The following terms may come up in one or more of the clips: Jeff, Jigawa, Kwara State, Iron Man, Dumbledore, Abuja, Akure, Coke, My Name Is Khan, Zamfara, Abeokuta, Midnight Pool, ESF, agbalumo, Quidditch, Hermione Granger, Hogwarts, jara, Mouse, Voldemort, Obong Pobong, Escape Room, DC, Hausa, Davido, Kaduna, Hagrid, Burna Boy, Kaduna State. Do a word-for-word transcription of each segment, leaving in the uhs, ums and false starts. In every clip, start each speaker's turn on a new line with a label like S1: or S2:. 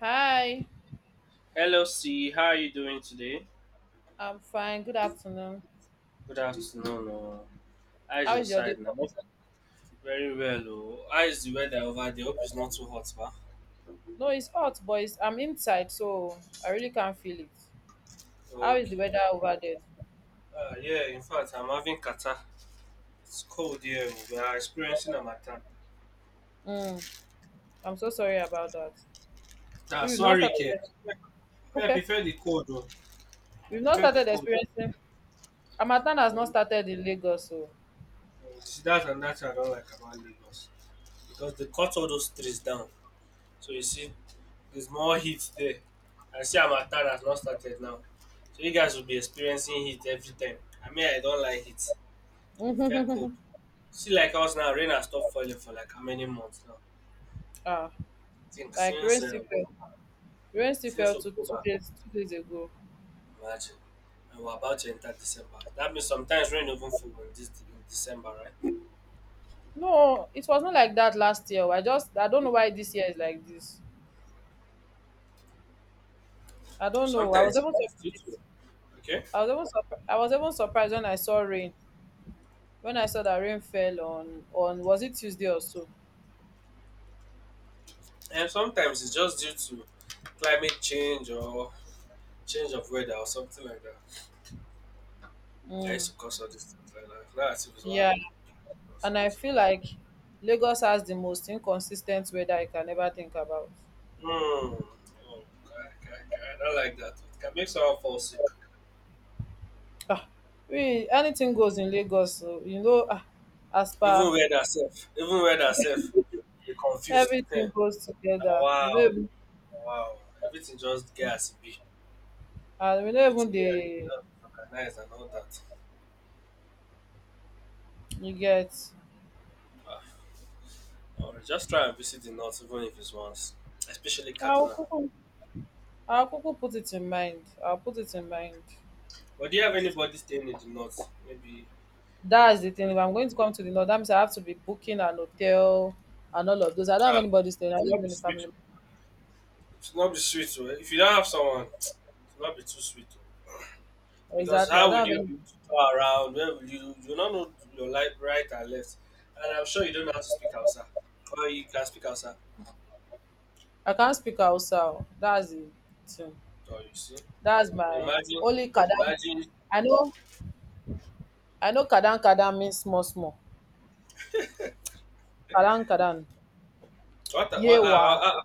S1: Hi,
S2: Hello, C. How are you doing today?
S1: I'm fine. Good afternoon.
S2: Good afternoon. Oh. How's
S1: How
S2: your
S1: is your day
S2: side now?
S1: going?
S2: Very well. Oh. How is the weather over there? Hope it's not too hot, ba.
S1: No, it's hot, but it's, I'm inside, so I really can't feel it. How is the weather
S2: Okay.
S1: over there?
S2: Uh, uh, yeah, in fact, I'm having kata. It's cold here. Oh. We are experiencing Amatan.
S1: Mm, I'm so sorry about that.
S2: Ah,
S1: We- have not
S2: sorry, K.
S1: started.
S2: Me, me, I prefer the cold, though. I
S1: We've not
S2: prefer the
S1: started
S2: cold.
S1: experiencing. Amatan has not
S2: Oh.
S1: started in Lagos, so
S2: Oh, see, that's another thing I don't like about Lagos, because they cut all those trees down. So you see, there's more heat there. And see, harmattan has not started now, so you guys will be experiencing heat every time. I mean, I don't like heat. It felt cold. See, like us now, rain has stopped falling for like how many months now?
S1: ah,
S2: I think
S1: like rain
S2: since
S1: still
S2: uh,
S1: fell. Rain still fell
S2: since
S1: two, two
S2: October,
S1: days two days ago.
S2: imagine. And we're about to enter December. That means sometimes rain even fall in, this, in December, right?
S1: No, it was not like that last year. I just I don't know why this year is like this. I don't know. I was
S2: Sometimes
S1: able to.
S2: it's due to, okay?
S1: I was even surp- I was even surprised when I saw rain. When I saw that rain fell on on was it Tuesday or so?
S2: And sometimes it's just due to climate change or change of weather or something like that. Yeah, I
S1: Mm.
S2: used to cause all these things like that. Not as if it's one
S1: Yeah,
S2: or
S1: and I
S2: something.
S1: feel like Lagos has the most inconsistent weather I can ever think about.
S2: Hmm. Oh, God, God, God. I don't like that. It can make someone fall sick.
S1: Ah, we anything goes in Lagos, so you know. Ah, as
S2: Even
S1: per
S2: wear herself. Even wear herself. Be confused. Heh.
S1: everything goes
S2: Now,
S1: together. We no
S2: wow.
S1: even
S2: Wow. Everything just get as it be.
S1: and we no even
S2: Everything here is
S1: dey
S2: not organized and all that.
S1: you get.
S2: Ah. Or just try and visit the north even if it's once. Especially
S1: I'll
S2: Kaduna.
S1: kuku I'll kuku put it in mind. I'll put it in mind.
S2: But do you have anybody staying in the north? Maybe
S1: That's the thing. If
S2: Kaduna.
S1: I'm going to come to the north, that means I have to be booking an hotel and all of those. I don't
S2: Ah,
S1: have anybody staying. I
S2: it will
S1: live
S2: not be
S1: in a
S2: sweet.
S1: family.
S2: It's not be sweet. Oh. If you don't have someone, it's not be too sweet. Oh. Because
S1: Exactly. I
S2: how
S1: don't
S2: will
S1: have
S2: you
S1: any.
S2: be able to go around? Where will you? You don't know your life right and left. And I'm sure you don't know how to speak Hausa. Or you can speak Hausa.
S1: I can't speak Hausa. That's the thing.
S2: Or you see.
S1: That's my
S2: Imagine,
S1: only Kadan.
S2: imagine.
S1: I know. I know Kadan Kadan means small small. Kadan Kadan.
S2: What? the- What? Uh,
S1: Yewa.
S2: uh, uh,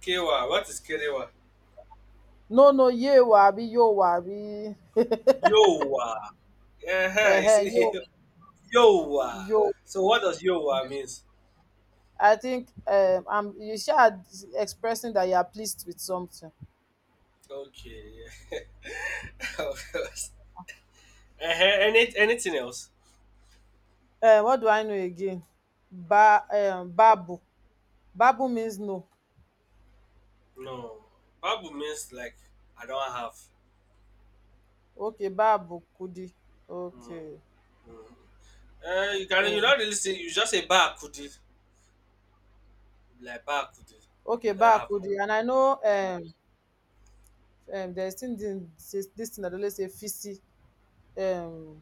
S2: Kewa. What is Kerewa?
S1: No no Yewa. Be Yowa. Be.
S2: Yowa. Yeah, you
S1: Eh
S2: see,
S1: Yo
S2: Yowa.
S1: Yo.
S2: So what does Yowa means?
S1: I think um, I'm. You should expressing that you are pleased with something.
S2: Okay. Yeah. Of course. uh Any, anything else?
S1: Um what do I know again? Ba um Babu. Babu means no.
S2: No, Babu means like I don't have.
S1: Okay, babu kudi.
S2: Mm,
S1: Okay.
S2: mm. Uh, you can you
S1: Oh.
S2: not really say you just say bar could it like bar could it.
S1: Okay,
S2: I don't have money.
S1: bakudi. And I know um um there's still this, this this thing that they always say fisi. Um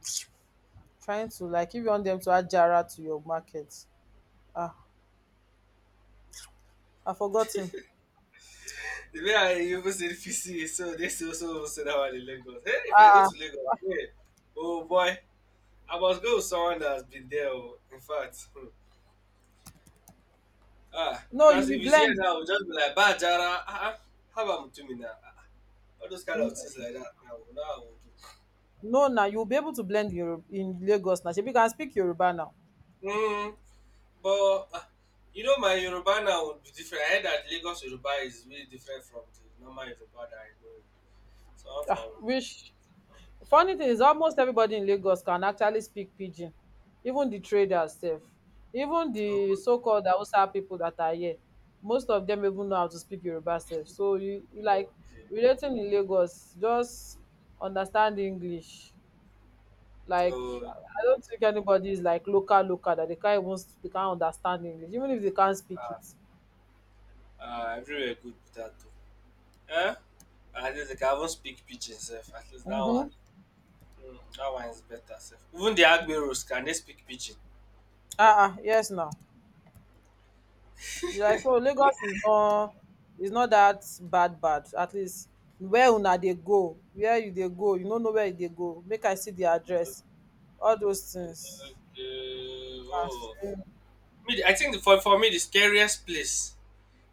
S1: trying to like if you want them to add jara to your market. Ah, I've forgotten.
S2: The way I even said P C, so they still also say that one in Lagos. Hey, if I go
S1: Ah,
S2: to Lagos, hey, oh boy, I must go with someone that has been there. Oh, in fact, hmm, ah,
S1: no, you
S2: because
S1: will
S2: if he's here
S1: blend.
S2: now, we'll just be like bar jara. Ah, ah, how about Mutumina? Ah, ah, all those kind
S1: N-
S2: of things like that. Now, now I will
S1: No, now you'll be able to blend Europe in Lagos now. Shebi you can speak Yoruba now.
S2: do. Hmm. But uh, you know, my Yoruba now would be different. I heard that Lagos Yoruba is really different from the normal Yoruba that I know. So I'm
S1: Ah,
S2: from.
S1: which Funny thing is almost everybody in Lagos can actually speak pidgin, even the traders sef, even the
S2: Oh,
S1: so called Hausa people that are here, most of them even know how to speak Yoruba sef. So you like
S2: okay.
S1: relating in Lagos, just understand English. Like I
S2: Oh,
S1: I
S2: no.
S1: don't think anybody is like local local that they can't even s- they can't understand English, even if they can't speak
S2: Ah,
S1: it.
S2: ah, everywhere good with that too. Eh? At least like, I will speak pidgin sef. At least that one.
S1: Mm-hmm.
S2: Mm, that one is better sef. Even the Agberos can they speak pidgin?
S1: Ah, ah, yes now. Like so Lagos is not is not that bad bad. At least where una dey go, where you dey go, you no know where you dey go. Make I see the address. All those things.
S2: Okay. Oh.
S1: Casting.
S2: Me, the- I think the, for, for me the scariest place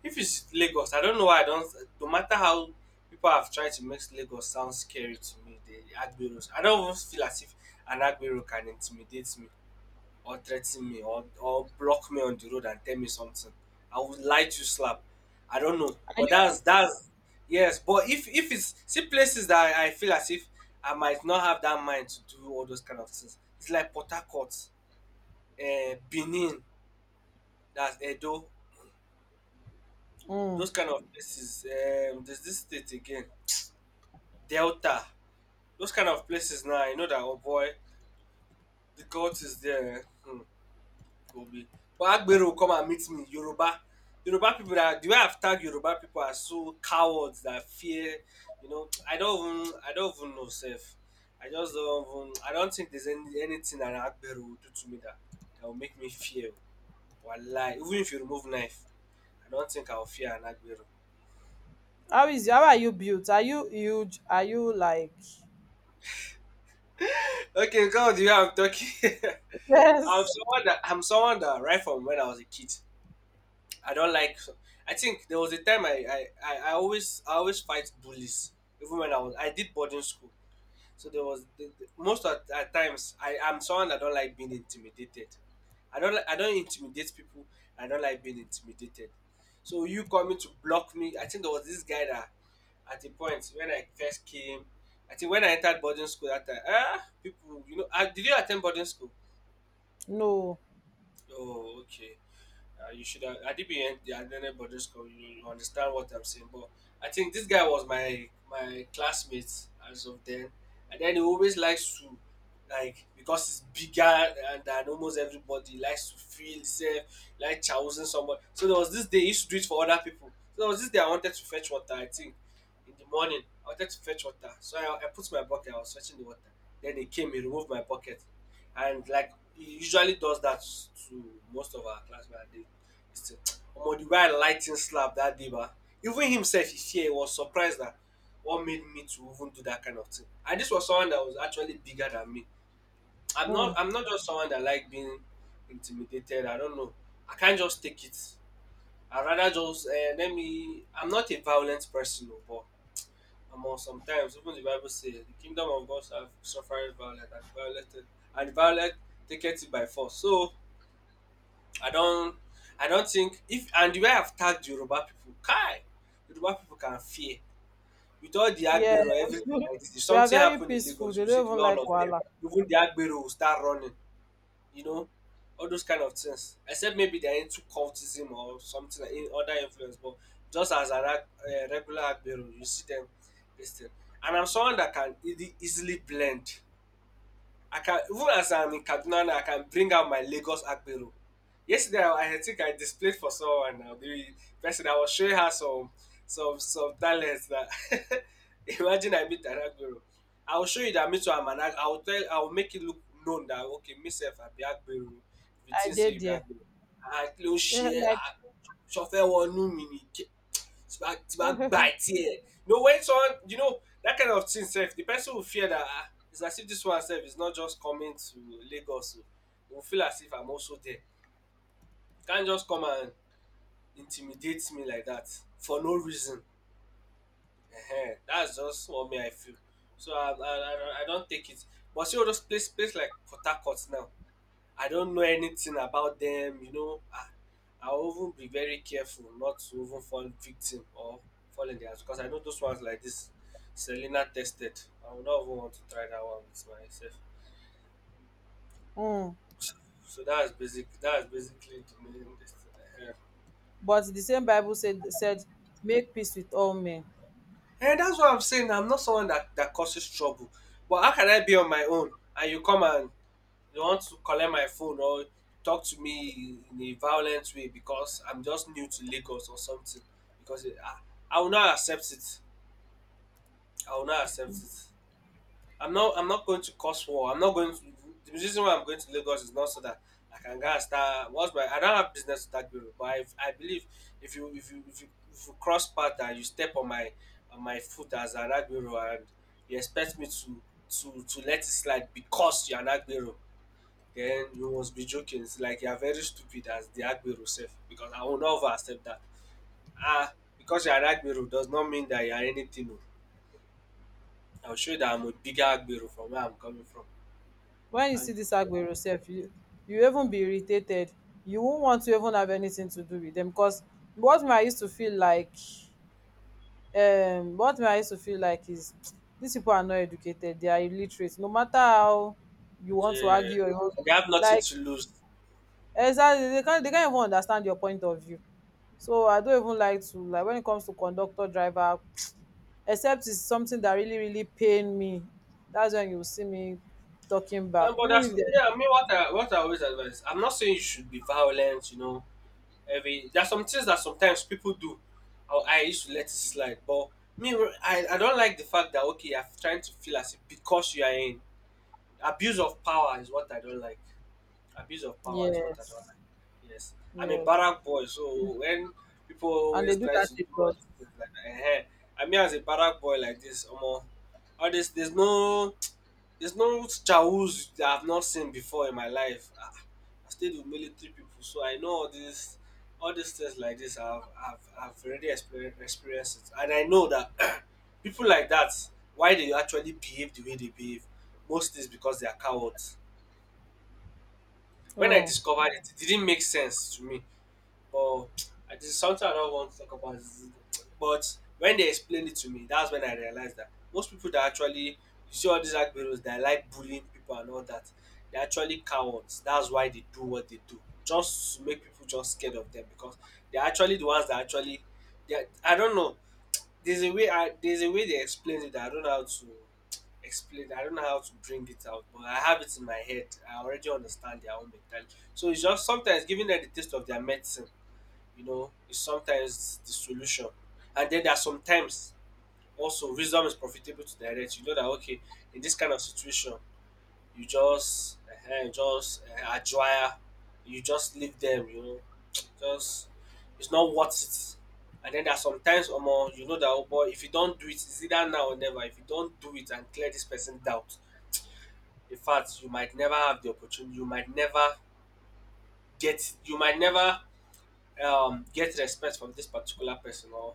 S2: if it's Lagos, I don't know why I don't. No matter how people have tried to make Lagos sound scary to me, the Agberos, I don't even feel as if an Agbero can intimidate me or threaten me or, or block me on the road and tell me something. I would lie to slap. I don't know,
S1: Are
S2: but
S1: you
S2: that's that's yes. But if if it's see places that I, I feel as if I might not have that mind to do all those kind of things. It's like Port Harcourt, uh, Benin, that's Edo,
S1: mm.
S2: those kind of places. Um, there's this state again. Delta, those kind of places now, I know that oh boy, the cult is there. Eh? Hmm, will be. But Agbero will come and meet me. Yoruba, Yoruba people that the way I've tagged Yoruba people are so cowards that fear. You know, I don't even, I don't even know self. I just don't even, I don't think there's any, anything that Agbero will do to me that that will make me fear. Wallahi, even if you remove knife, I don't think I'll fear an Agbero.
S1: How is how are you built? Are you huge? Are you like
S2: Okay, come on, the way I'm talking. I'm
S1: yes?
S2: someone that I'm someone that right from when I was a kid, I don't like. I think there was a time I I, I, I always I always fight bullies. Even when I was I did boarding school, so there was the, the- most of at times I am someone that don't like being intimidated. I don't like I don't intimidate people. I don't like being intimidated. So you coming to block me? I think there was this guy that at a point when I first came, I think when I entered boarding school that time, ah, people, you know, ah, did you attend boarding school?
S1: No.
S2: Oh, okay. Uh, you should have. I did be in the Adene Boarding School. You, you understand what I'm saying, but I think this guy was my my classmate as of then, and then he always likes to like because he's bigger and than almost everybody he likes to feel himself like chousing somebody. So there was this day he used to do it for other people. So there was this day I wanted to fetch water. I think in the morning I wanted to fetch water, so I, I put my bucket. I was fetching the water. Then he came. He removed my bucket, and like he usually does that to most of our classmates. Omo the way I lightning him slap dat day ba, even himself he fear. He was surprised that what made me to even do that kind of thing. And this was someone that was actually bigger than me. I'm not
S1: Mm.
S2: I'm not just someone that like being intimidated. I don't know. I can't just take it. I rather just uh, let me I'm not a violent person oo but omo sometimes even the bible say the kingdom of God suffereth violence and the violent and the violent taketh it by force. So I don't I don't think if and the way I've tagged Yoruba people, Kai, Yoruba people can fear. With all the Agbero,
S1: Yes.
S2: everything like this, if
S1: We are
S2: something
S1: very
S2: happened in
S1: peaceful.
S2: Lagos,
S1: They
S2: you see
S1: don't
S2: the way
S1: even like
S2: all of them,
S1: wahala.
S2: even the Agbero will start running, you know, all those kind of things. Except maybe they're into cultism or something like in other influence, but just as an ag- uh, regular Agbero, you see them this thing. And I'm someone that can easy, easily blend. I can even as I'm in Kaduna now, I can bring out my Lagos Akbero. Yesterday, I, I think I displayed for someone now. The person I was showing her some some some talents that imagine I meet an Akbero. I will show you that me too I'm an Ak- I will tell I will make it look known that okay, myself I be Akbero. If you
S1: I
S2: think
S1: dey
S2: say you be
S1: there.
S2: Akbero, I close
S1: Eh,
S2: share.
S1: like
S2: I chauffeur one new mini. It's bá tí bá gbà ẹ you know when someone you know that kind of thing sef the person will fear that ah it's as if this one sef is not just coming to Lagos oo will feel as if I'm also there can't just come and intimidate me like that for no reason. Um, that's just what me I feel. So I I I I not take it but see all those place place like Port Harcourt now I don't know anything about them, you know. Ah, I'll even be very careful not to even fall victim or fall in their hands because I know those ones like this Selena tested. I would not even want to try that one with myself.
S1: mm.
S2: So that's basic. That's basically the main destiny.
S1: But the same Bible said said make peace with all men.
S2: And that's what I'm saying. I'm not someone that that causes trouble. But how can I be on my own and you come and they want to collect my phone or talk to me in a violent way because I'm just new to Lagos or something because it, I I will not accept it. I will not accept it. I'm not I'm not going to cause war. I'm not going to the reason why I'm going to Lagos is not so that I can go and start what's my I don't have business with that bureau, but I I believe if you if you if you if you cross path and you step on my on my foot as an agbero and you expect me to to to let it slide because you're an agbero then you must be joking. It's like you are very stupid as the Agbero self because I will never accept that. Ah, because you are an Agbero does not mean that you are anything. Oh. I'll show you that I'm a bigger Agbero from where I'm coming from.
S1: When you see
S2: And
S1: this Agbero sef you you even be irritated you won't want to even have anything to do with them, because what me I used to feel like um what me I used to feel like is these people are not educated, they are illiterate. No matter how you want to
S2: yeah,
S1: argue or own,
S2: and they have nothing
S1: like
S2: to lose.
S1: exactly they can't, they can't even understand your point of view, so I don't even like to, like when it comes to conductor driver, except it's something that really really pain me, that's when you see me talking back,
S2: Uh, but
S1: even if
S2: that's
S1: there's
S2: yeah, I mean what I what I always advise. I'm not saying you should be violent, you know. Every There's some things that sometimes people do. I, I used to let it slide. But me, I, I don't like the fact that. Okay, I'm trying to feel as if because you are in abuse of power is what I don't like. Abuse of power is what I don't
S1: yes.
S2: like. Yes, I'm a
S1: Yes.
S2: barrack boy, so when people
S1: And they
S2: always
S1: do
S2: try
S1: that
S2: to do
S1: a
S2: all
S1: lot.
S2: these things like that, eh, eh, I mean as a barrack boy like this, omo, all this, there's no there's no Chahoo's that I've not seen before in my life. Ah, I stayed with military people, so I know all these all these things like this. I've I've, I've already experienced, experienced it, and I know that people like that, why they actually behave the way they behave. Most is because they are cowards. When I
S1: Oh.
S2: discovered it, it didn't make sense to me. But I just, something I don't want to talk about is, but when they explained it to me, that's when I realized that most people that actually you see, all these Agberos that like bullying people and all that, they're actually cowards. That's why they do what they do. Just to make people just scared of them, because they're actually the ones that actually they are, I don't know. There's a way I there's a way they explain it that I don't know how to explain it. I don't know how to bring it out, but I have it in my head. I already understand their own mentality. So it's just sometimes giving them the taste of their medicine, you know, is sometimes the solution. And then there are sometimes also, wisdom is profitable to direct. You know that, okay, in this kind of situation, you just uh, just uh, adjure, you just leave them. You know, just it's not worth it. And then there are sometimes, omo, you know that oh boy, if you don't do it, it's either now or never. If you don't do it and clear this person doubt, in fact, you might never have the opportunity. You might never get. You might never um, get respect from this particular person, or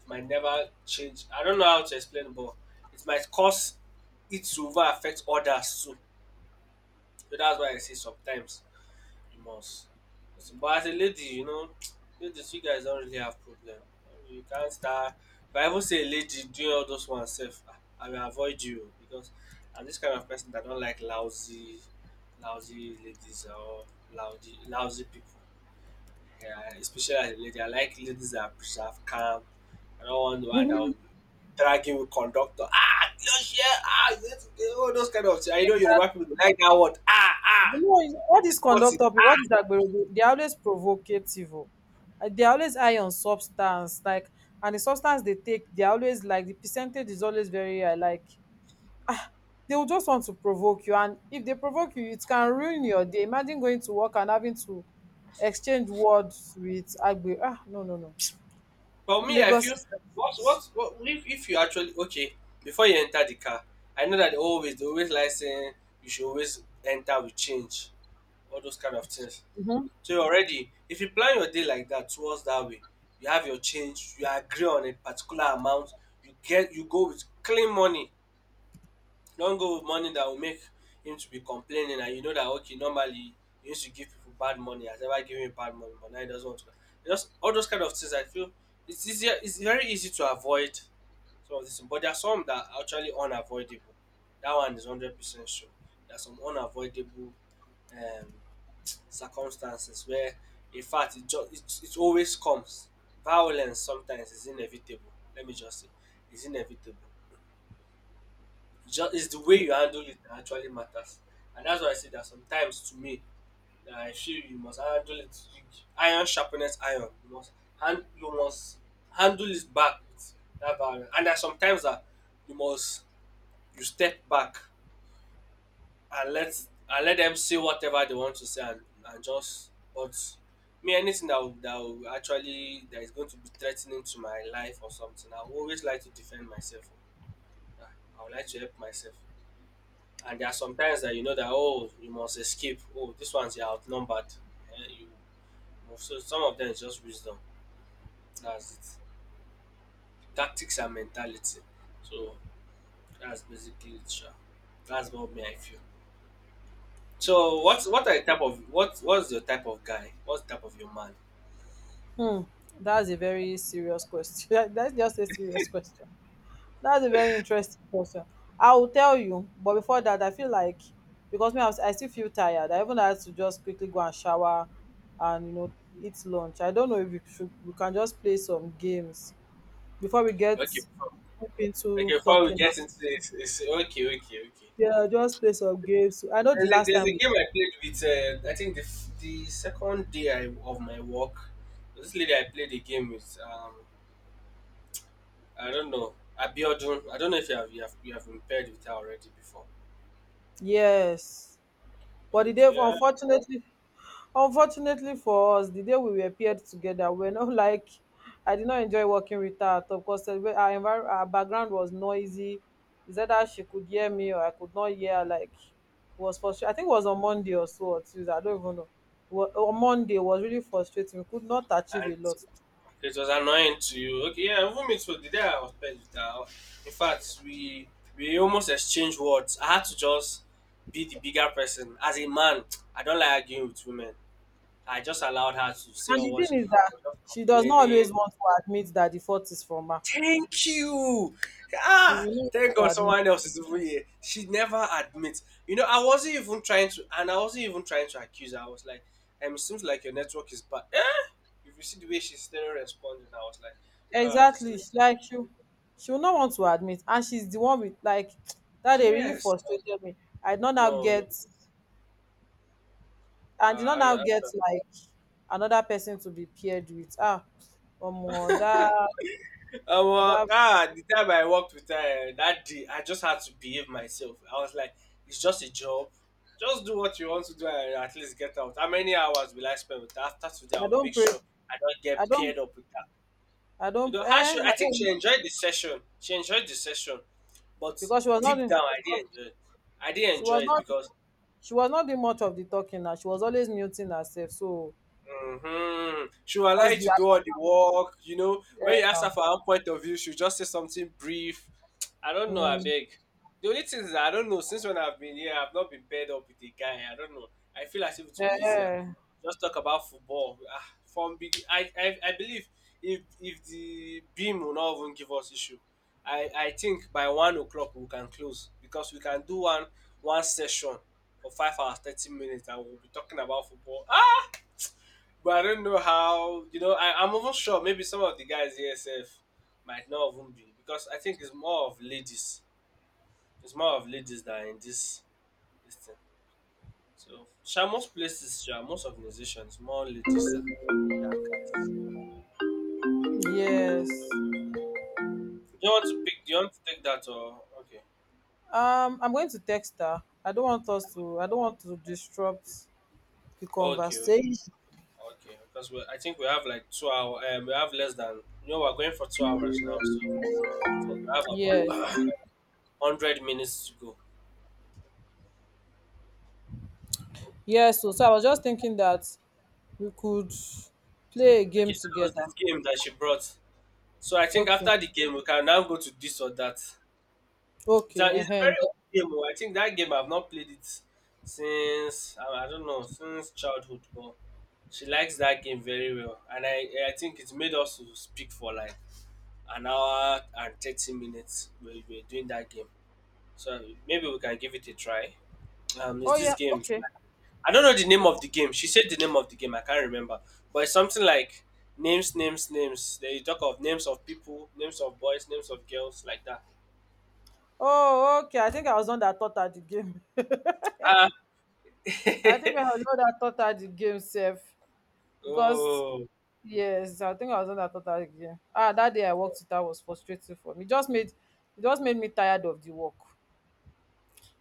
S2: it might never change. I don't know how to explain, but it might cause it to over affect others too. So that's why I say sometimes you must. But as a lady, you know, ladies, you guys don't really have problem. You can't start. If I even say a lady doing all those ones self, ah, I will avoid you because I'm this kind of person that don't like lousy, lousy ladies, or lousy, lousy people. Yeah, especially as a lady. I like ladies that preserve calm. I don't want the one that will be dragging with conductor. Ah, your share. Ah, this, all those kind of things. I know Yoruba people they like that word. Ah,
S1: You
S2: ah.
S1: know, is- all
S2: It's
S1: these
S2: sporty.
S1: conductor people, all these agbero, they they are always provocative. Oh. Uh, they are always high on substance, like, and the substance they take, they are always like the percentage is always very high. Like, ah, they will just want to provoke you, and if they provoke you, it can ruin your day. Imagine going to work and having to exchange words with agbero. Ah, no, no, no.
S2: But me, I
S1: Lagos
S2: feel
S1: system.
S2: what what what if, if you actually, okay, before you enter the car, I know that they always they always like saying you should always enter with change. All those kind of things.
S1: Mm-hmm.
S2: So you already, if you plan your day like that towards that way, you have your change, you agree on a particular amount, you get you go with clean money. Don't go with money that will make him to be complaining, and you know that okay, normally he used to give people bad money, has ever given you bad money, but now he doesn't want to. Just all those kind of things I feel, it's easier, it's very easy to avoid some of dis, but there are some that are actually unavoidable. That one is hundred percent sure. There are some unavoidable um circumstances where in fact it just, it, it always comes. Violence sometimes is inevitable, let me just say. It's inevitable. Just, it's the way you handle it that actually matters. And that's why I say that sometimes, to me, that I feel you must handle it. You, iron sharpness iron, you must hand you must handle it back with that violence. And there's sometimes that you must, you step back and let and let them say whatever they want to say, and, and just. But me, anything that will, that will actually, that is going to be threatening to my life or something, I will always like to defend myself. Ah, I would like to help myself. And there are sometimes that you know that, oh, you must escape. Oh, this one's you're outnumbered. Eh, you move. So some of them is just wisdom. That's it. Tactics and mentality. So that's basically it sha. That's what me I feel. So what's, what are the type of what what's your type of guy? What's the type of your man?
S1: Hmm, that's a very serious question. That's just a serious question. That's a very interesting question. I will tell you, but before that, I feel like because me, I, was, I still feel tired. I even had to just quickly go and shower, and you know, eat lunch. I don't know if we should. We can just play some games before we get
S2: Okay, before-
S1: deep
S2: okay.
S1: into
S2: Before we
S1: talking.
S2: get into this, it's, okay, okay, okay.
S1: Yeah, just play some games. I know the
S2: There's a,
S1: last
S2: there's
S1: time
S2: a
S1: we
S2: game I played with. Uh, I think the f- the second day I, of my work, this lady I played a game with. Um, I don't know. Abiodun. I don't know if you have you have you have been paired with her already before.
S1: yes, but the day
S2: Okay,
S1: unfortunately Unfortunately for us, the day we were paired together, we're not like I did not enjoy working with her at all because our, envir- our background was noisy. Is either she could hear me or I could not hear her, like it was frustrating. I think it was on Monday or so or Tuesday. I don't even know. It Wa- On Monday it was really frustrating. We could not achieve
S2: and
S1: a lot.
S2: it was annoying to you. Okay, yeah, even me too. The day I was paired with her, in fact, we we almost exchanged words. I had to just be the bigger person. As a man, I don't like arguing with women. I just allowed her to say
S1: And the
S2: all what she
S1: thing is that
S2: was just
S1: she does not always
S2: complaining.
S1: want to admit that the fault is from her.
S2: Thank you.
S1: She
S2: Ah,
S1: really wants
S2: thank
S1: to
S2: God
S1: admit.
S2: someone else is over here. She never admits. You know, I wasn't even trying to, and I wasn't even trying to accuse her. I was like, um, it seems like your network is bad. Eh? If you see the way she's still responding, I was like, ah, this is.
S1: Exactly she- like she she will not want to admit and she's the one with like that they really
S2: Yes.
S1: frustrated me. i did not now
S2: No, no.
S1: get I
S2: No.
S1: did not
S2: Uh, and
S1: now get
S2: actually,
S1: like another person to be paired with, ah omo that
S2: um, uh,
S1: that
S2: ah, the time I worked with her uh, that day, I just had to behave myself. I was like, it's just a job. Just do what you want to do and at least get out. How many hours will I spend with her? After today,
S1: i
S2: I'll
S1: don't
S2: make
S1: pray
S2: sure I don't
S1: i
S2: get
S1: don't
S2: paired up with her.
S1: i
S2: You
S1: don't
S2: know, how
S1: eh
S2: she,
S1: I
S2: I think she
S1: don't
S2: enjoyed the session. She enjoyed the session. But
S1: because she was not
S2: deep
S1: doing-
S2: down, I
S1: she was,
S2: didn't enjoy it. I didn't
S1: she
S2: enjoy
S1: was
S2: it
S1: not
S2: because,
S1: she was not doing much of the talking now, she was always muting herself so
S2: hmm, she will allow
S1: what's
S2: you
S1: the
S2: to do all the work. You know, when
S1: eh,
S2: you ask her
S1: now
S2: for her point of view, she'll just say something brief. I don't know, I
S1: mm,
S2: beg. The only thing is, that I don't know, since when I've been here, I've not been paired up with a guy. I don't know. I feel as if it
S1: eh,
S2: would be easier.
S1: eh,
S2: Just talk about football. Ah, from big, I, I, I believe if if the beam will not even give us issue, I, I think by one o'clock we can close because we can do one one session for five hours, thirty minutes, and we'll be talking about football. Ah! But I don't know how, you know, I, I'm even sure maybe some of the guys in E S F might not even be because I think it's more of ladies. It's more of ladies than in this, this thing. So, sha, most places, sha, most organizations, more ladies than, than guys.
S1: yes.
S2: Do you want to pick, do you want to take that or, okay.
S1: Um, I'm going to text her. I don't want us to. I don't want to disrupt the
S2: Okay, okay,
S1: conversation.
S2: okay. Because we, I think we have like two hours, um, we have less than, you know, we're going for two hours now. So, I think we have
S1: Yes,
S2: about one hundred minutes to go.
S1: yes. So, so I was just thinking that we could play a
S2: Okay,
S1: game
S2: so there was
S1: together.
S2: this game that she brought. So I think
S1: Okay,
S2: after the game, we can now go to this or that. It's a,
S1: okay. Uh
S2: it's a very old game. Oh. I think that game I've not played it since I, I don't know, since childhood. But she likes that game very well, and I I think it's made us to speak for like an hour and thirty minutes. We were doing that game, so maybe we can give it a try. Um,
S1: oh
S2: is this
S1: yeah,
S2: game?
S1: okay.
S2: I don't know the name of the game. She said the name of the game. I can't remember, but it's something like names, names, names. They talk of names of people, names of boys, names of girls, like that.
S1: Oh, okay. I think I was on that thought at the game.
S2: Ah,
S1: I think I was on that thought at the game, safe because
S2: oh,
S1: yes, I think I was on that thought at the game. Ah, that day I worked it out was frustrating for me. It just made it just made me tired of the work,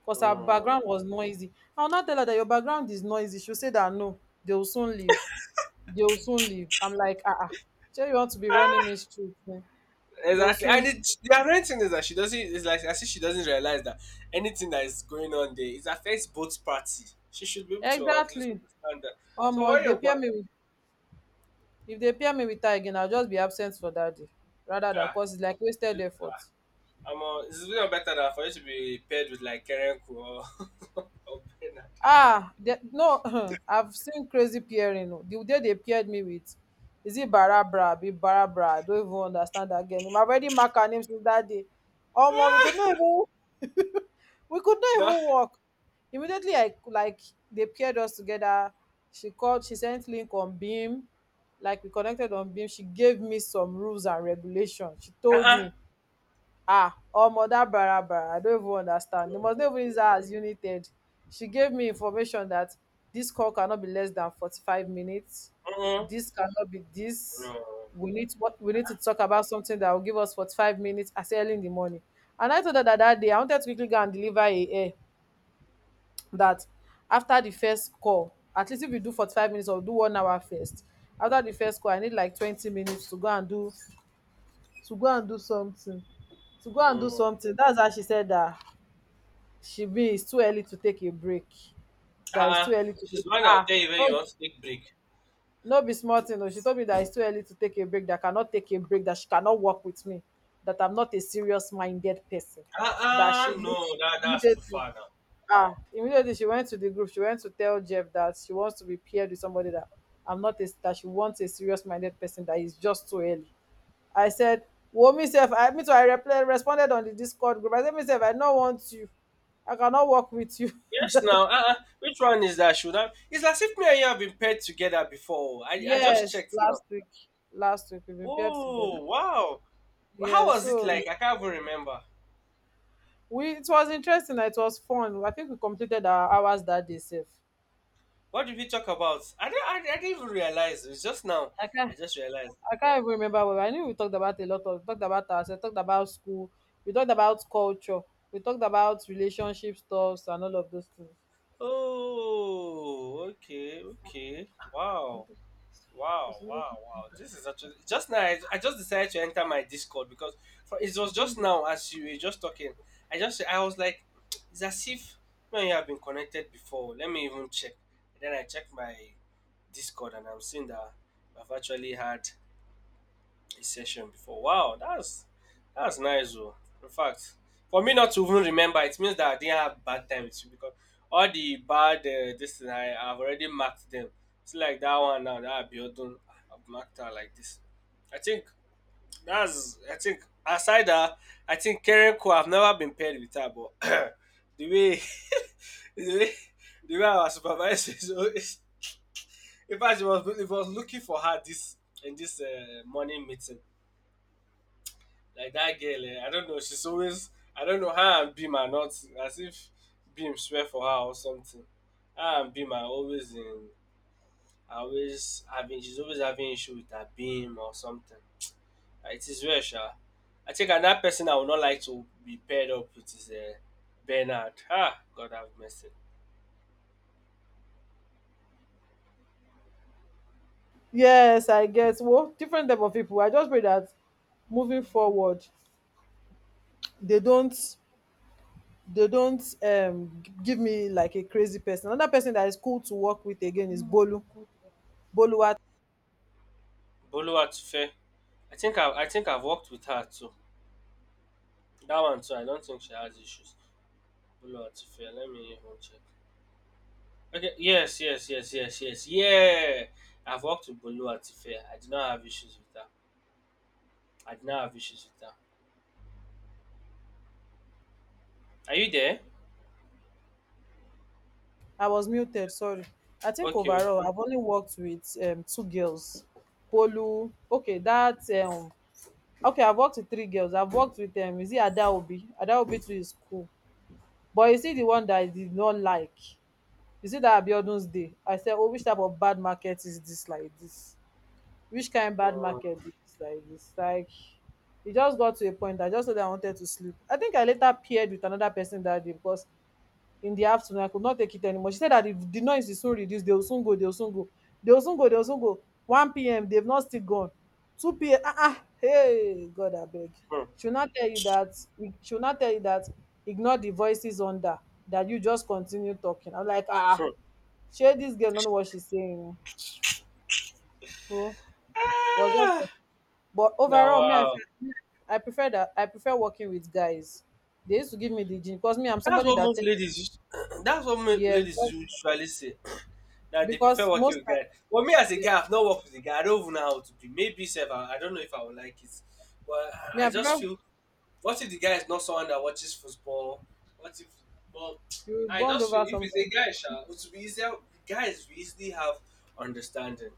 S1: because her
S2: mm.
S1: background was noisy. I'll not tell her that your background is noisy. She'll say that no, they will soon leave. They will soon leave. I'm like, ah, ah. Sure, you want to be running me street? Eh? They will
S2: Exactly.
S1: soon.
S2: And it, the ironic thing is that she doesn't. It's like as if she doesn't realize that anything that is going on there it affects both parties. She should be able to at least
S1: Exactly.
S2: understand that.
S1: Um,
S2: So
S1: if
S2: when
S1: they
S2: you got
S1: pair me with, if they pair me with her again, I'll just be absent for that day, rather than
S2: ah,
S1: cause it's like wasted effort.
S2: I'm uh, it's even better that for you to be paired with like Kerenku or or Bernard.
S1: Ah the, no I've seen crazy pairing o the day they paired me with is it barabra Be barabra I don't even understand that again im already mark our names since that day. Oh omo we could not even we could not
S2: No.
S1: even walk immediately. I like They paired us together, she called, she sent link on beam, like we connected on beam, she gave me some rules and regulations, she told
S2: Uh-uh.
S1: me ah or mother bara I don't even understand. They must not
S2: No.
S1: even use her as unit. She gave me information that this call cannot be less than forty-five minutes.
S2: Uh-uh.
S1: This cannot be this.
S2: No.
S1: We need to, what we need to talk about something that will give us forty-five minutes as early in the morning. And I told her that that day I wanted to quickly go and deliver a, a that after the first call, at least if you do forty-five minutes or do one hour first, after the first call, I need like twenty minutes to go and do to go and do something to go and do
S2: No.
S1: something. That's how she said that she be it's too early to take a break, that it's
S2: Uh-uh.
S1: too early to
S2: She's
S1: take
S2: mine out
S1: ah
S2: there even
S1: no
S2: you want to take break.
S1: no be small thing o. She told me that it's too early to take a break, that I cannot take a break, that she cannot work with me, that I'm not a serious minded person, that she
S2: Uh-uh.
S1: need
S2: No, that, that's too
S1: immediately.
S2: far now.
S1: Ah, immediately she went to the group, she went to tell Jeff that she wants to be paired with somebody, that I'm not a that she wants a serious minded person, that is just too early. I said, well, myself? I Me too, I reply, responded on the Discord group. I said, "Myself, I don't want you. I cannot work with you."
S2: Yes,
S1: Just-
S2: now. Uh-uh. Which one is that? Should I? It's as if me and you have been paired together before. I, I just
S1: yes,
S2: checked now.
S1: last week. Last week we prepared together.
S2: Oh, wow. How
S1: Yeah,
S2: was it
S1: so
S2: like? I can't even remember.
S1: we it was interesting. It was fun. I think we completed our hours that day safe.
S2: What did we talk about? I didn't, I, I didn't even realize. It's just now.
S1: I can't
S2: I just realized.
S1: I can't even remember well. I knew we talked about a lot of talked about ourselves, talked about school, we talked about culture, we talked about relationship stuffs and all of those things.
S2: Oh, okay, okay. Wow. Wow, wow, wow. This is actually just now. I, I just decided to enter my Discord because for, it was just now as you were just talking. I just I was like, it's as if when you have been connected before. Let me even check. And then I checked my Discord and I'm seeing that I've actually had a session before. Wow, that's that's nice though. In fact, for me not to even remember, it means that I didn't have bad time with you because all the bad uh, this thing I have already marked them. It's like that one now that Abiodun I've marked her like this. I think that's I think aside that I think Karen Ko I've never been paired with her but the way the way the way our supervisor is always in fact it was, it was looking for her this in this uh, morning meeting. Like that girl, eh, I don't know. She's always, I don't know. Her and Beam are not as if Beam swear for her or something. Her and Beam are always in, are always having. She's always having issue with her Beam or something. Uh, It is rare, sha. I think another person I would not like to be paired up with is uh, Bernard. Ah, God have mercy.
S1: Yes, I get well, different type of people. I just pray that moving forward, they don't they don't um g- give me like a crazy person. Another person that is cool to work with again is Bolu. Bolu,
S2: Boluwatife. I think I, I think I've worked with her too. That one too. I don't think she has issues. Boluwatife. Let me even check. Okay. Yes, yes, yes, yes, yes. Yeah. I've worked with Bolu Atife. I did not have issues with her. I did not have issues with her. Are you there?
S1: I was muted, sorry. I think
S2: Okay, okay.
S1: overall I've only worked with um two girls. Bolu, okay, that um okay, I've worked with three girls. I've worked with um is it Adaobi? Adaobi too is cool. But you see the one that I did not like. You see that Abiodun's dey, I said, oh, which type of bad market is this? Like this? Which kind bad
S2: Hmm.
S1: market is dis like this? Like it just got to a point that I just know that I wanted to sleep. I think I later paired with another person that day because in the afternoon I could not take it anymore. She said that if the noise is so reduced, they will soon go, they will soon go, they will soon go, they will soon go. one p m they've not still gone, two p m, ah ah, hey god abeg.
S2: Hmm.
S1: She will not tell you that, she will now tell you that, ignore the voices under, that you just continue talking. I'm like, ah ah,
S2: Mm.
S1: shey dis girl no know what she's saying o. was just
S2: Ah,
S1: But
S2: now,
S1: overall, me, I
S2: wow.
S1: feel i prefer that I prefer working with guys. They used to give me the gist because me, I'm
S2: That's
S1: somebody
S2: what
S1: that
S2: most
S1: take.
S2: ladies use- that's what most
S1: Yes,
S2: ladies
S1: because
S2: usually say. That they prefer
S1: because
S2: working
S1: most
S2: with
S1: time,
S2: guys. Well, me as a
S1: yeah,
S2: guy, I've not worked with a guy. I don't even know how to be. Maybe self, I I don't know if I would like it. But
S1: me,
S2: I
S1: I
S2: I just
S1: prefer,
S2: feel what if the guy is not someone that watches football? What if? But
S1: you
S2: I
S1: bond
S2: just
S1: over
S2: feel if it's a
S1: something.
S2: guy, sha, it would be easier. Guys we easily have understanding.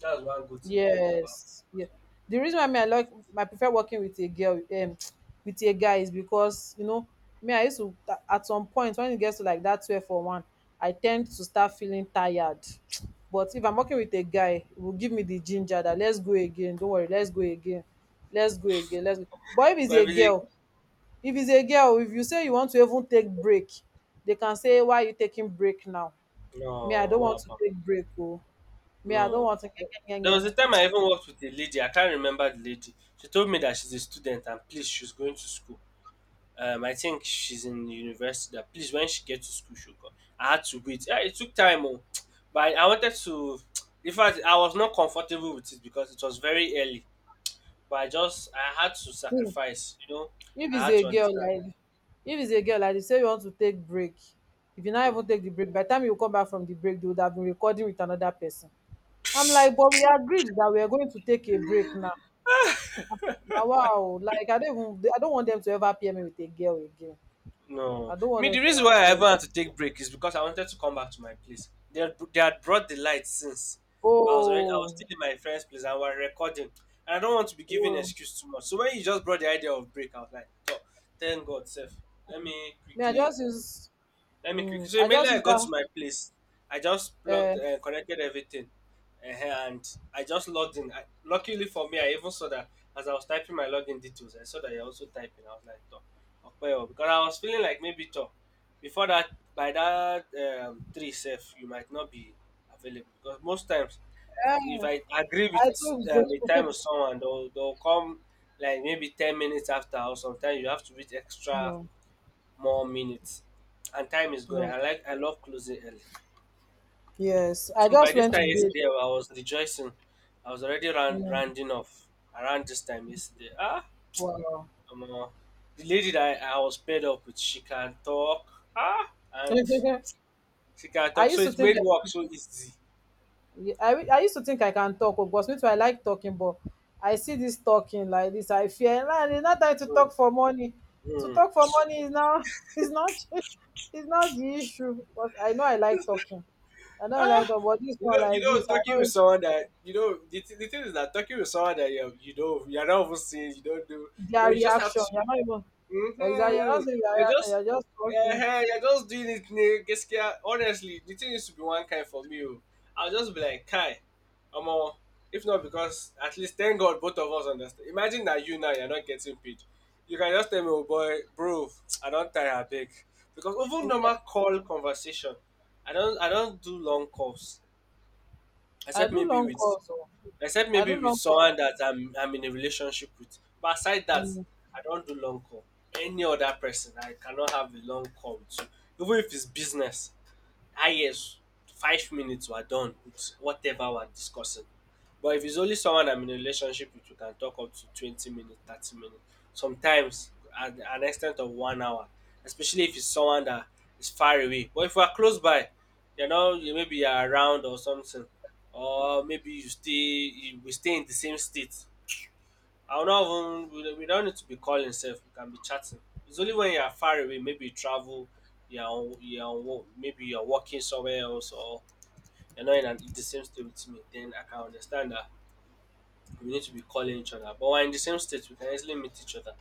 S2: That's one good thing I like about.
S1: Yes. Yeah. The reason why me I like I prefer working with a girl um with a guy is because you know me I used to at some point when it gets to like that twelve or one, I tend to start feeling tired. But if I'm working with a guy, it will give me the ginger that let's go again. Don't worry, let's go again. Let's go again. Let's go. But if it's
S2: But
S1: a
S2: if it's
S1: girl, if it's a girl, if you say you want to even take break, they can say why are you taking break now?
S2: a
S1: Me I don't
S2: no,
S1: want to
S2: Abba,
S1: take break. Oh, me I don't
S2: no.
S1: want to.
S2: There was a time I even worked with a lady. I can't remember the lady. She told me that she's a student and please, she's going to school. Um, I think she's in university. That please, when she gets to school, she'll come. I had to wait. Eh, it took time, oh, but I wanted to. In fact, I was not comfortable with it because it was very early. But I just, I had to sacrifice. You know,
S1: if
S2: I
S1: it's
S2: had
S1: a
S2: to
S1: girl
S2: understand.
S1: like if it's a girl like you say you want to take break, if you not
S2: Hmm.
S1: even take the break, by the time you come back from the break, they would have been recording with another person. I'm like, but we agreed that we are going to take a break now, now wow, like i don't even I don't want them to ever pair me with a girl again. I
S2: No,
S1: don't want
S2: me
S1: them
S2: the
S1: to
S2: reason
S1: ever
S2: why I
S1: pair me.
S2: ever had to take break is because I wanted to come back to my place. They had, they had brought the light since, but I was already I was
S1: Oh.
S2: still in my friend's place and we were recording, and I don't want to be giving
S1: Oh,
S2: excuse too much. So when you just brought the idea of break, I was like, oh, thank God, Seth. Let me
S1: me, I
S2: quickly
S1: just use,
S2: let me quick.
S1: mm,
S2: So
S1: I just
S2: immediately I
S1: use
S2: got
S1: that,
S2: to my place, I just
S1: uh,
S2: plugged, uh, connected everything, uh, and I just logged in. I, luckily for me, I even saw that as I was typing my login details, I saw that you're also typing. I was like, "Toh, okay, oh," because I was feeling like maybe toh. Before that, by that um, three self, you might not be available because most times, if, if
S1: eh,
S2: I agree with
S1: I took
S2: um, a time
S1: break.
S2: with someone, they'll, they'll come like maybe ten minutes after, or sometimes you have to wait extra
S1: No,
S2: more minutes. And time is going.
S1: no,
S2: I like I love closing early.
S1: yes,
S2: I
S1: I
S2: think by
S1: just
S2: this
S1: went to
S2: time
S1: bed.
S2: yesterday I was rejoicing. I was already round,
S1: Mm,
S2: rounding off around this time yesterday. Ah,
S1: wow.
S2: I'm, uh, the lady that I, I was paired up with she can talk. Ah and she can
S1: I
S2: talk. So
S1: used to
S2: it
S1: think
S2: made work
S1: I
S2: so easy.
S1: Yeah, I, I used to think I can talk, oh, because me too I like talking, but I see this talking like this. I fear "Nah, it's not time to
S2: Mm,
S1: talk for money." To
S2: mm.
S1: talk for money is now is not is not the issue because I know I like talking. I know I like
S2: Ah,
S1: talk, but this
S2: you
S1: one
S2: know, you
S1: like this,
S2: know,
S1: I
S2: talking with
S1: know
S2: someone that you know the, th- the thing is that talking with someone that you you know you're not even seeing, you don't do, you know,
S1: their
S2: you just have
S1: reaction,
S2: to
S1: you're not even exactly. You're not
S2: Mm-hmm.
S1: saying their
S2: You're
S1: reaction.
S2: just,
S1: You're just talking.
S2: uh, you're just doing it. ne- Gaskiya. Honestly, the thing used to be one kind for me. Oh. I'll just be like, Kai, I'm all, if not because at least thank God both of us understand. Imagine that you now you're not getting paid. You can just tell me, oh boy, bro, I don't tire big because even normal call conversation, I don't, I don't do long calls
S1: I
S2: except
S1: do
S2: maybe
S1: long
S2: with
S1: calls. Oh.
S2: except
S1: I do
S2: maybe with
S1: long calls.
S2: someone
S1: Oh.
S2: that I'm I'm in a relationship with. But aside that,
S1: Mm.
S2: I don't do long call. Any other person, I cannot have a long call with you, even if it's business ah yes, five minutes we're done with whatever we're discussing. But if it's only someone I'm in a relationship with, we can talk up to twenty minutes, thirty minutes. Sometimes at an extent of one hour, especially if it's someone that is far away. But if we're close by, you know, you maybe you're around or something, or maybe you stay, you, we stay in the same state. I will not even we we don't need to be calling sef, we can be chatting. It's only when you are far away, maybe you travel, you are on you are on wo maybe you are working somewhere else or you're not in an in the same state with me, then I can understand that we need to be calling each other. But when in the same state, we can easily meet each other.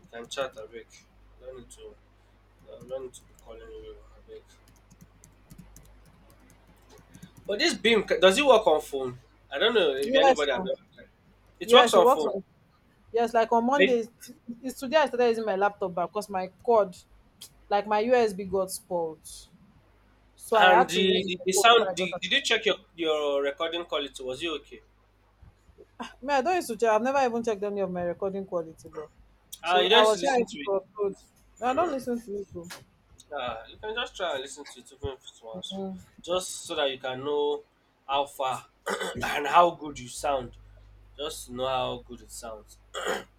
S2: We can chat abeg. We no need to we no need to be calling you a bit. But this beam ca does it work on phone? I don't know if
S1: Yes.
S2: anybody has
S1: Oh.
S2: ever tried. It works
S1: Yes. It
S2: on
S1: works
S2: phone,
S1: on. Yes, like on
S2: right?
S1: Monday, it's it's today I started using my laptop back because my cord, like my U S B got spoiled. So I had
S2: And
S1: to
S2: the
S1: use it
S2: the the
S1: before I
S2: sound
S1: got
S2: the
S1: am.
S2: did you check your your recording quality? Was it okay?
S1: Me, I don't used to check. I've never even checked any of my recording quality, but
S2: Uh,
S1: so
S2: you
S1: I
S2: just
S1: was
S2: listen
S1: trying to
S2: to it.
S1: upload. No, I don't listen to you, bro.
S2: Uh, you can just try and listen to it even if it's once, just so that you can know how far and how good you sound. Just to know how good it sounds.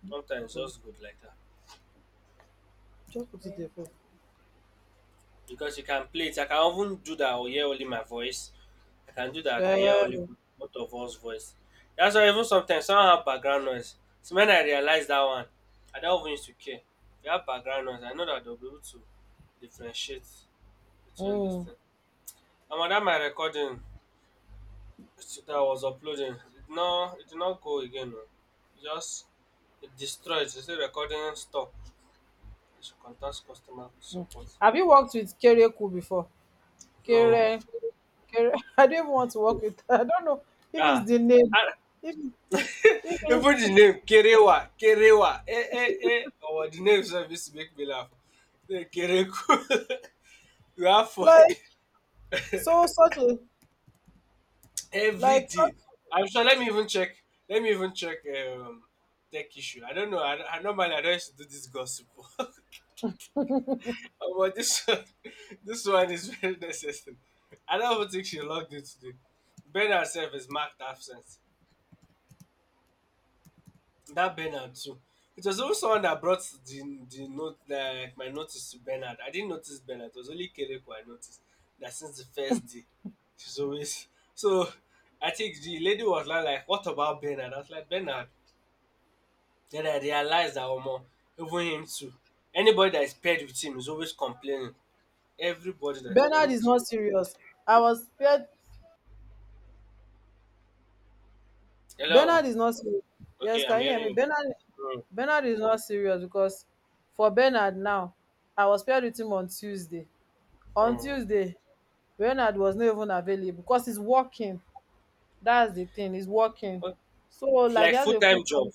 S2: Sometimes
S1: Bro,
S2: just good like that
S1: just put it there first.
S2: because you can play it. I can even do that or hear only my voice. I can do that. I can hear
S1: Yeah.
S2: only both of us voice. That's why even sometimes someone have background noise. So when I realize that one, I don't even used to care. If you have background noise, I know that they'll be able to differentiate between this
S1: Mm,
S2: thing. And am on my recording. That I was uploading. It now it did not go again. No. It just it destroyed. It said recording stop. You should contact customer
S1: mm.
S2: support.
S1: Have you worked with Kereku before?
S2: No.
S1: Kere, Kere. I don't even want to work with. I don't know if it's
S2: Ah.
S1: the name.
S2: Ah,
S1: If, if
S2: even
S1: it's
S2: the name Kerewa, Kerewa, eh, eh, eh. Our the name service make me laugh. Eh, Kereku. You have for
S1: like, so such a,
S2: every
S1: like such,
S2: day. I'm sure. Let me even check. Let me even check. Um, tech issue. I don't know. I, I normally I don't used to do this gossip. Oh, but this one, this one is very necessary. I don't even think she logged in today. Ben herself is marked absent. That Bernard too. It was also someone that brought the the note like my notice to Bernard. I didn't notice Bernard. It was only Kereko I noticed that since the first day, she's always so. I think the lady was like, like "What about Bernard?" I was like, "Bernard." Then I realized that Omo, even him too. Anybody that is paired with him is always complaining. Everybody that is paired
S1: Bernard is
S2: with him.
S1: not serious. I was scared. Bernard
S2: Hello.
S1: is not serious. Yes,
S2: Okay, I'm
S1: can you hear me?
S2: hearing
S1: Bernard,
S2: you. Mm,
S1: Bernard is not serious because for Bernard now, I was paired with him on Tuesday. On
S2: mm.
S1: Tuesday, Bernard was not even available because he's working. That's the thing. He's working.
S2: Oh,
S1: So like he
S2: like
S1: has
S2: full
S1: a full
S2: time job.
S1: time.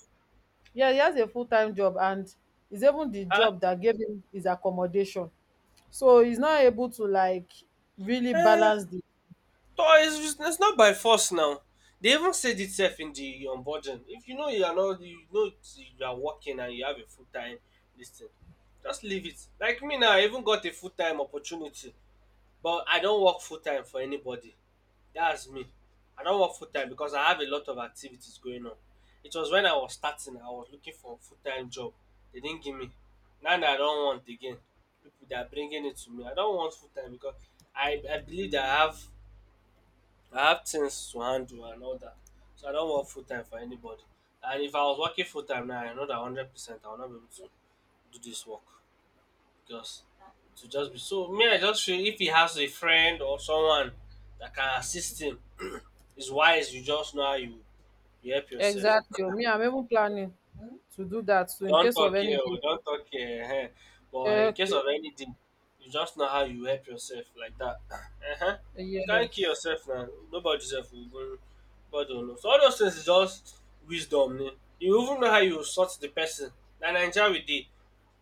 S1: Yeah, he has a full time job, and it's even the
S2: Huh?
S1: job that gave him his accommodation. So he's not able to like really
S2: Eh,
S1: balance the.
S2: no, it's, just- it's not by force now. They even said itself in the onboarding. If you know you are not, you know it's- you are working and you have a full time listing, just leave it. Like me now, I even got a full time opportunity, but I don't work full time for anybody. That's me. I don't work full time because I have a lot of activities going on. It was when I was starting, I was looking for a full time job. They didn't give me. Now that I don't want again, people they are bringing it to me. I don't want full time because I, I believe that I have I have things to handle and all that. So I don't work full time for anybody. And if I was working full time now, I know that hundred percent I will not be able to do this work. Just to just be So me, I just feel if he has a friend or someone that can assist him, it's wise you just know how you, you help yourself.
S1: Exactly. Me, I'm even planning to do that. So in
S2: Don't
S1: case of
S2: talk here
S1: anything,
S2: or don't talk here. Ehen. But in case
S1: okay,
S2: of anything, you just know how you help yourself like that. Uh huh. You can't kill
S1: yes,
S2: yourself now. Nobody's self will go God don't know. So all those things is just wisdom. Ne? You even know how you sort the person. Na Nigeria we dey.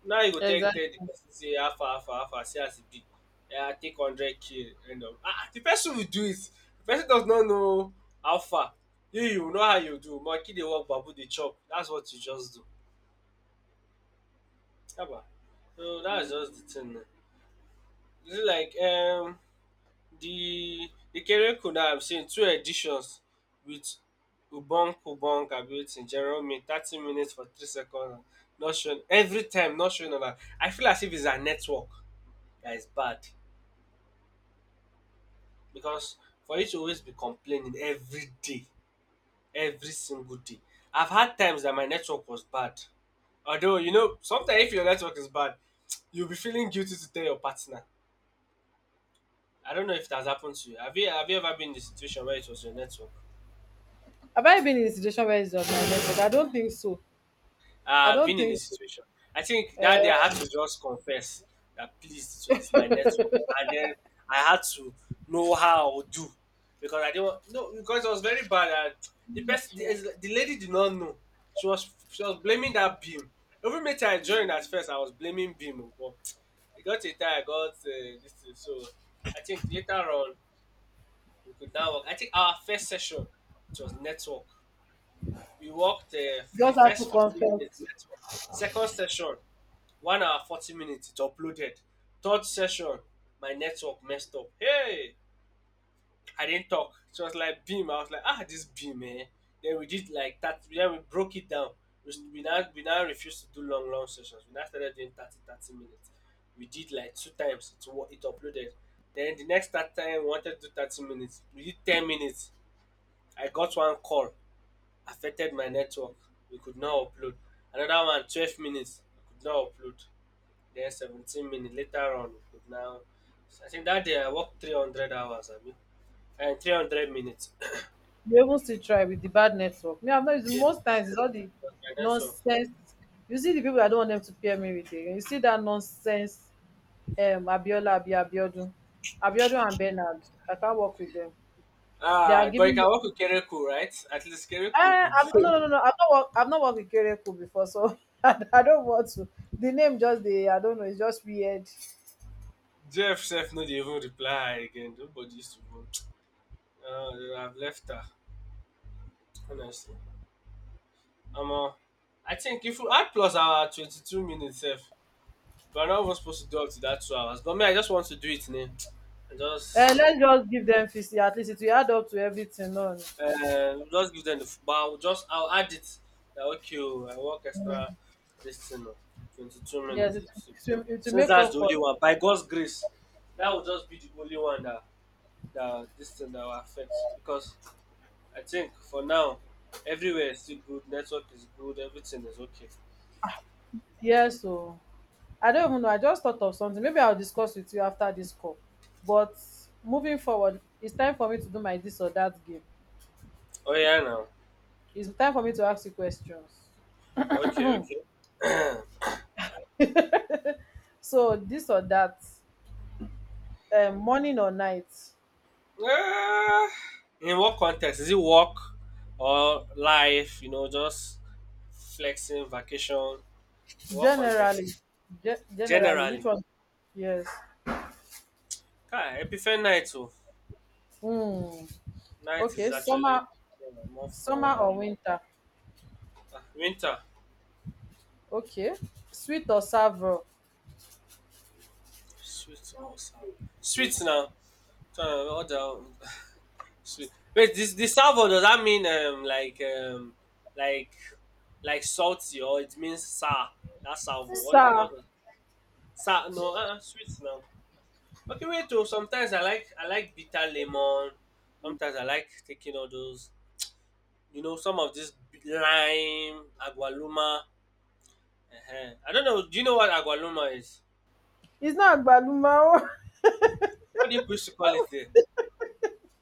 S2: Now you go take
S1: exactly.
S2: tell the person say alpha alpha alpha far see as e be. Um take hundred k end of um the person will do it. The person does not know how far. You you know how you do. Monkey dey work bamboo dey chop. That's what you just do. Haba! So that's just the thing now. You see, like um the Ikereku, now I'm seeing two editions with Obong Pobong abi wetin general mean thirty minutes for three seconds, not showing every time, not showing on am. I feel as if it's her network that is bad. Because for you to always be complaining every day, every single day. I've had times that my network was bad. Although, you know, sometimes if your network is bad, you'll be feeling guilty to tell your partner. I don't know if it has happened to you. Have you have you ever been in a situation where it was your network?
S1: Have I been in a situation where it's just my method? I don't think so. I
S2: Uh, I've
S1: don't
S2: been in
S1: think
S2: this
S1: so.
S2: situation. I think that day I had
S1: Uh,
S2: to just confess that please, it was my network, and then I had to know how I would do because I didn't want, no, because it was very bad. And the person, the, the lady did not know. She was she was blaming that beam. Every meeting I joined at first, I was blaming beam, but it got a time I got, uh, this thing. So I think later on we could now work. I think our first session it was network. We walked, uh, the
S1: just have to
S2: first forty minutes
S1: confess.
S2: network. Second session, one hour forty minutes, it uploaded. Third session, my network messed up. Hey, I didn't talk. So I was like beam. I was like, ah, this beam, eh. Then we did like that. Then we broke it down. We, s- we now we now refused to do long long sessions. We now started doing thirty thirty minutes. We did like two times. It wa- it uploaded. Then the next that time we wanted to do thirty minutes. We did ten minutes. I got one call affected my network. We could not upload. Another one, twelve minutes, we could not upload. Then seventeen minutes later on, we could now. So I think that day I worked three hundred hours, I mean, and three hundred minutes.
S1: You even still try with the bad network. Me, I'm not using
S2: Yes,
S1: most
S2: yes,
S1: times. It's all the
S2: but my network.
S1: nonsense. You see the people I don't want them to pair me with. Again. You see that nonsense. Um, Abiola, Abi, Abiodun, Abiodun and Bernard. I can't work with them. They are
S2: Ah, but you
S1: giving me.
S2: can work with Kereku, right? At least Kereku will
S1: Uh,
S2: be.
S1: I'm, no, no, no, no. I've not worked I've not worked with Kereku before, so I, I don't want to. The name just the I don't know. It's just weird.
S2: Jeff chef, not even reply again. Nobody used to go. Uh, I've left her, honestly. Um, uh, I think if we add plus our twenty-two minutes, sef. But I'm not even supposed to do up to that two hours. But me, I just want to do it now. I
S1: Uh,
S2: just
S1: let's just give them fifty. At least it will add up to everything. On,
S2: uh, just give them the f- but I'll just I'll add it. That okay, oh, I work extra this thing, oh, twenty-two
S1: yes,
S2: minutes.
S1: it,
S2: It's,
S1: it,
S2: uh,
S1: will, it will
S2: since
S1: make
S2: that's
S1: up
S2: the
S1: for,
S2: only one, by God's grace, that will just be the only one, that that this thing that will affect. Because I think for now, everywhere is still good, network is good, everything is okay.
S1: yes. So I don't even know. I just thought of something. Maybe I'll discuss with you after this call. But moving forward, it's time for me to do my this or that game.
S2: Oh yeah now.
S1: It's time for me to ask you questions.
S2: Okay, okay.
S1: So this or that, um, morning or night.
S2: Ah, in what context? Is it work or life? You know, just flexing, vacation. In what context?
S1: Generally. Ge- generally which
S2: Generally,
S1: one? Yes.
S2: ah, Epiphany night. Oh,
S1: um
S2: night
S1: okay,
S2: is actually,
S1: summer.
S2: yeah, more
S1: Summer
S2: fun.
S1: or
S2: You know,
S1: winter?
S2: ah, winter.
S1: Okay, sweet or serve raw?
S2: Sweet or sour? Sweet now. Uh, all the sweet. Wait, this this sour, does that mean um like um like like salty, or it means sour? That's sour. What does what
S1: Sir,
S2: does sa no uh, uh, sweet now? Okay, wait, oh, sometimes I like I like bitter lemon. Sometimes I like taking all those, you know, some of this b- lime, agualuma. uh I don't know. Do you know what agualuma is?
S1: it's not agbalumo.
S2: What do you used to call it there?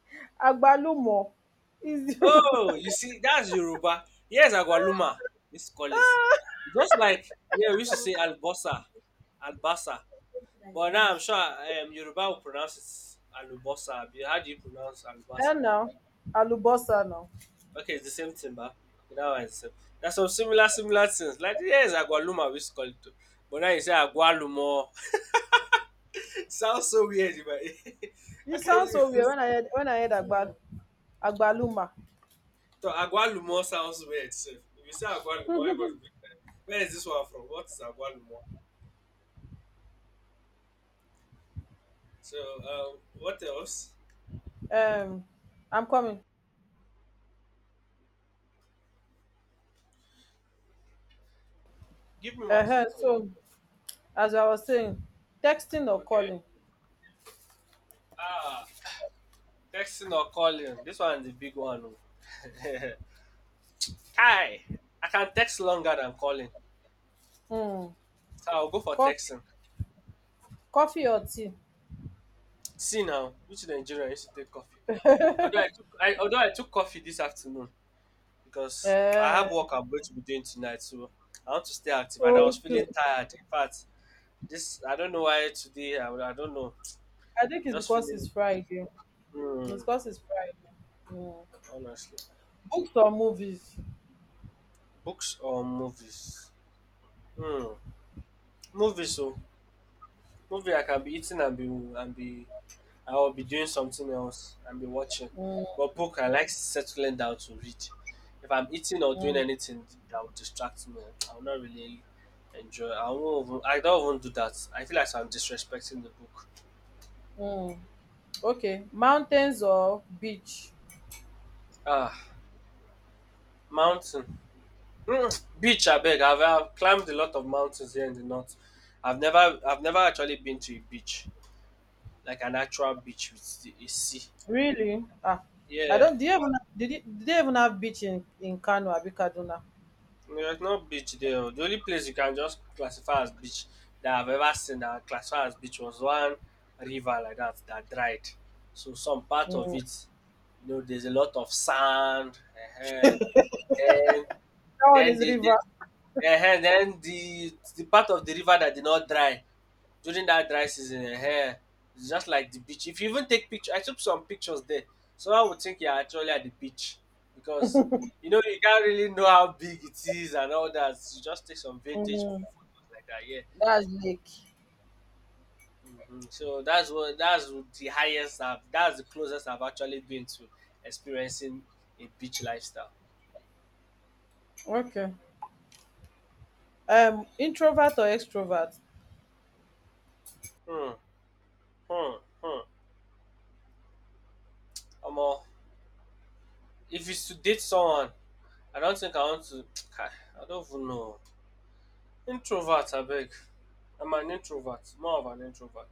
S1: Agbalumo is Yoruba.
S2: Oh, you see, that's Yoruba. Yes, agualuma. Let's call it. Just like, yeah, we used to say albosa, albasa. But now I'm sure, um, Yoruba will pronounce it alubosa. How do you pronounce
S1: Eh,
S2: albasa?
S1: now, alubosa now.
S2: Okay, it's the same thing, but that one is the same. There's some similar, similar things. Like, yes, Agualuma, we used to call it too. But now you say Agualumo. sounds so weird, but
S1: You
S2: I can't
S1: sound so
S2: even.
S1: weird when I heard when I heard agbal agbaluma.
S2: So Agualumo sounds weird. So if you say Agualumo, everybody will be like, where is this one from? What is Agualumo? So, um, what else?
S1: Um, I'm coming.
S2: Give me one
S1: Uh-huh.
S2: second.
S1: So, as I was saying, texting or
S2: Okay.
S1: calling.
S2: Ah, texting or calling. This one is the big one, oh. Kai, I can text longer than calling.
S1: Um,
S2: So I'll go for
S1: coffee
S2: texting.
S1: coffee or tea.
S2: See now, which Nigerian used to take coffee? Although I took I, although I took coffee this afternoon, because I
S1: Uh,
S2: have work I'm going to be doing tonight, so I want to stay active. And I was
S1: okay.
S2: feeling tired. In fact, this, I don't know why today, I, I don't know.
S1: I think
S2: I'm
S1: it's
S2: just
S1: because it's
S2: feeling,
S1: Friday.
S2: hmm,
S1: It's because it's Friday. Mm.
S2: honestly.
S1: Books or movies?
S2: Books or movies? Hmm. Movies. So movie I can be eating and be and be, I'll be doing something else and be watching.
S1: Mm,
S2: But book, I like settling down to read. If I'm eating or doing
S1: mm,
S2: anything that would distract me, I will not really enjoy. I won't even, I don't even do that. I feel like I'm disrespecting the book.
S1: mm. Okay. Mountains or beach?
S2: Ah, mountain. Mm, beach. I beg. I've, I've climbed a lot of mountains here in the north. I've never, I've never actually been to a beach, like an actual beach with the- a sea.
S1: Really? Ah, I
S2: Yeah,
S1: don't. Do you even did you, do they even have beach in in Kano Abi Kaduna?
S2: there's no beach there, oh. The only place you can just classify as beach that I've ever seen that classified as beach was one river like that that dried. So some part of
S1: Mm.
S2: it, you know, there's a lot of sand. uh Then
S1: That one
S2: then
S1: is
S2: the, the
S1: river.
S2: ehen, then the the part of the river that did not dry during that dry season, ehen, it's just like the beach. If you even take picture, I took some pictures there. Someone would think you're actually at the beach because, you know, you can't really know how big it is and all that. You just take some vintage
S1: Mm.
S2: photos like that, yeah.
S1: That's lake.
S2: Mhm. So that's what that's the highest I've that's the closest I've actually been to experiencing a beach lifestyle.
S1: Okay. Um, introvert or extrovert?
S2: Hmm, hmm, hmm. Omo, if it's to date someone, I don't think I want to. I don't even know. Introvert, I beg. I'm an introvert, more of an introvert.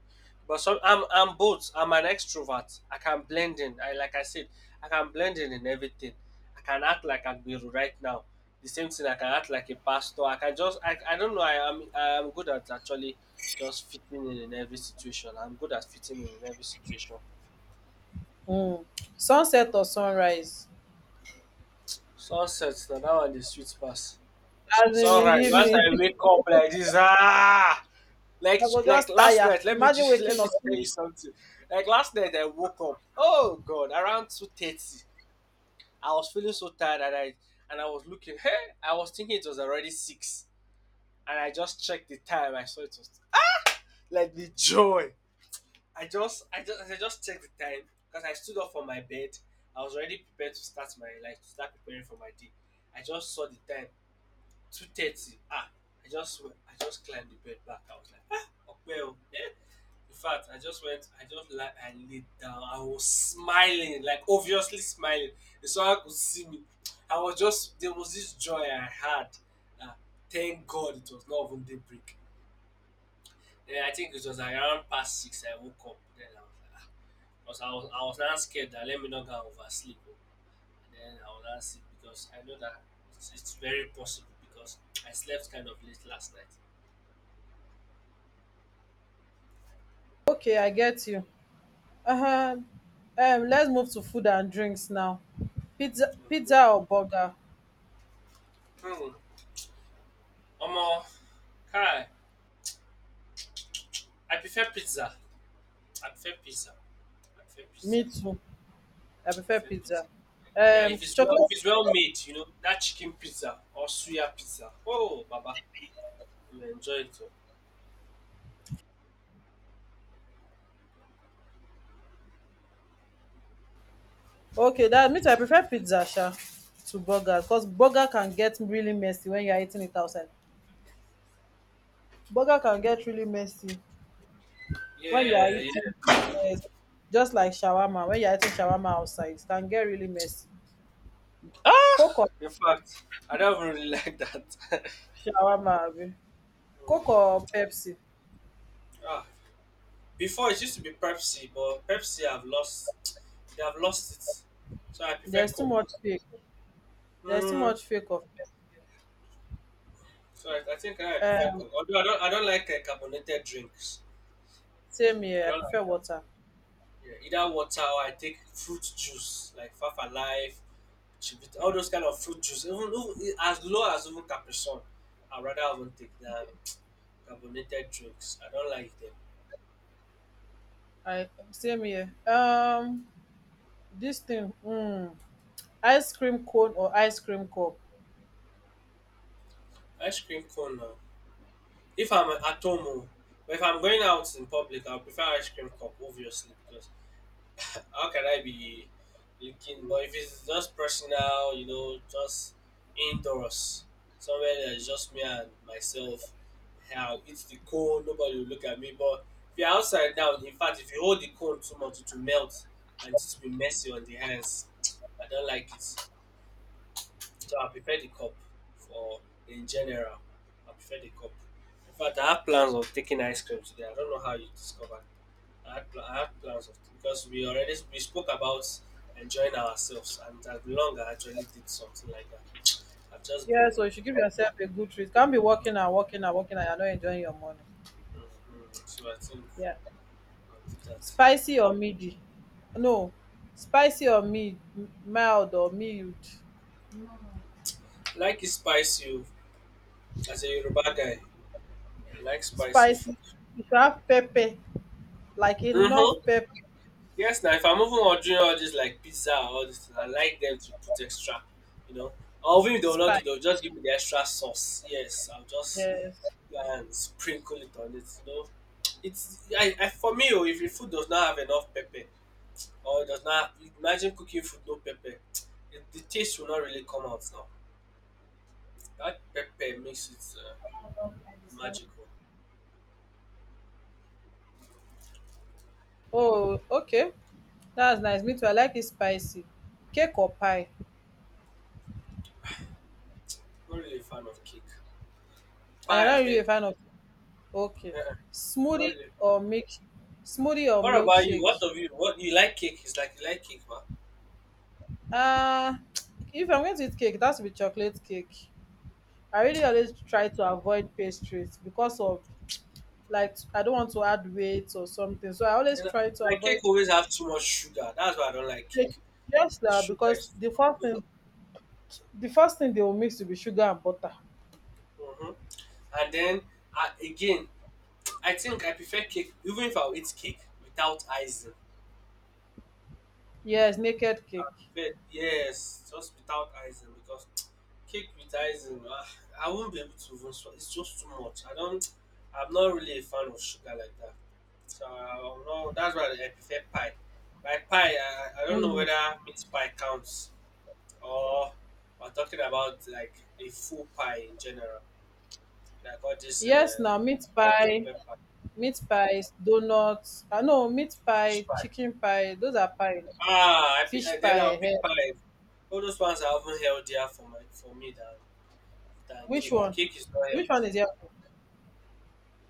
S2: But some, I'm I'm both. I'm an extrovert. I can blend in. I like I said, I can blend in in everything. I can act like Agbiru right now. The same thing. I can act like a pastor. I can just. I, I don't know. I am I am good at actually just fitting in in every situation. I'm good at fitting in in every situation.
S1: Mm. Sunset or sunrise?
S2: Sunset. Now that one the sweet pass.
S1: As in in the
S2: Sunrise. Once
S1: evening.
S2: I wake up like this, ah. like
S1: I go
S2: like
S1: just
S2: last
S1: tire.
S2: night, let me
S1: Imagine
S2: just
S1: waking
S2: let me
S1: up.
S2: tell you something. Like last night I woke up, oh god, around two thirty. I was feeling so tired and i and i was looking, hey, I was thinking it was already six, and I just checked the time, I saw it was, like, the joy. I just i just i just checked the time because I stood up from my bed. I was already prepared to start my, like to start preparing for my day. I just saw the time, two thirty, ah. I just i just climbed the bed back. I was like, ah well, eh, in fact I just went, I just like I laid down. I was smiling, like obviously smiling, if someone could see me. I was just, there was this joy I had. Ah, thank god it was not even daybreak. Then I think it was like around past six I woke up, then I was like, ah. Because i was i was not scared that, let me not go and oversleep, then I will ask it, because I know that it's, it's very possible because I slept kind of late last night.
S1: Okay, I get you. Uh-huh. Um, let's move to food and drinks now. Pizza
S2: Okay.
S1: pizza or burger?
S2: Hmm. Omo, Kai, I prefer pizza. I prefer pizza. I prefer pizza.
S1: Me too.
S2: I
S1: I prefer
S2: prefer pizza.
S1: pizza.
S2: Yeah,
S1: Um,
S2: if it's well, if
S1: chocolate.
S2: it's well made, you know, that chicken pizza or suya pizza. Oh, Baba, you enjoy it too.
S1: Okay, that means I prefer pizza, sha, to burger. Because burger can get really messy when you are eating it outside. Burger can get really messy when you are
S2: Yeah,
S1: eating,
S2: yeah.
S1: yes, just like shawarma. When you are eating shawarma outside, it can get really messy. Coke
S2: Ah,
S1: or
S2: in fact, I don't even really like that.
S1: shawarma, abi?
S2: Hmm.
S1: Coke or Pepsi?
S2: Ah, before it used to be Pepsi, but Pepsi have lost. They have lost it. So I prefer
S1: There's too
S2: Coke.
S1: much fake. There's too
S2: Mm,
S1: much fake of.
S2: so I, I think I prefer
S1: Um,
S2: Coke. Although I don't, I don't like uh, carbonated drinks.
S1: same
S2: I
S1: here. I
S2: don't
S1: prefer
S2: like that.
S1: water.
S2: Yeah, either water or I take fruit juice like Fafa Life, Chivita, all those kind of fruit juice. Even, even as low as even Capri Sun, I rather even take than carbonated drinks. I don't like them.
S1: I same here. Um, this thing, mm, ice cream cone or ice cream cup.
S2: Ice cream cone now. If I'm at home, oh, but if I'm going out in public, I'll prefer ice cream cup, obviously, because how can I be looking? But if it's just personal, you know, just indoors, somewhere that's just me and myself, I'll eat the cone, nobody will look at me. But if you're outside now, in fact, if you hold the cone too much, it will melt and it will be messy on the hands. I don't like it. So I prefer the cup for in general. I prefer the cup. In fact, I have plans of taking ice cream today. I don't know how you discovered. I have, pl- I have plans of, because we already we spoke about enjoying ourselves, and that long I actually did something like that. I've just
S1: Yeah,
S2: been,
S1: so you should give yourself a good treat. Can't be walking and
S2: mhm,
S1: walking and walking and you're not enjoying your morning.
S2: so I think
S1: Yeah.
S2: I'll do that.
S1: Spicy or midi? No. Spicy or mild, mild or mild.
S2: Like it spicy, oh. As a Yoruba guy, I like spicy food.
S1: Spicy. You should have pepper, like enough
S2: Mm-hmm.
S1: pepper.
S2: Yes, now if I'm even ordering all this like pizza or all this, I like them to put extra, you know. Or even if they will not do, they'll
S1: Spice.
S2: just give me the extra sauce. Yes, I'll just
S1: Yes.
S2: and sprinkle it on it, you know. It's, I, I for me, oh, if the food does not have enough pepper or does not have, imagine cooking food no pepper, the, the taste will not really come out now. That pepper makes it uh, magical.
S1: Oh, okay. That's nice. Me too. I like it spicy. Cake or pie?
S2: Not really a fan of cake.
S1: I am
S2: Pie,
S1: not
S2: I
S1: really a
S2: beg.
S1: fan of. Okay.
S2: Uh-uh. Not
S1: Smoothie
S2: really.
S1: or milk? Smoothie or
S2: What about you? What
S1: milkshake?
S2: of you? What, you like cake? It's like you like cake, man.
S1: Uh, if I'm going to eat cake, that's with chocolate cake. I really always try to avoid pastries because of, like, I don't want to add weight or something. So I always
S2: It's like,
S1: try to
S2: my cake
S1: avoid
S2: always have too much sugar. That's why I don't like cake.
S1: cake. Yes,
S2: The
S1: now
S2: sugar
S1: because
S2: is
S1: the
S2: too
S1: first thing the first thing they will mix will be sugar and butter.
S2: much. Hmm. And then uh, again, I think I prefer cake, even if I'll eat cake without icing.
S1: Yes, naked
S2: I
S1: cake.
S2: prefer, yes, just without icing because cake with icing, ah, I won't be able to even swallow. It's just too much. I don't. I'm not really a fan of sugar like that. So I'm not, that's why I prefer pie. By pie, I, I don't know
S1: Mm.
S2: whether meat pie counts or we're talking about like a full pie in general. Like all this
S1: Yes,
S2: uh,
S1: now meat pie.
S2: chocolate pie,
S1: Meat pies, donuts. Ah, no, meat
S2: fish
S1: pie,
S2: pie.
S1: chicken pie. Those are pie.
S2: Ah, I, pi-
S1: Fish
S2: uh, then I'll
S1: pie. Eh. Eh.
S2: pick pie. All those ones are even healthier for my for me than than
S1: Which
S2: cake.
S1: one?
S2: Cake is not
S1: Which one
S2: healthy.
S1: is healthy?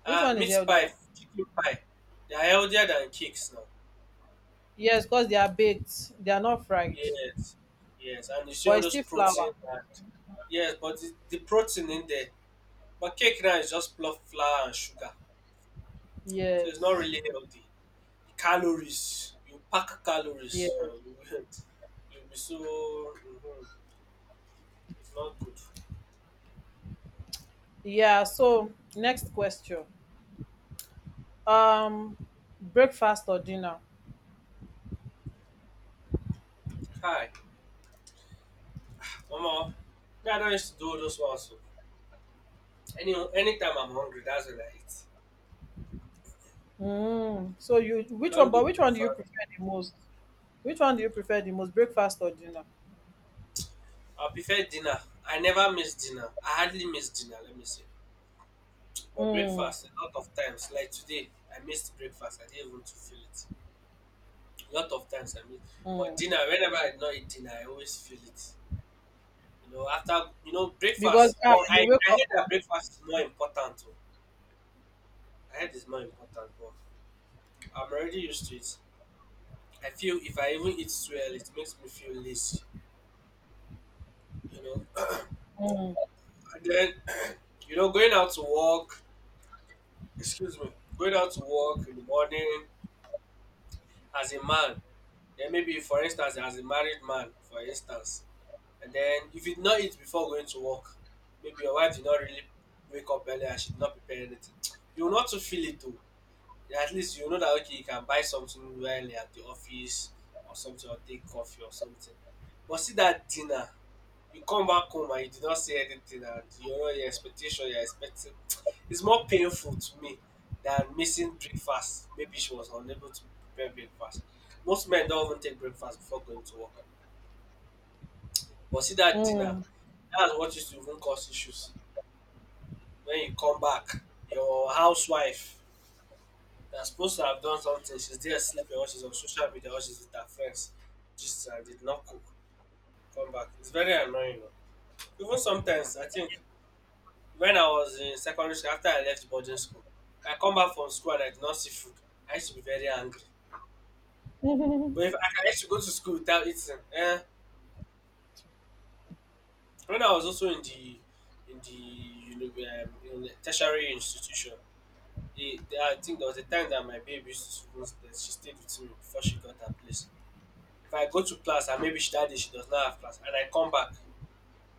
S1: Which
S2: Ah,
S1: one is
S2: meat
S1: healthier?
S2: pie, chicken pie, they are healthier than cakes now.
S1: Yes, because they are baked. They are not fried,
S2: Yes, yes, and you see
S1: but
S2: all
S1: it's
S2: those
S1: still flour.
S2: protein and yes, but the, the protein in there. But cake now is just pure flour and sugar, so it's not
S1: Yes.
S2: really healthy. Calories, you pack calories. Uh, you
S1: Yes.
S2: will you'll be so. Mhm, it's not good.
S1: Yeah. So next question. Um, breakfast or dinner?
S2: Hi, Mama. Me, I don't used to do all those ones, oh. Any anytime I'm hungry, that's when I eat.
S1: Mm. So you,
S2: I
S1: which one?
S2: don't do
S1: But which one do
S2: breakfast.
S1: you prefer the most? Which one do you prefer the most? Breakfast or dinner?
S2: I prefer dinner. I never miss dinner. I hardly miss dinner. Let me say, but
S1: Mm.
S2: breakfast a lot of times. Like today, I missed breakfast. I didn't even to feel it. A lot of times I miss. But
S1: Mm.
S2: dinner, whenever I not eat dinner, I always feel it. You know, after you know
S1: Because
S2: breakfast.
S1: ah,
S2: But
S1: you
S2: I
S1: wake
S2: I
S1: up.
S2: heard that breakfast is more important, oh. I heard it's more important. But I'm already used to it. I feel if I even eat too early, it makes me feel lazy. You know, and then, you know, going out to work, excuse me, going out to work in the morning as a man, then maybe, for instance, as a married man, for instance, and then if you did not eat before going to work, maybe your wife did not really wake up early and she did not prepare anything, you will not to feel it though. At least you know that, okay, you can buy something early at the office or something, or take coffee or something. But see that dinner, you come back home and you did not see anything and you know your expectation, you're expecting, it's more painful to me than missing breakfast. Maybe she was unable to prepare breakfast. Most men don't even take breakfast before going to work. But see that dinner,
S1: Mm.
S2: that's what used to even cause issues. When you come back, your housewife that's supposed to have done something, she's there sleeping or she's on social media or she's with her friends. Just uh, did not cook. Come back. It's very annoying, oh. Even sometimes I think, when I was in secondary school, after I left boarding school, if I come back from school and I did not see food, I used to be very angry.
S1: me
S2: But if I I used to go to school without eating, eh, when I was also in the in the you know, um, in the tertiary institution, eh, there- I think there was a time that my baby used to, that she stayed with me before she got her place. If I go to class and maybe she, that day she does not have class and I come back,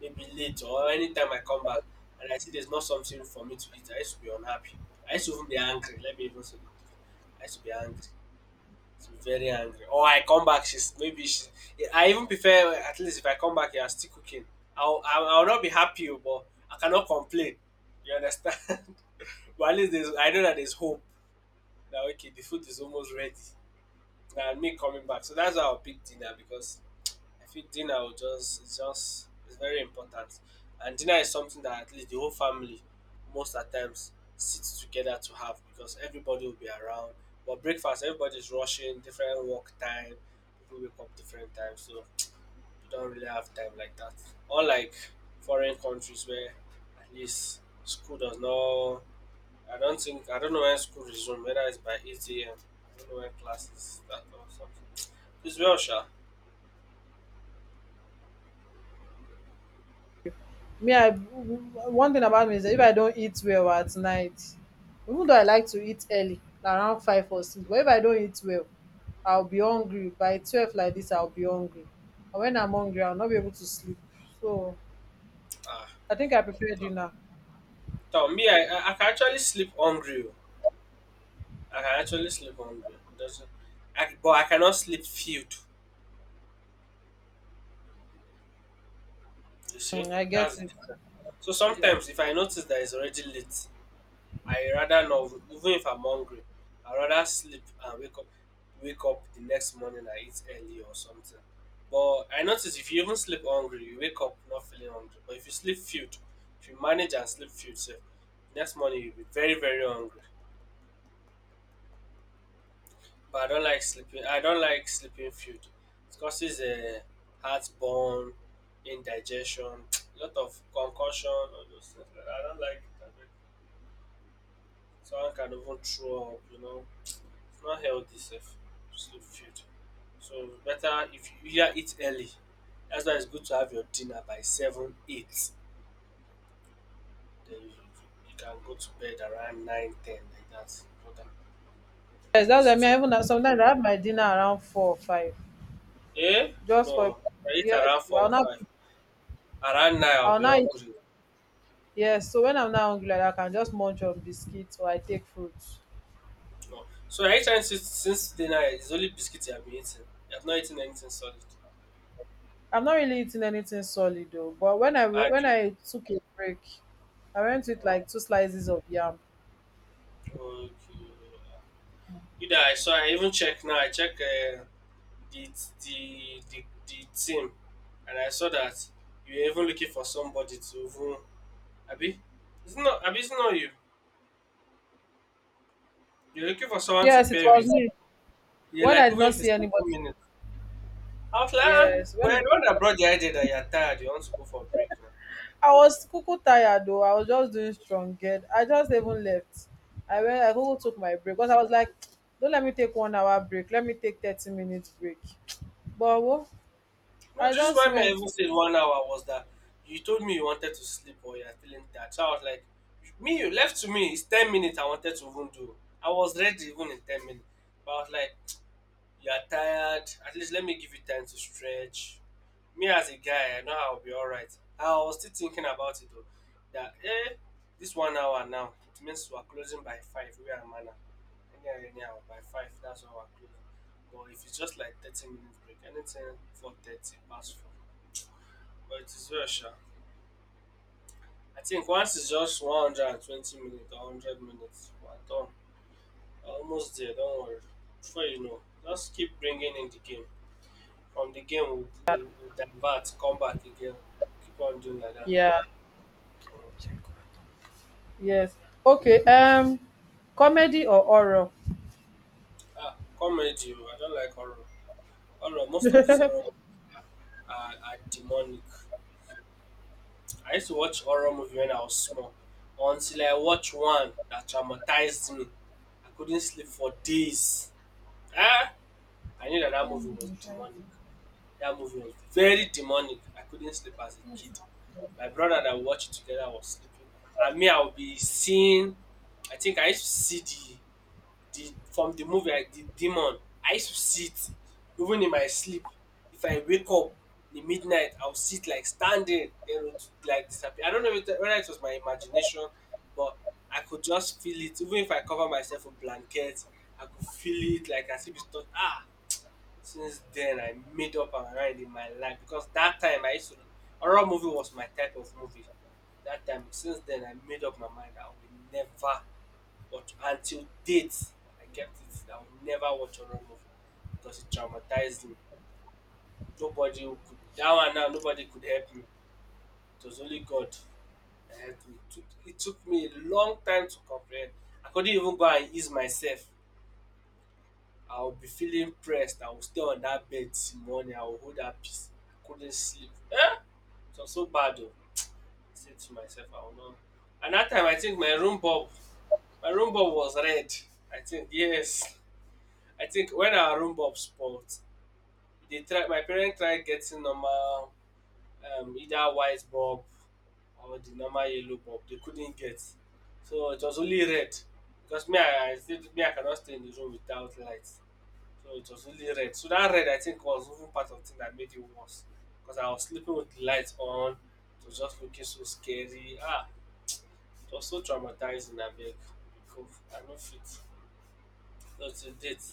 S2: maybe late or anytime I come back and I see there's not something for me to eat, I used to be unhappy. I used to even be angry. Let me even say it. I used to be angry. To be very angry. Or I come back, she's maybe she. I even prefer at least if I come back, you are still cooking. I'll I'll, I'll not be happy, oh, but I cannot complain. You understand? But at least there's, I know that there's hope. Now okay, the food is almost ready. Now me coming back, so that's how I pick dinner because I feel dinner will just, it's just, it's very important. And dinner is something that at least the whole family most at times sits together to have because everybody will be around. But breakfast, everybody's rushing, different work time, people wake up different times, so you don't really have time like that. Unlike foreign countries where at least school does not, I don't think I don't know when school resumes, whether it's by eight A M, I don't know when classes start or something. It's well sure.
S1: I One thing about me is that if I don't eat well at night, even though I like to eat early like around five or six, but if I don't eat well, I'll be hungry by twelve like this, I'll be hungry. And when I'm hungry, I'll not be able to sleep. So
S2: Ah,
S1: I think I prefer dinner.
S2: toh, me I I I can actually sleep hungry, oh. I can actually sleep hungry. It doesn't, I but I cannot sleep filled, you see?
S1: Mm, I get
S2: That's the
S1: it.
S2: difference. So
S1: Yeah.
S2: sometimes if I notice that it's already late, I rather not, even if I'm hungry, I rather sleep and wake up wake up the next morning, I eat early or something. But I notice if you even sleep hungry, you wake up not feeling hungry. But if you sleep filled, if you manage and sleep filled sef, next morning you'll be very, very hungry. But I don't like sleeping. I don't like sleeping food. It causes a heartburn, indigestion, a lot of concussion, all those things, like that. I don't like it. I mean, someone can even throw up. You know, it's not healthy, safe to sleep food. So it's better if you either eat early. That's why it's good to have your dinner by seven, eight. Then you, you can go to bed around nine, ten, like that. But then
S1: Yes,
S2: at
S1: that's, i
S2: least
S1: mean I
S2: like,
S1: even have- sometimes I have my dinner around four or five
S2: eh?
S1: just for
S2: No, I eat
S1: yes.
S2: around four
S1: i'll
S2: or
S1: not
S2: five. Around nine, I'll
S1: I'll
S2: be
S1: not eat.
S2: hungry.
S1: Yes, so when I'm not hungry like that, I can just munch on biscuits or I take fruit.
S2: No. So are you trying to say since dinner it's only biscuits you have been eating? You have not eaten anything solid.
S1: I am not really eating anything solid though, but when I we-
S2: And
S1: when
S2: you,
S1: I took a break, I went with
S2: mm,
S1: like two slices of yam.
S2: okay. You that, I saw, I even check now, I check uh, the, the the the team, and I saw that you were even looking for somebody to even, Abi? It's not Abi, it's not you. You're looking for someone to
S1: Yes, it
S2: pair
S1: was
S2: with.
S1: me.
S2: You're
S1: When
S2: like,
S1: I did
S2: even
S1: not
S2: if it's
S1: see
S2: thirty
S1: anybody,
S2: minutes. I was like, ah,
S1: yes, when
S2: but you're the one
S1: I,
S2: that brought the idea that you're tired, you want to go for a break now.
S1: I was cuckoo tired though, I was just doing strong get. I just even left. I went. I cuckoo took my break because I was like, don't let me take one hour break. Let me take thirty minutes break. But wo-
S2: No,
S1: I
S2: the reason
S1: just
S2: why my
S1: went
S2: even
S1: to,
S2: said one hour was that you told me you wanted to sleep or you're feeling tired. So I was like, me, you left to me, it's ten minutes I wanted to even do. I was ready even in ten minutes. But I was like, you're tired, at least let me give you time to stretch. Me as a guy, I know I'll be alright. I was still thinking about it though. That, eh, this one hour now, it means we're closing by five, we are manner. Anyhow, anyhow, by five, that's when we're closing. But if it's just like thirty minutes break, anything four thirty, past four, but it is well sha. I think once it's just one hundred and twenty minutes or one hundred minutes, we're done. Almost there, don't worry. Before you know, just keep bringing in the game. From the game, we'll, we'll, we'll divert, come back again. Keep on doing like that.
S1: yeah.
S2: Mm.
S1: Yes. Okay. Um, comedy or horror?
S2: Ah, comedy, I don't like horror. Horror, most of this horror movies are, are demonic. I used to watch horror movie when I was small. Until I watched one that traumatized me. I couldn't sleep for days. Ah! I knew that that movie was demonic. That movie was very demonic. I couldn't sleep as a kid. My brother that we watched it together was sleeping, and me I would be seeing. I think I used to see the the from the movie I the demon. I used to see it even in my sleep. If I wake up in the midnight, I'll see it like standing, then it would like disappear. I don't know if it- whether it was my imagination, but I could just feel it. Even if I cover myself with blanket, I could feel it like as if it's not ah since then, I made up my mind in my life because that time I used to horror movie was my type of movie. That time, since then, I made up my mind I will never watch until date. I kept it. I will never watch horror movie because it traumatized me. Nobody who could that one now. Nobody could help me. It was only God that helped me. It took, it took me a long time to comprehend. I couldn't even go and ease myself. I will be feeling pressed. I will stay on that bed till morning. I will hold that peace. I couldn't sleep. Eh! It was so bad oh. I said to myself, I will not. And that time I think my room bulb, my room bulb was red. I think yes. I think when our room bulb spoiled, they tried my parents tried getting normal um either white bulb or the normal yellow bulb. They couldn't get. So it was only red. Because me I, I said me I cannot stay in the room without light. So it was really red. So that red, I think, was even part of the thing that made it worse. Because I was sleeping with the lights on. It was just looking so scary. Ah, it was so traumatizing. I beg. Because I know fit. So to date,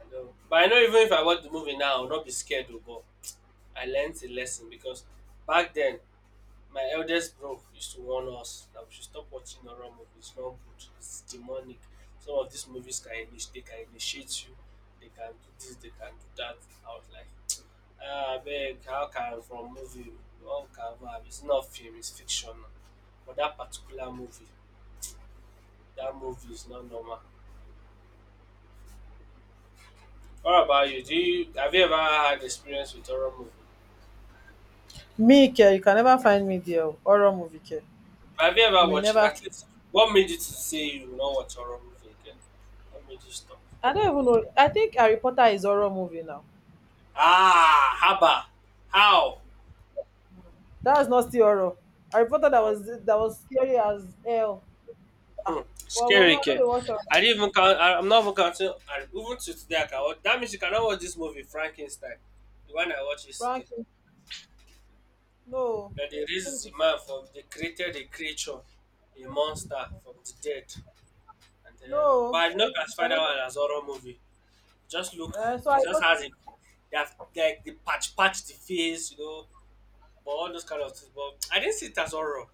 S2: I know. But I know even if I watch the movie now, I will not be scared. Though, but I learned a lesson because back then, my eldest bro used to warn us that we should stop watching horror movies. It's not good. It's demonic. Some of these movies can initiate, they can initiate you. They can do this. They can do that. I was like. Ah, abeg how can from movie one can have it's not film, it's fiction now. But dat particular movie, that movie is not normal. What about you? Do you have you ever had experience with horror movie?
S1: Me, care. You can never find me there. Oh, horror movie, care.
S2: Have you
S1: You
S2: ever
S1: will
S2: watched it?
S1: never.
S2: At least what made you to say you will not watch horror movie again? What made you stop?
S1: I don't even know. I think Harry Potter is horror movie now.
S2: Ah! Haba! How?
S1: That's not still horror. Harry Potter, that
S2: No.
S1: was that was scary as hell. Ah,
S2: Hmm.
S1: well, mama, I
S2: Scary ke.
S1: don't dey watch am.
S2: I didn't even count I I'm not even counting and even to today I can watch. That means you cannot watch this movie Frankenstein, the one I watched yesterday.
S1: Frankie, no.
S2: That they
S1: Let me
S2: raised
S1: put
S2: the
S1: it.
S2: man from they created a creature, a monster from the dead. And then but
S1: No,
S2: I did not
S1: eh, you
S2: classify that
S1: cannot.
S2: one as horror movie. Just look
S1: Uh, so
S2: it
S1: Harry
S2: just
S1: Potter.
S2: has a they have like the patch patch the face, you know, but all those kind of things. But I didn't see it as horror.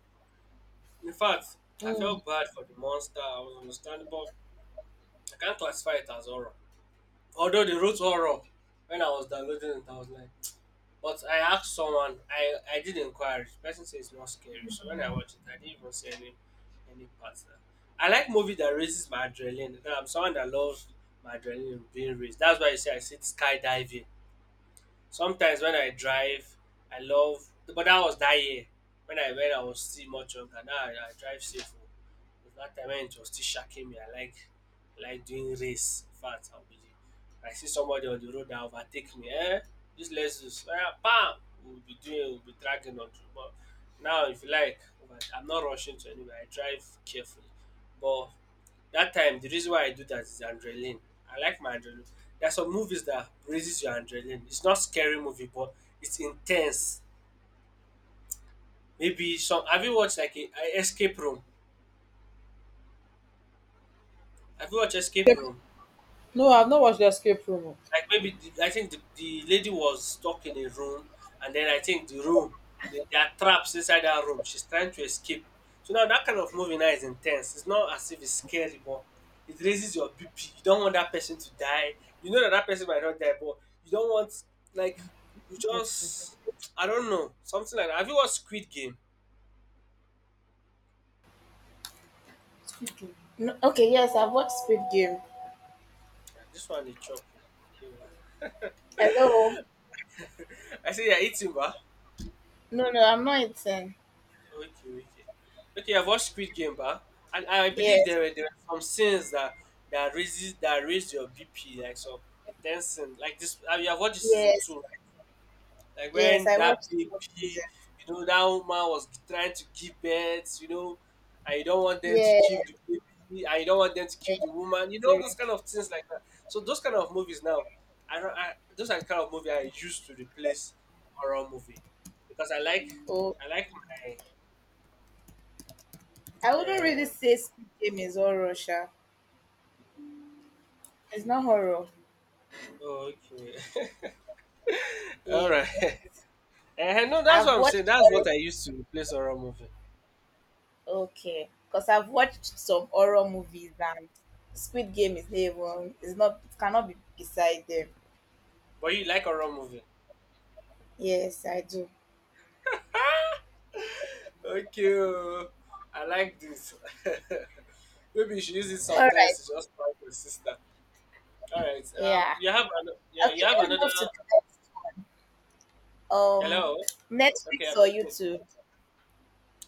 S2: In fact, I
S1: Mm.
S2: felt bad for the monster, I was understandable. I can't classify it as horror. Although they wrote horror when I was downloading it, I was like. But I asked someone, I, I did inquire. The person said it's not scary. So when I watched it, I didn't even see any any parts. That- I like movie that raises my adrenaline. Now, I'm someone that loves my adrenaline being raised. That's why I say I sit skydiving. Sometimes when I drive, I love, but that was that year when I when I was still much younger. Now I, I drive safe. Oh. But that time when it was still shacking me, I like I like doing race. In fact, I'll be I see somebody on the road that overtake me. Eh, this lessons, eh, bam, we'll be doing, we'll be dragging on. To- But now, if you like, but I'm not rushing to anywhere. I drive carefully, but that time the reason why I do that is adrenaline. I like my adrenaline. There are some movies that raises your adrenaline. It's not scary movie but it's intense. Maybe some have you watched like a a escape room? Have you watched Escape Room?
S1: No, I've not watched the escape room. Oh.
S2: Like maybe the, I think the, the lady was stuck in a room, and then I think the room there there are traps inside that room. She's trying to escape. So now that kind of movie now is intense. It's not as if it's scary, but it raises your B P. You don't want that person to die. You know that that person might not die, but you don't want like you
S1: What is it?
S2: just I don't know something like that. Have you watched Squid Game?
S1: Okay. No, okay, yes, I've watched Squid Game.
S2: Yeah, this one they chop.
S1: Hello.
S2: I say you're eating, bah.
S1: No, no, I'm not eating.
S2: Okay, okay. Okay, I've watched Squid Game, bah, and I believe
S1: Yes,
S2: there were there were some scenes that that raises that raised your B P, like some intense scene. Like this, I mean, I've watched this season
S1: yes,
S2: two, right? Like
S1: yes,
S2: when
S1: I
S2: that
S1: watched
S2: baby,
S1: Squid Game.
S2: you know, that woman was trying to give birth, you know, and you don't want them to kill
S1: Yes.
S2: the baby, and you don't want them to kill the woman, you know, those
S1: Eh,
S2: kind of things like that. So those kind of movies now, I don't, I, those are the kind of movie I used to replace horror movie because I like
S1: oh,
S2: I like my.
S1: I wouldn't really
S2: Um,
S1: say Squid Game is horror, sha. It's not horror.
S2: Oh, okay. All
S1: Yeah,
S2: right. Eh, no, that's
S1: I've
S2: what I'm saying.
S1: watched
S2: That's
S1: horror.
S2: what I used to replace horror movie.
S1: Okay, because I've watched some horror movies and Squid Game is not even. It's not. It cannot be beside them.
S2: But you like horror movie?
S1: Yes, I do.
S2: Okay. Oh, I like this. Maybe you should use it
S1: All right.
S2: sometimes to just find your sister. All right. Um,
S1: Yeah.
S2: you have an, yeah,
S1: Okay.
S2: you have
S1: Let's
S2: another.
S1: move to the next. um
S2: Hello. Okay,
S1: Netflix
S2: I'm
S1: or
S2: listening.
S1: YouTube.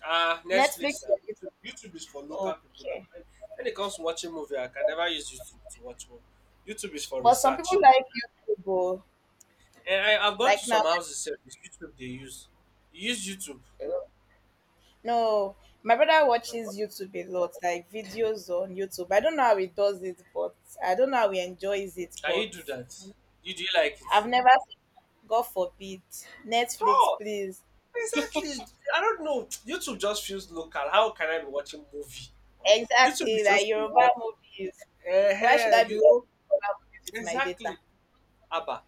S2: Ah, Netflix
S1: Netflix
S2: now.
S1: or
S2: YouTube,
S1: YouTube.
S2: YouTube is for local people now.
S1: Okay.
S2: When, when it comes to watching movie, I can never use YouTube to watch movie. YouTube is for
S1: But some people
S2: research.
S1: like YouTube. Oh.
S2: And I, I've gone to
S1: Like now,
S2: some houses. Sef, it's YouTube they use. You use YouTube.
S1: no, my brother
S2: Can
S1: watches YouTube a lot, like videos on YouTube. I don't know how he does it, but I don't know how he enjoys it, but
S2: you do that? You do you like
S1: I've
S2: it?
S1: never seen, God forbid, Netflix,
S2: Oh,
S1: please.
S2: exactly. I don't know. YouTube just feels local. How can I be watching movie? Or- YouTube
S1: Exactly,
S2: is just
S1: like
S2: to
S1: Yoruba
S2: watch.
S1: movies. Why should
S2: Uh,
S1: I be watching
S2: you
S1: Yoruba movies
S2: know
S1: with my data?
S2: exactly. Abba,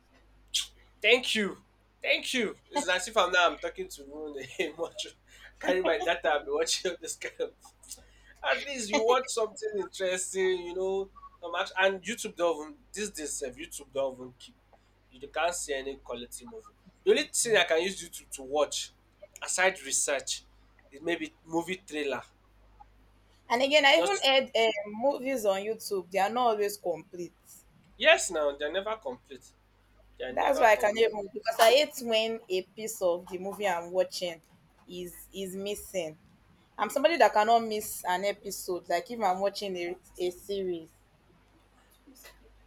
S2: thank you, thank you. It's as if I'm now I'm talking to Rune much. Carry my data. I've been watching all this kind of. At least you watch something interesting, you know. Some action. And YouTube don't even, these days, sef, YouTube don't even keep. You can't see any quality movie. The only thing I can use YouTube to watch, aside research, is maybe movie trailer.
S1: And again, I
S2: Just
S1: even
S2: to,
S1: heard um, movies on YouTube, they are not always complete.
S2: yes, now they're never complete. They're
S1: That's
S2: never
S1: why I can
S2: complete.
S1: even, because I hate when a piece of the movie I'm watching is is missing. I'm somebody that cannot miss an episode. Like if I'm watching a, a series,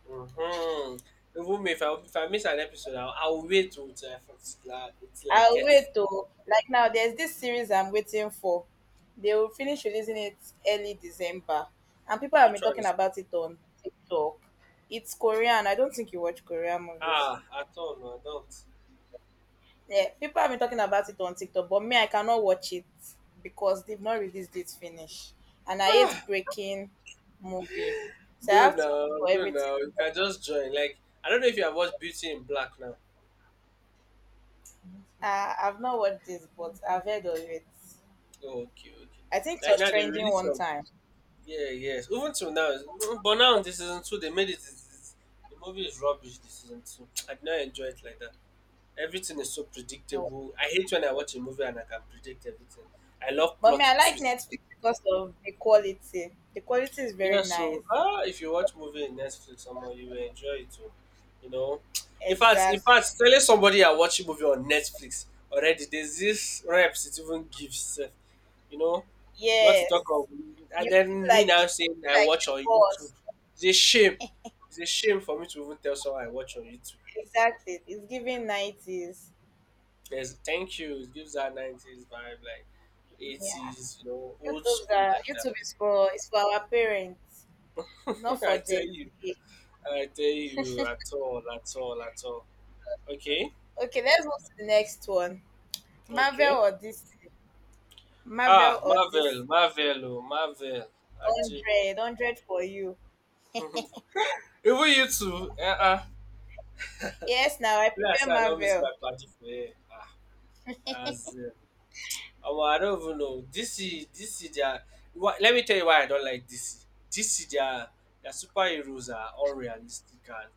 S2: Hmm. Even if I if I miss an episode, I'll, I'll wait till till I, till I till I
S1: I'll
S2: get it.
S1: wait to like now. There's this series I'm waiting for. They will finish releasing it early December, and people have been
S2: Which one
S1: talking
S2: is it?
S1: about it on TikTok. It's Korean. I don't think you watch Korean movies.
S2: Ah, at all, no, I don't.
S1: Yeah, people have been talking about it on TikTok, but me, I cannot watch it because they've not released it finish, and I hate breaking movie, so I
S2: No,
S1: have to wait
S2: no,
S1: for
S2: no,
S1: everything.
S2: no. You can just join. Like I don't know if you have watched Beauty in Black now.
S1: Uh, I've not watched this, but I've heard of it.
S2: Oh, okay, okay.
S1: I think it
S2: Like
S1: was
S2: now the
S1: trending
S2: release
S1: one
S2: of
S1: time.
S2: yeah, yes. Even till now, it's- but now in this season two they made it. It's, it's, the movie is rubbish. This season two, I did not enjoy it like that. Everything is so
S1: No.
S2: predictable. I hate when I watch a movie and I can predict everything. I love
S1: But me,
S2: plot
S1: I like
S2: twists.
S1: Netflix because of the quality. The quality is very
S2: Yeah,
S1: nice.
S2: so uh, if you watch movie in Netflix, somehow you will enjoy it too. You know, in fact, in
S1: Exactly.
S2: fact, telling somebody I watch a movie on Netflix already, there's this reps it even gives. sef. You know, Not to
S1: Yes.
S2: talk of, and
S1: You feel
S2: then me
S1: like the,
S2: now
S1: you feel
S2: saying I
S1: like
S2: watch
S1: a
S2: on YouTube.
S1: boss.
S2: It's a shame. It's a shame for me to even tell someone I watch on YouTube.
S1: Exactly. It's giving nineties.
S2: There's thank you. It gives that nineties vibe, like
S1: Yeah.
S2: eighties, you know, old
S1: YouTube's
S2: school
S1: are,
S2: like that.
S1: YouTube is for, it's for our parents. It's not for
S2: I tell
S1: Gen
S2: you,
S1: Z.
S2: I tell you, at all, at all, at all. Okay,
S1: Okay, let's move to the next one.
S2: okay.
S1: Marvel or D C? Marvel
S2: Ah,
S1: or
S2: Marvel,
S1: D C?
S2: Marvel, oh, Marvel. Ajay.
S1: one hundred, one hundred for you.
S2: Even you too. Uh-uh.
S1: Yes, now I
S2: Me, I
S1: prefer
S2: say I don't miss
S1: Marvel.
S2: my party for here. Ah, as uh, omo, I don't even know. D C, D C, they are. Wha- let me tell you why I don't like D C. D C, their their superheroes are unrealistic and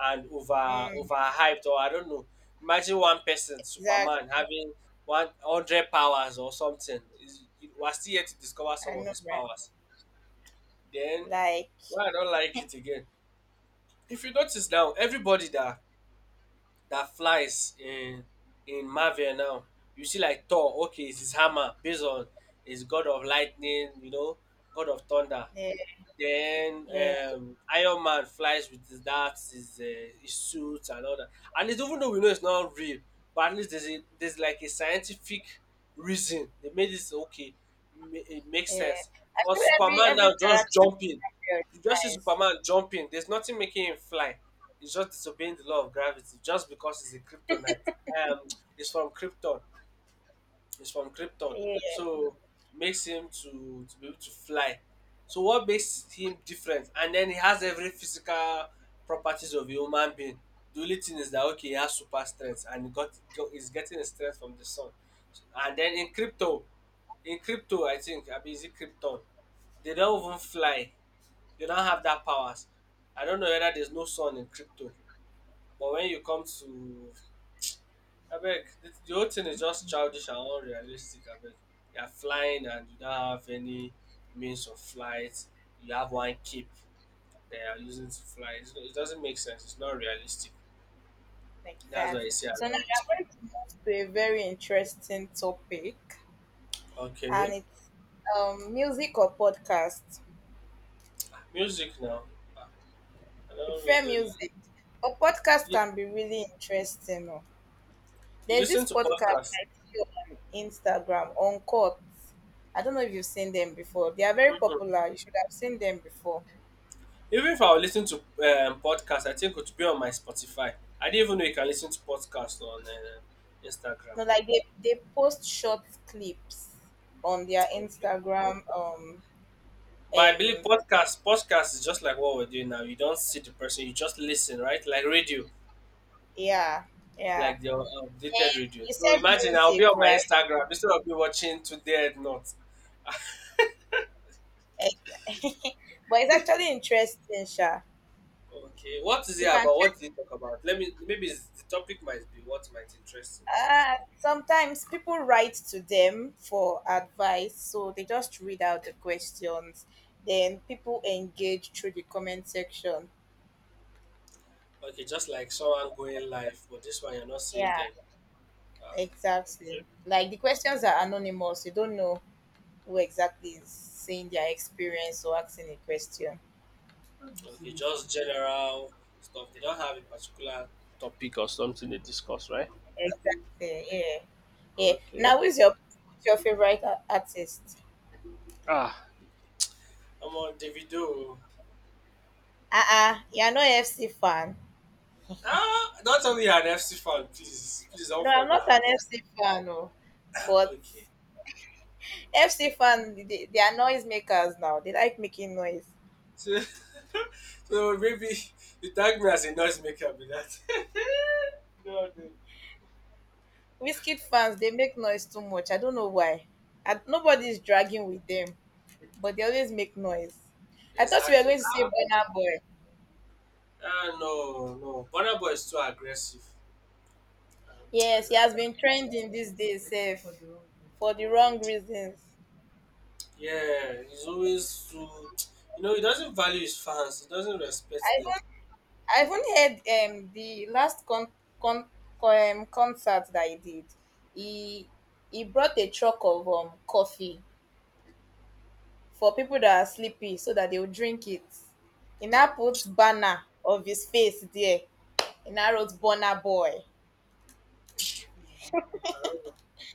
S2: and over
S1: Mm,
S2: overhyped, or I don't know. Imagine one person,
S1: exactly.
S2: Superman, having one hundred powers or something. Is- We're still yet to discover
S1: I
S2: some of
S1: know,
S2: his
S1: right?
S2: powers. Then
S1: Like,
S2: why I don't like it again? If you notice now, everybody that that flies in in Marvel now, you see like Thor. Okay, it's his hammer based on his god of lightning, you know, god of thunder.
S1: yeah,
S2: Then
S1: yeah,
S2: um, Iron Man flies with his, that his, uh, his suit and all that. And it's, even though we know it's not real, but at least there's a, there's like a scientific reason they made this okay. ma- It makes
S1: yeah.
S2: sense.
S1: I
S2: But
S1: feel like every
S2: Superman
S1: every
S2: now just
S1: character
S2: jumping.
S1: build
S2: You just see
S1: nice.
S2: Superman jumping. There's nothing making him fly. He's just disobeying the law of gravity just because he's a Kryptonite. Um, he's from Krypton. He's from Krypton,
S1: Yeah,
S2: so makes him to to be able to fly. So what makes him different? And then he has every physical properties of a human being. The only thing is that okay, he has super strength and he got go- he's getting his strength from the sun. So, and then in crypto, in crypto, I think I mean, is it Krypton? They don't even fly. They don't have that powers. I don't know whether there's no sun in crypto, but when you come to Abeg, the, the whole thing is just childish and unrealistic. I Abeg, you are flying and you don't have any means of flight. You have one cape that you are using to fly. It's, it doesn't make sense. It's not realistic. That's why I
S1: exactly.
S2: say I
S1: So now we
S2: don't.
S1: are going to move to a very interesting topic, and
S2: Okay,
S1: it's um music or podcast.
S2: music now. I
S1: If
S2: don't really,
S1: fair
S2: really, really.
S1: music, a podcast
S2: You,
S1: can be really interesting. Oh.
S2: you
S1: There's this
S2: listen to
S1: podcast
S2: podcasts.
S1: I see on Instagram on Court. I don't know if you've seen them before. They are very
S2: Mhm.
S1: popular. You should have seen them before.
S2: Even if I were listening to um, podcasts, I think it would be on my Spotify. I didn't even know you can listen to podcasts on uh, Instagram.
S1: No, like they they post short clips on their
S2: Okay.
S1: Instagram. Um,
S2: But I believe
S1: um,
S2: podcast podcast is just like what we're doing now. You don't see the person, you just listen, right? Like radio,
S1: yeah, yeah.
S2: like the uh, updated radio.
S1: You
S2: So
S1: said
S2: imagine I'll be
S1: music,
S2: on my
S1: right?
S2: Instagram instead of me watching Today and Not.
S1: Ex- but it's actually interesting, sha.
S2: Okay, what is it
S1: You can
S2: about?
S1: check.
S2: What did you talk about? Let me, maybe it's, the topic might be what might interest
S1: Uh, sometimes people write to them for advice, so they just read out the questions. Then people engage through the comment section.
S2: you. Okay, just like someone going live, but this one you're not seeing
S1: Yeah,
S2: them. Ah,
S1: exactly.
S2: okay.
S1: Like the questions are anonymous. You don't know who exactly is saying their experience or asking a question.
S2: Okay, just general stuff. They don't have a particular topic or something they discuss, right?
S1: Exactly. Yeah. Yeah.
S2: Okay.
S1: Now, who's your who's your favorite a- artist?
S2: I'm on Davido.
S1: Uh uh, you're not F C fan.
S2: Ah, don't tell me you're an F C fan, please. Please
S1: No,
S2: don't
S1: I'm
S2: fall my
S1: not an
S2: heart.
S1: F C fan. No,
S2: Ah,
S1: but
S2: okay.
S1: F C fan, they, they are noise makers now. They like making noise.
S2: So, so maybe you tag me as a noise maker with that. no, no.
S1: Whiskey fans, they make noise too much. I don't know why. And nobody is dragging with them, but they always make noise. I thought you were
S2: Exactly.
S1: going to say
S2: Ah,
S1: Burna Boy.
S2: ah, no, no. Burna Boy is too aggressive. Um, I,
S1: Yes, he
S2: I
S1: has
S2: can't.
S1: been trending these days, sef, for the
S2: Um,
S1: wrong reasons.
S2: yeah, he's always too. You know, he doesn't value his fans. He doesn't
S1: I
S2: respect them.
S1: even, I even heard um the last con, con, con um, concert that he did. He he brought a truck of um coffee for people that are sleepy so that they will drink it. He now put banner of his face there. He now wrote Bonner Boy.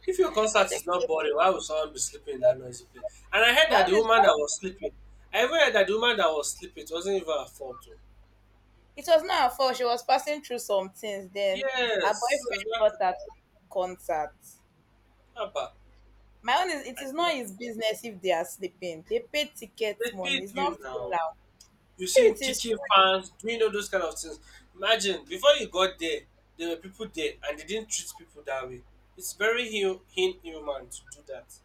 S2: If your
S1: I
S2: concert
S1: think
S2: is not
S1: it-
S2: boring, why would someone be sleeping in that noisy place? And I heard
S1: my
S2: that
S1: own
S2: the
S1: is
S2: woman that
S1: not-
S2: was sleeping, I even heard that the woman that was sleeping, it wasn't even her fault. Too.
S1: it was not her fault. She was passing through some things. Then her
S2: Yes, it's
S1: boyfriend
S2: not
S1: brought her to the concert.
S2: Abba.
S1: My own is, it
S2: I
S1: is
S2: did.
S1: not his business if they are sleeping. They pay ticket
S2: They
S1: money.
S2: paid
S1: It's
S2: you
S1: not free
S2: now.
S1: now.
S2: You see
S1: If
S2: him
S1: it is
S2: kicking
S1: free,
S2: fans, doing all those kind of things. Imagine before you got there, there were people there, and they didn't treat people that way. It's very hu- inhuman to do that.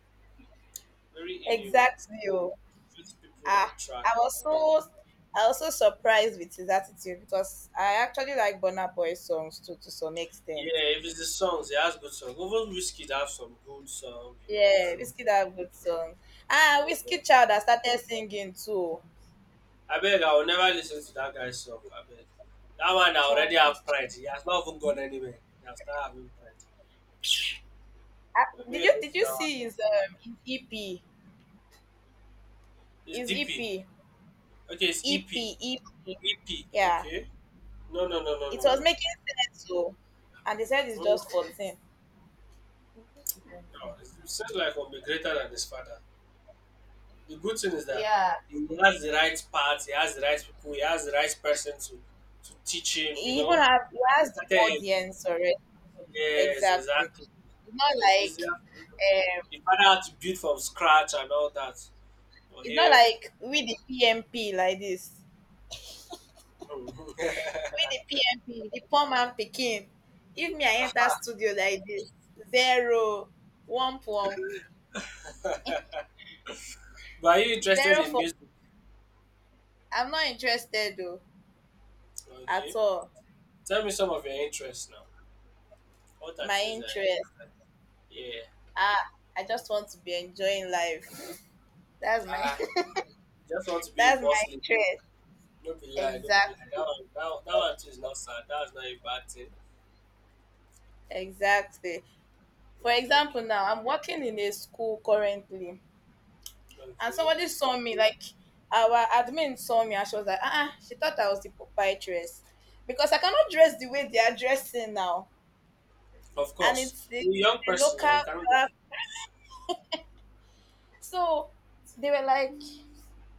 S2: Very inhuman
S1: exactly. Oh.
S2: to treat people
S1: Ah,
S2: like trash
S1: I was
S2: and all that.
S1: so I was so surprised with his attitude because I actually like Burna Boy songs too to some extent.
S2: Yeah, if it's the songs, it has good songs. Even Whiskey have some good song, you know,
S1: Yeah,
S2: crew.
S1: Whiskey that good song.
S2: Yeah,
S1: Ah, Whiskey
S2: but
S1: Child that started singing too.
S2: I beg I will never listen to that guy's song. I beg. That one I already
S1: Child is.
S2: have pride. He has not even gone anywhere. He has started having pride.
S1: Ah,
S2: But
S1: did you
S2: maybe go
S1: did
S2: to
S1: you
S2: that one.
S1: see his um his EP?
S2: It's
S1: His
S2: D P.
S1: EP.
S2: Okay, it's E
S1: EP,
S2: P.
S1: EP.
S2: E P.
S1: Yeah.
S2: Okay. No, no, no, no,
S1: It
S2: no,
S1: was
S2: no.
S1: making sense so and they said it's
S2: No, no,
S1: just
S2: no.
S1: fourteen.
S2: It sounds like he'll be greater than his father. The good thing is that
S1: Yeah.
S2: he has the right path, he has the right people, he has the right person to to teach him, you
S1: He even
S2: know.
S1: have he
S2: He
S1: has the
S2: started early.
S1: audience already.
S2: Yes,
S1: Exactly.
S2: exactly.
S1: It's not
S2: So it's easier.
S1: like
S2: The father had to build from scratch and all that for
S1: it's not
S2: him.
S1: like we the P M P like this. We the P M P, the poor man picking. If me I enter studio like this, zero, one pump,
S2: But are you interested
S1: zero
S2: in
S1: for
S2: music?
S1: I'm not interested though at
S2: Okay.
S1: all.
S2: Tell me some of your interests now. What that
S1: My
S2: is, uh,
S1: interest.
S2: yeah.
S1: Ah, I just want to be enjoying life. That's my
S2: I just want to be a
S1: that's my
S2: boss leader.
S1: interest.
S2: Don't be lie, don't be lie.
S1: Exactly.
S2: That one, that, one- that one too is not sad. That's not a bad thing.
S1: Exactly. For example,
S2: Okay,
S1: now I'm working in a school currently, and
S2: okay.
S1: somebody saw me, like our admin saw me, and she was like, ah, uh, she thought I was the proprietress because I cannot dress the way they are dressing now,
S2: Of
S1: and
S2: course.
S1: it's the,
S2: You're a young
S1: the
S2: person
S1: local.
S2: now, you cannot not go.
S1: Uh, so they were like,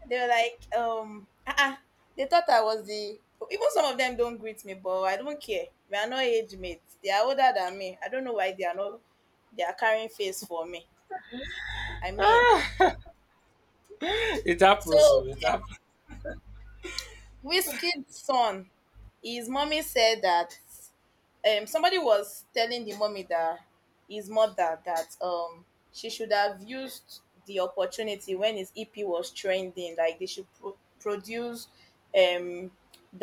S1: they were like, um, ah, uh they thought I was the. Even some of them don't greet me, but I don't care. We are not age mates. They are older than me. I don't know why they are not. They are carrying face for me. I mean,
S2: It happens,
S1: so
S2: oh, it happens.
S1: Whiskey's son, his mommy said that um somebody was telling the mommy that his mother that um she should have used the opportunity when his E P was trending, like they should pro- produce um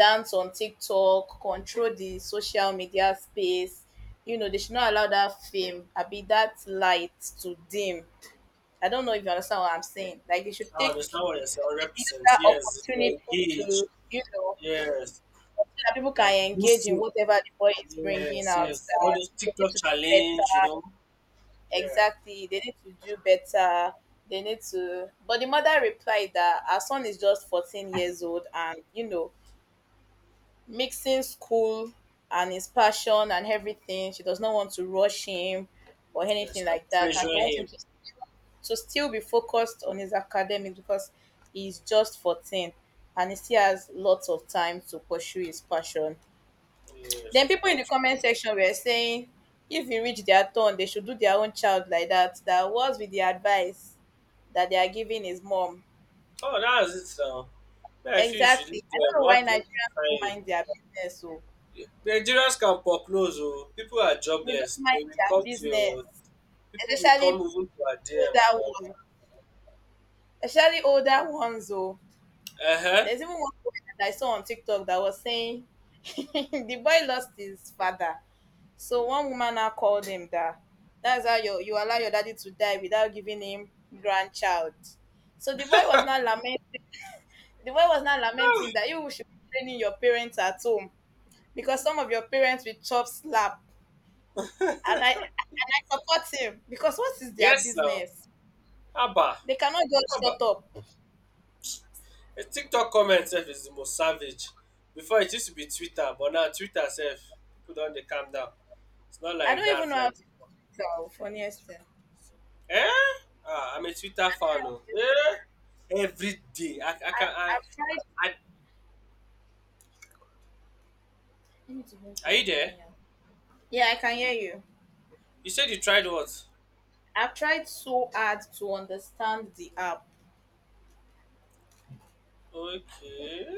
S1: dance on TikTok, control the social media space. You know, they should not allow that fame, I be that light to dim. I don't know if you understand what I'm saying. Like they should
S2: I
S1: take,
S2: understand what you're saying.
S1: use
S2: one hundred percent.
S1: that
S2: Yes, if you
S1: opportunity
S2: engage,
S1: to, you know,
S2: yes,
S1: that people
S2: like
S1: can engage in
S2: boosting,
S1: whatever the boy is bringing
S2: yes,
S1: out
S2: yes. All
S1: that
S2: those
S1: they need
S2: TikTok
S1: to do
S2: challenge, you
S1: better,
S2: know, yeah,
S1: exactly they need to do better, they need to, but the mother replied that her son is just fourteen years old, and you know, mixing school and his passion and everything, she does not want to rush him or anything
S2: yes, and
S1: like that, and
S2: pressure
S1: she wants him
S2: him.
S1: to, to still be focused on his academics because he's just fourteen and he still has lots of time to pursue his passion.
S2: Yes,
S1: Then
S2: of
S1: people in the
S2: course.
S1: comment section were saying if e reach their turn, they should do their own child like that. That was with the advice that they are giving his mom.
S2: Oh, that's it now. Yeah, I feel you should
S1: Exactly.
S2: leave
S1: I
S2: there.
S1: don't know
S2: What,
S1: why
S2: what
S1: Nigerians
S2: can
S1: don't
S2: find you?
S1: mind their business. So
S2: Yeah. Nigerians can foreclose, oh. People are
S1: they don't
S2: jobless.
S1: mind
S2: They will
S1: their
S2: come to
S1: business,
S2: your, people will come
S1: especially
S2: even to our D M and
S1: older
S2: all
S1: ones.
S2: that.
S1: Especially older ones. Oh,
S2: Uh huh.
S1: there's even one woman that I saw on TikTok that was saying the boy lost his father. So one woman now called him that that's how you you allow your daddy to die without giving him grandchild. So the boy was not lament the boy was not lamenting that you should be training your parents at home because some of your parents will chop slap and I and I support him because what is their
S2: Yes, now.
S1: business?
S2: Haba!
S1: They cannot just shut
S2: Haba!
S1: up.
S2: The TikTok comment sef is the most savage. Before it used to be Twitter but now Twitter sef pipu don dey calm down. It's not
S1: I
S2: like
S1: don't even
S2: that,
S1: know how
S2: like
S1: to
S2: before.
S1: tell funniest thing.
S2: um Ah I'm a Twitter fan oh. Eh? Everyday I I
S1: I,
S2: can I
S1: I've tried.
S2: I
S1: You need to bring
S2: are
S1: good
S2: you
S1: water
S2: there?
S1: when you're- Yeah, I can hear you.
S2: You said you tried what?
S1: I've tried so hard to understand the app.
S2: Okay.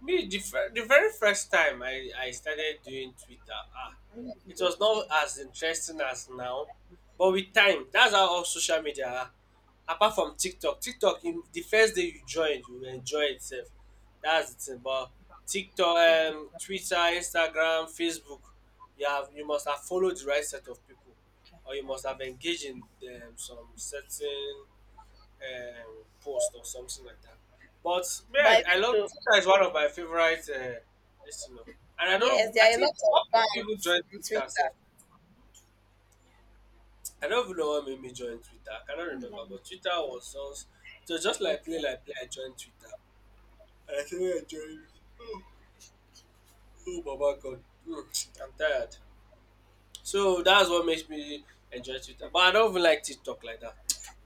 S2: Me, the, fir- the very first time I, I started doing Twitter, ah,
S1: I'm like,
S2: it was
S1: okay.
S2: not as interesting as now. But with time, that's how all social media are. Apart from TikTok, TikTok, in the first day you joined, you enjoy itself. That's the thing. But TikTok,
S1: I'm like,
S2: um, Twitter, Instagram, Facebook, you have you must have followed the right set of people, or you must have engaged in um, some certain um, post or something like that. But me,
S1: but I
S2: I, I
S1: wish
S2: love
S1: to,
S2: Twitter is one of my favorite uh, listener. And I
S1: yes,
S2: don't, I
S1: there are a lot
S2: think
S1: of
S2: what made people
S1: bands
S2: join
S1: on
S2: Twitter
S1: Twitter.
S2: self. I don't even know what made me join Twitter. I cannot remember, but Twitter was just it was just like play
S1: Okay.
S2: like play. I joined Twitter, and I think I joined. Oh, oh my god, mm, I'm tired. So that's what makes me enjoy Twitter. But I don't even like TikTok like that.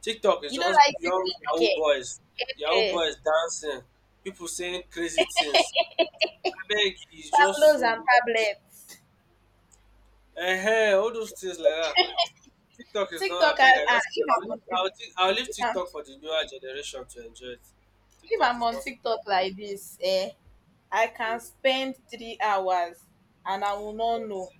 S2: TikTok is
S1: You don't
S2: just
S1: like
S2: young
S1: TikTok,
S2: Yahoo
S1: okay?
S2: boys, Yahoo
S1: Pepe,
S2: boys dancing, people saying crazy things. Beg is just
S1: Pablos
S2: so
S1: and Tablets.
S2: um all those things like that. TikTok is not
S1: TikTok,
S2: a
S1: I,
S2: beg. I
S1: ah,
S2: just feel
S1: if
S2: I will
S1: I'm
S2: leave
S1: on
S2: I will
S1: TikTok,
S2: leave I will leave
S1: if I'm,
S2: TikTok for the newer generation to enjoy it.
S1: if
S2: TikTok
S1: I'm
S2: is
S1: on
S2: not for
S1: TikTok like this, eh, I can
S2: um
S1: spend three hours and I will not know.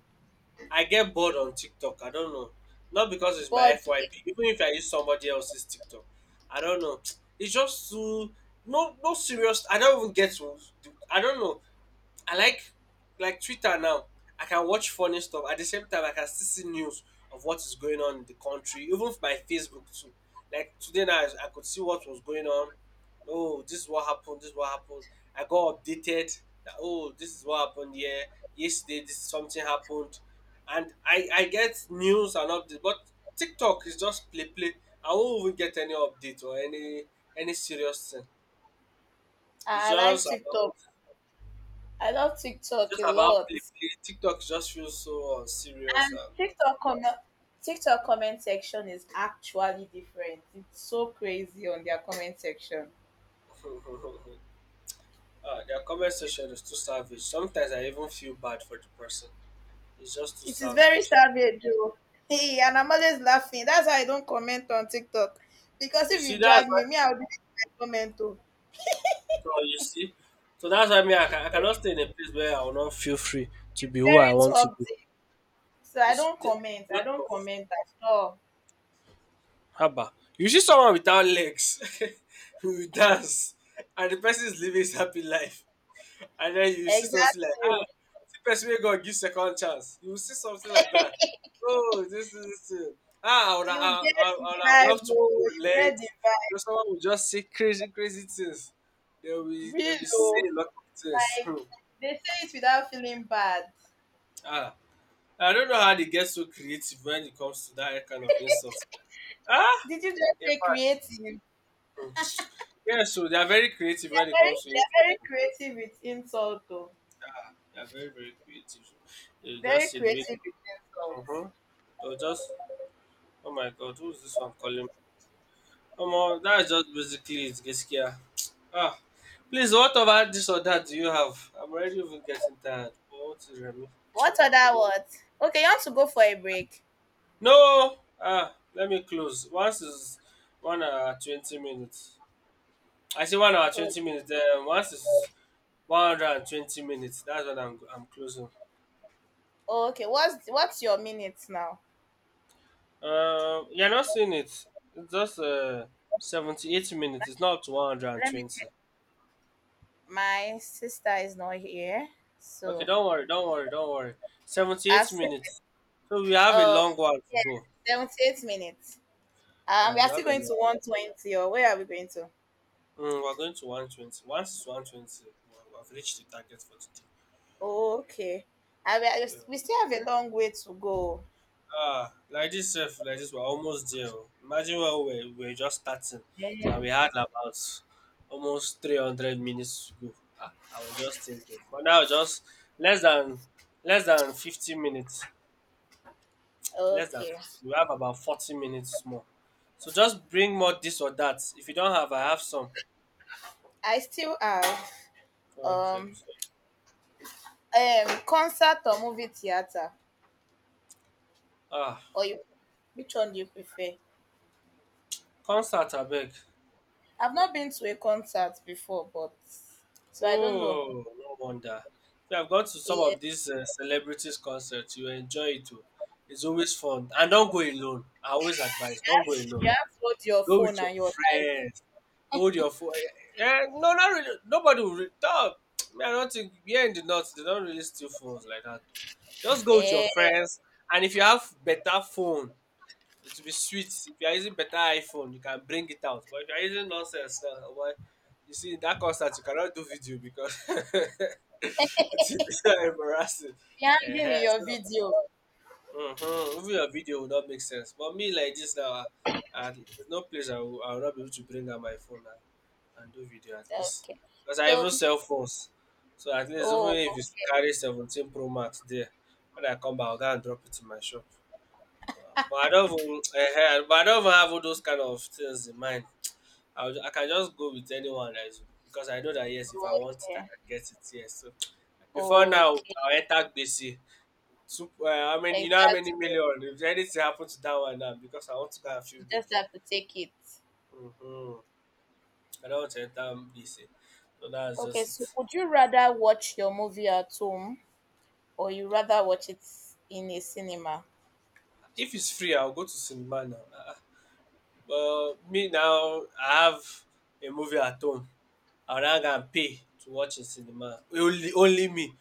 S2: I get bored on TikTok, I don't know. Not because it's my
S1: But
S2: F Y P, even if I use somebody else's TikTok, I don't know. It's just too no no serious, I don't even get, I don't know. I like like Twitter now. I can watch funny stuff at the same time. I can still see news of what is going on in the country, even f- my Facebook too. Like today now, I I could see what was going on. Oh, this is what happened. This is what happened. I got updated that oh, this is what happened here yesterday. This something happened, and I I get news and updates. But TikTok is just play play. I won't even get any update or any any serious thing. It's
S1: I like
S2: just about,
S1: TikTok. I love TikTok
S2: just
S1: a
S2: about
S1: lot.
S2: play play. TikTok just feels so unserious and
S1: TikTok comment TikTok comment section is actually different. It's so crazy on their comment section.
S2: uh, their comment section is too savage. Sometimes I even feel bad for the person. It's just too
S1: It is very
S2: savage.
S1: savage though. Hey, and I'm always laughing. That's why I don't comment on TikTok. Because
S2: You
S1: if
S2: see,
S1: you
S2: that's
S1: drag
S2: why.
S1: me, me, I'll delete my comment too.
S2: So you see, so that's why me. I, ca- I cannot stay in a place where I will not feel free to
S1: It's
S2: be who I want
S1: very
S2: to be.
S1: toxic. So
S2: You
S1: I
S2: see,
S1: don't
S2: the
S1: comment. I
S2: lot
S1: don't
S2: of
S1: comment at all.
S2: haba. You see someone without legs who dance, and the person is living his happy life. and then you see something like
S1: Exactly.
S2: ah
S1: Oh.
S2: see person wey god give second chance. You will see something like that. Oh, this is this thing. ah i would I,
S1: You get
S2: i
S1: the
S2: i would have loved
S1: vibe,
S2: to
S1: oh.
S2: pull
S1: You
S2: your
S1: get
S2: legs.
S1: the
S2: You know
S1: vibe.
S2: someone will just say crazy crazy things. they will they
S1: Real,
S2: will say
S1: oh.
S2: a lot of things.
S1: Like,
S2: hmm
S1: they say it without feeling bad.
S2: ah i don't know how they get so creative when it comes to that kind of insult. ah
S1: Did you just
S2: in
S1: say
S2: fact,
S1: creative?
S2: hmm yeah, so they are very creative when it
S1: Very,
S2: comes to it.
S1: they're very creative with insult though.
S2: They are very very creative. So they will
S1: Very
S2: just say the way.
S1: creative with
S2: huh,
S1: insults.
S2: they they'll just... Oh my god, who's this one calling? Omo, that's just basically it, Geskia. Ah, please, what about this or that do you have? I'm already even getting tired. Oh, what is Remy?
S1: What other what? Okay, you want to go for a break.
S2: No! Ah, let me close. Once is one hour twenty minutes. I say one hour twenty minutes, then once is one twenty minutes. That's what I'm, I'm closing.
S1: Oh, okay, what's what's your minutes now?
S2: Um, you're not seeing it. It's just uh, seventy-eight minutes. It's not up to
S1: Let me
S2: one hundred twenty.
S1: check. My sister is not here.
S2: Okay,
S1: So
S2: don't worry, don't worry, don't worry.
S1: I've
S2: seventy-eight
S1: said
S2: minutes. So we have a
S1: um
S2: long while to go.
S1: seventy eight minutes. Um we
S2: Uh,
S1: are
S2: we
S1: still
S2: have a
S1: going
S2: long.
S1: to one twenty or where are we going to?
S2: Mm, we're going to one twenty. Once it's one twenty, we- have reached the target for today.
S1: Okay. I, we are-
S2: Yeah.
S1: we still have a long way to go.
S2: Ah, like this, sef, like this, we're almost there. Oh. Imagine when we were, we were just starting and
S1: Yeah.
S2: we had about almost three hundred minutes to go. Ah, I was just thinking. But now, just less than less than fifty minutes. Less than
S1: Okay.
S2: fifteen. We have about forty minutes more. So just bring more this or that. If you don't have, I have some.
S1: I still have
S2: Okay.
S1: um
S2: So,
S1: um concert or movie theater.
S2: ah,
S1: Or you which one do you prefer?
S2: concert abeg.
S1: I've not been to a concert before, but so I don't know.
S2: Oh, no wonder. If you have gone to some
S1: Yeah.
S2: of these uh, celebrities' concerts, you enjoy it too. It's always fun. And don't go alone. I always advise, don't go alone.
S1: You have to hold your
S2: Go
S1: phone
S2: with your
S1: and your life.
S2: friends. Hold your phone. Eh, eh, no, not really. Nobody will. Re- no, man, I don't think here in the north they don't really steal phones like that. Though. Just go with your
S1: Eh,
S2: friends, and if you have better phone, it will be sweet. If you are using better iPhone, you can bring it out. But if you are using nonsense, uh, well, you see in that concert you cannot do video because it's embarrassing.
S1: be
S2: Eh,
S1: hanging
S2: eh,
S1: in your
S2: so...
S1: video.
S2: Mm-hmm. Even your video would not make sense. But me like this now, ah, ah, there's no place I will, I will not be able to bring out my phone and, and do video at least.
S1: Okay.
S2: Because I
S1: So
S2: even sell phones. So at least even
S1: oh,
S2: if you
S1: okay.
S2: carry seventeen Pro Max there, when I come back, I'll go and drop it in my shop. Uh, But I don't even, eh, eh, but I don't even have all those kind of things in mind. I'll, ju- I can just go with anyone that is, because I know that yes, if I want it, I
S1: Okay.
S2: can get it. Yes. So before now,
S1: Okay.
S2: I'll enter B C. So, uh, I mean, you know how many
S1: Exactly.
S2: million? If anything happened to that one now, because I want to go and feel
S1: You
S2: big.
S1: just have to take it.
S2: hmm I don't want to enter B C. So that's
S1: Okay,
S2: just
S1: so
S2: it.
S1: would you rather watch your movie at home or you rather watch it in a cinema?
S2: If it's free, I'll go to cinema now. Uh, well, me now, I have a movie at home. I'll not go and pay to watch in cinema. Only, only me.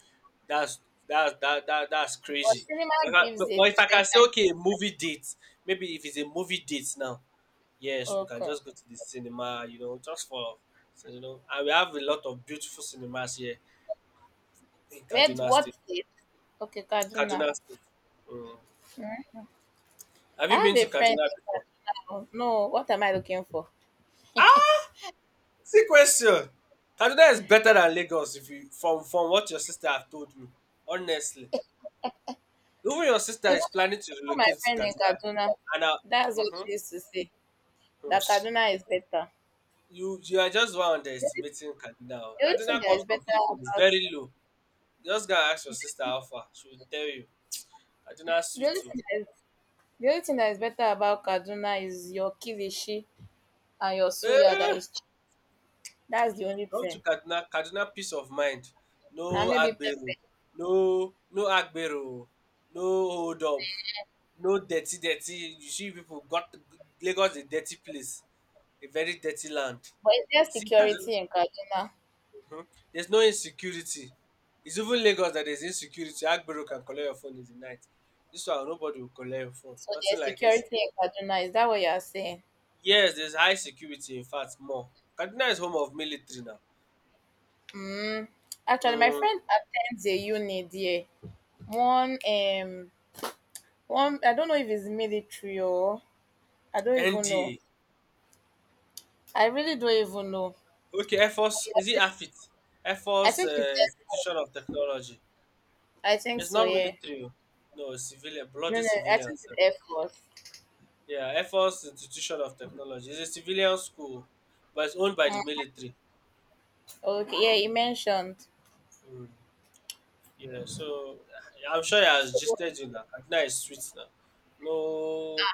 S2: That's that, that, that, that's
S1: Well,
S2: crazy.
S1: cinema
S2: But, I-
S1: gives
S2: but
S1: a
S2: but if I can
S1: different
S2: say,
S1: kind.
S2: okay, a movie date, maybe if it's a movie date now, yes, we can
S1: Okay.
S2: just go to the cinema, you know, just for so, you know, and we have a lot of beautiful cinemas here in
S1: Where's
S2: Kaduna
S1: what
S2: State.
S1: state? Okay, Kaduna.
S2: Kaduna State. Mm.
S1: Mm.
S2: Have
S1: I
S2: you
S1: have
S2: been
S1: a
S2: to
S1: friend
S2: Kaduna
S1: in
S2: before?
S1: Kaduna. No, what am I looking for?
S2: See question. Kaduna is better than Lagos if you from from what your sister have told me. Honestly. Even your sister
S1: Even
S2: is planning
S1: my, even
S2: to
S1: my
S2: relocate to
S1: friend in
S2: Kaduna.
S1: Kaduna,
S2: And uh,
S1: that's what
S2: mhm,
S1: she used to say. That
S2: hmm
S1: Kaduna is better.
S2: you you are just one
S1: The only
S2: underestimating Kaduna. Oh.
S1: the only thing
S2: Kaduna
S1: that is
S2: cost of
S1: better
S2: living is
S1: about
S2: very low. Just go and ask your sister how far. She will tell you. Kaduna is
S1: the
S2: sweet
S1: only
S2: too.
S1: thing that is the only thing that is better about Kaduna is your kilishi and your suya that
S2: Eh,
S1: is cheap. That's the only
S2: come to
S1: thing.
S2: Kaduna, Kaduna peace of mind.
S1: And
S2: No
S1: maybe
S2: agbero,
S1: pepper.
S2: no no agbero, no hold up, no dirty dirty. You see people got... Lagos is a dirty place, a very dirty land.
S1: But is there
S2: See Kaduna,
S1: security in Kaduna?
S2: mhm, there's no insecurity. It's even Lagos that there's insecurity. Agbero can collect your phone in the night. This one nobody will collect your phone.
S1: So
S2: Nothing
S1: there's
S2: like
S1: security
S2: insecurity.
S1: in Kaduna. Is that what you are saying?
S2: Yes, there's high security. In fact, more. Kaduna is home of military now.
S1: Mm, actually, my
S2: Mm,
S1: friend attends a uni there. One, um, one. I don't know if it's military or I don't even know.
S2: N D A.
S1: I really don't even know.
S2: Okay, Air Force,
S1: I
S2: is it
S1: think,
S2: A F I T? Air
S1: I
S2: Force
S1: think it's
S2: uh,
S1: Air Force.
S2: Institution of Technology.
S1: I think
S2: It's
S1: so.
S2: not
S1: Yeah.
S2: military. Oh. No, it's civilian,
S1: No,
S2: bloody
S1: no. I think
S2: civilians.
S1: it's
S2: Eh.
S1: Air Force.
S2: Yeah, Air Force Institution of Technology. It's a civilian school, but it's owned by
S1: Mm,
S2: the military.
S1: okay. Yeah, he mentioned.
S2: Mm. Yeah, so uh, I'm sure he has
S1: So,
S2: gisted you now. Kaduna is sweet now. No,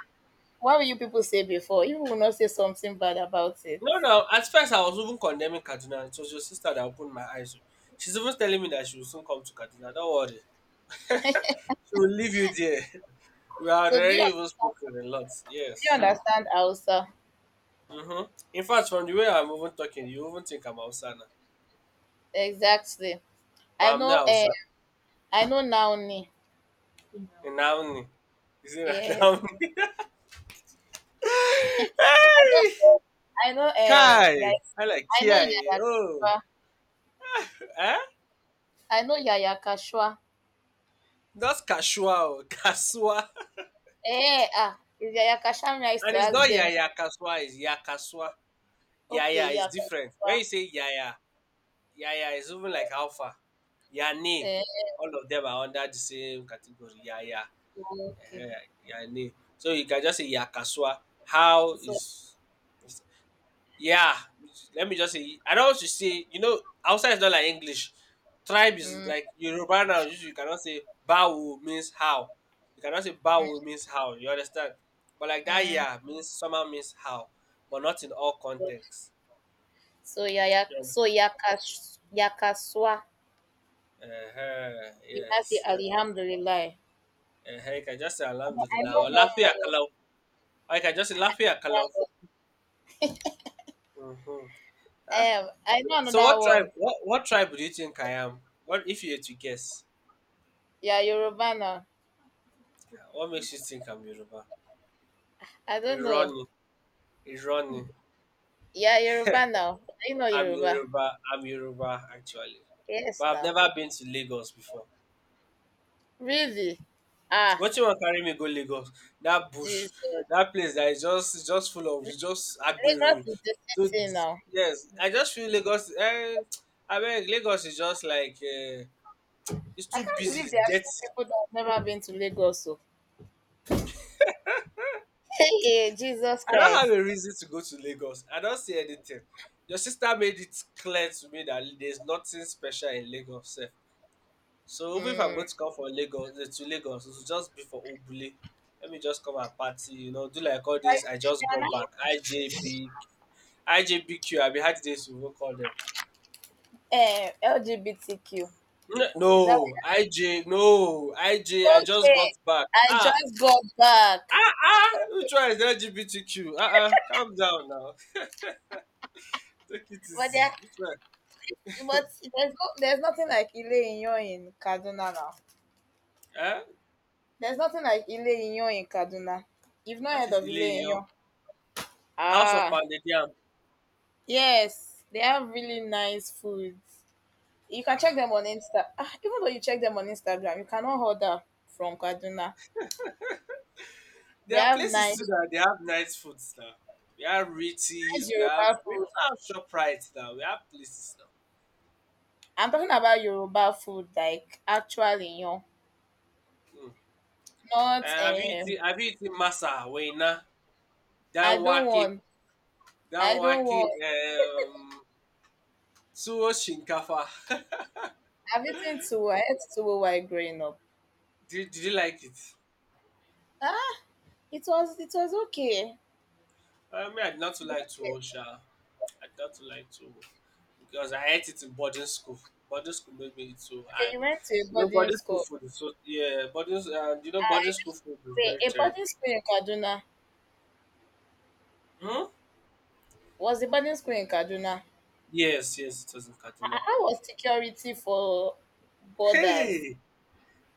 S1: what will you people say before? You will not say something bad about it.
S2: no, no. At first, I was even condemning Kaduna. It was your sister that opened my eyes. Oh. She's even telling me that she will soon come to Kaduna. Don't worry. So we'll leave you there. We had
S1: So, do
S2: already
S1: you,
S2: even spoken a lot.
S1: do you
S2: Yes.
S1: understand, Elsa?
S2: Mm-hmm. In fact, from the way I'm even talking, you even think I'm Hausa now.
S1: Exactly. I
S2: But I'm
S1: know.
S2: not
S1: Uh,
S2: Hausa.
S1: I know now.
S2: And now, is it
S1: Yes.
S2: Naomi? Hey!
S1: I know, um, yeah.
S2: Kai! I like
S1: I know
S2: Kiai.
S1: Yaya
S2: Oh.
S1: Kasua.
S2: Eh?
S1: I know Yaya Kasua.
S2: That's Kashua. Oh, Kasua.
S1: Eh, ah, is Yaya Kasua, me, I used to
S2: And it's
S1: ask
S2: not
S1: them,
S2: Yaya Kaswa, it's Yakaswa.
S1: "Okay,
S2: Yaya is
S1: Yaya
S2: different.
S1: Kasua,
S2: When you say Yaya, Yaya is even like Alpha. Yane.
S1: eh,
S2: All of them are under the same category. Yaya.
S1: okay."
S2: Ehe, yani. So you can just say yakasua. How
S1: So,
S2: is yeah. Let me just say I don't want to say you know outside is not like English. Tribe is
S1: mm,
S2: like Yoruba now. You you cannot say bawo means how. You cannot say bawo means how. You understand? But like that
S1: mm,
S2: yeah means somehow means how, but not in all contexts.
S1: so Yaya,
S2: You
S1: so
S2: understand?
S1: Yakash, Yakasua,
S2: Uh-huh.
S1: you can say
S2: Yes. Yeah.
S1: Alhamdulillah.
S2: Uh-huh. You can just say
S1: I know I
S2: alhamdulillah
S1: know
S2: or
S1: one
S2: lafiya
S1: more.
S2: kalau. Or you can just say lafiya kalau. Mm-hmm.
S1: Um, I know
S2: So
S1: another
S2: what tribe?
S1: one.
S2: What what tribe do you think I am? What if you had to guess?
S1: Yeah, Yoruba now.
S2: What makes you think I'm Yoruba?
S1: I don't know.
S2: Irani, Irani.
S1: Yeah, Yoruba now. Do know
S2: I'm
S1: Yoruba?
S2: Yoruba. I'm Yoruba actually,
S1: Yes,
S2: but I've
S1: now.
S2: never been to Lagos before.
S1: Really? Ah,
S2: What you want carry me go Lagos? That bush,
S1: Jesus.
S2: that place that is just just full of just
S1: Lagos
S2: agberu.
S1: is the
S2: So
S1: city now.
S2: yes, I just feel Lagos. Eh, I mean Lagos is just like uh, it's
S1: I
S2: too
S1: can't
S2: busy.
S1: believe
S2: It's
S1: there are still
S2: dirty.
S1: people that have never been to Lagos. So. Hey, eh, Jesus
S2: I don't
S1: Christ.
S2: have a reason to go to Lagos. I don't see anything. Your sister made it clear to me that there's nothing special in Lagos. Sef. So even if I'm
S1: Mm.
S2: going to come for Lagos, eh, to Lagos, it will just be for Obule. Let me just come and party, you know, do like all
S1: Like,
S2: this. I
S1: they
S2: just
S1: are
S2: got back.
S1: not,
S2: I J B, I IJBQ. I mean, how did they even call them?
S1: eh, L G B T Q.
S2: N-
S1: Is that what
S2: No, I J, no, I J.
S1: you're.
S2: I just
S1: Okay.
S2: got back.
S1: I
S2: Ah,
S1: just got back.
S2: ah, ah. Which one is L G B T Q? Ah, ah. Calm down now. Take it
S1: But there,
S2: easy. Which one?
S1: but there's no, there's nothing like Ile Inyo in Kaduna now.
S2: Eh?
S1: There's nothing like Ile Inyo in Kaduna. You've not
S2: What
S1: heard
S2: is
S1: of Ile
S2: Ile-Iyan?
S1: Inyo?
S2: House of
S1: Ah,
S2: Pounded Yam.
S1: yes. They have really nice food. You can check
S2: Ah,
S1: them on Insta. Ah, even though you check them on Instagram, you cannot order from Kaduna. They
S2: there are
S1: have
S2: places too
S1: nice,
S2: that they have nice foods now. We have
S1: nice
S2: Ritzies, we
S1: Yoruba
S2: have we
S1: food.
S2: also have Shoprite now. We have places now.
S1: I'm talking about Yoruba food, like actually, you know,
S2: Uh,
S1: not
S2: have you
S1: um.
S2: eaten Have you eaten masa wena
S1: I don't
S2: danwake
S1: want. I don't
S2: danwake
S1: want.
S2: um tuwo shinkafa?
S1: I've eaten too. I ate too while growing up.
S2: Did, did you like it?
S1: Ah, it was. It was okay.
S2: I mean, I'd
S1: It
S2: not to
S1: was
S2: like
S1: okay.
S2: to sha. I'd not to like to because I ate it in boarding school. Boarding school made me eat too,
S1: Okay,
S2: and
S1: you went to a
S2: you know,
S1: boarding
S2: boarding school
S1: school.
S2: food is so yeah. Boarding and you know, boarding school food is
S1: Wait,
S2: very
S1: a
S2: terrible.
S1: boarding school in Kaduna.
S2: Hmm?
S1: Was the boarding school in Kaduna?
S2: Yes, yes, it was in
S1: I,
S2: Kaduna.
S1: I was security for borders.
S2: Hey,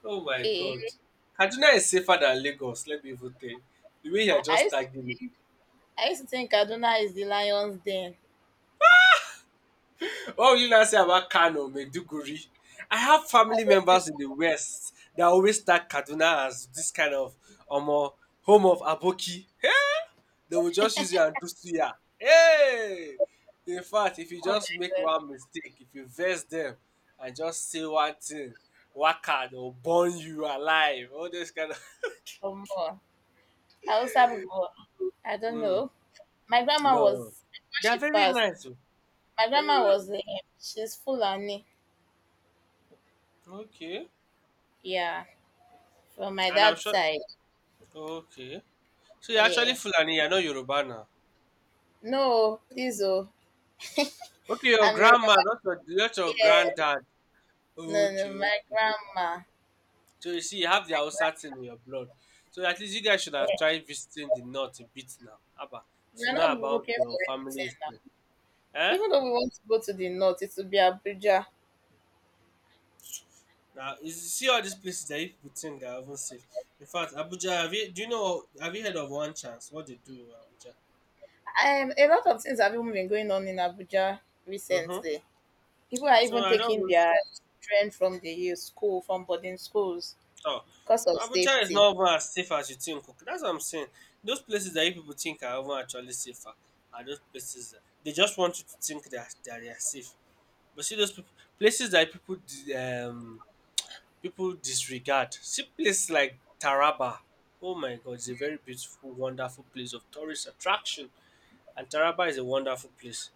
S2: oh my God,
S1: Hey,
S2: Kaduna is safer than Lagos. Let me even tell you. The way you
S1: I,
S2: are
S1: I
S2: just
S1: used
S2: tagging me.
S1: I used to think Kaduna is the lion's den.
S2: What will you now say about Kano, Maiduguri? I have
S1: I
S2: family
S1: don't think,
S2: members in the West that always tag Kaduna as this kind of um, uh, home of Aboki. They will just use you and do suya. Hey! In fact, if you
S1: oh
S2: just
S1: my
S2: make
S1: god,
S2: one mistake, if you vex them and just say one thing, waka, they'll burn you alive. All this kind of.
S1: or more. Hausa people, I don't
S2: Mm,
S1: know. My grandma
S2: no.
S1: was before
S2: They are
S1: she
S2: very
S1: passed.
S2: nice. Oh.
S1: My
S2: They're
S1: grandma
S2: very-
S1: was um, she's Fulani.
S2: Okay.
S1: Yeah, from my
S2: And I'm
S1: dad's
S2: sure.
S1: side.
S2: Okay. So you're actually
S1: Yeah.
S2: Fulani, you're not Yoruba now.
S1: No, please oh.
S2: Okay, your
S1: I'm Yoruba.
S2: grandma, not your, not your
S1: Yeah.
S2: granddad.
S1: No, no,
S2: Okay, okay,
S1: my
S2: okay.
S1: grandma.
S2: So you see, you have the Hausa thing in your blood. So at least you guys should have
S1: Yeah.
S2: tried visiting the north a bit now. Abba,
S1: We're
S2: to know
S1: not
S2: about
S1: looking for
S2: your family
S1: anything now.
S2: history. Eh?
S1: Even though we want to go to the north, it will be Abuja.
S2: Now, you see all these places that you people think that I haven't seen. In fact, Abuja, have you, do you know, have you heard of One Chance? What they do in Abuja?
S1: Um, a lot of things have even been going on in Abuja
S2: Mm-hmm.
S1: recently. People are
S2: So
S1: even
S2: I don't
S1: taking their children from the youth school, from boarding schools,
S2: Oh,
S1: because of
S2: Abuja is
S1: safety.
S2: not even as safe as you think. Okay, that's what I'm saying. Those places that you people think are even actually safer are those places that they just want you to think that that they are safe. But see those people, places that people di- um people disregard. See places like Taraba. Oh my God, it's a very beautiful, wonderful place of tourist attraction, and Taraba is a wonderful place.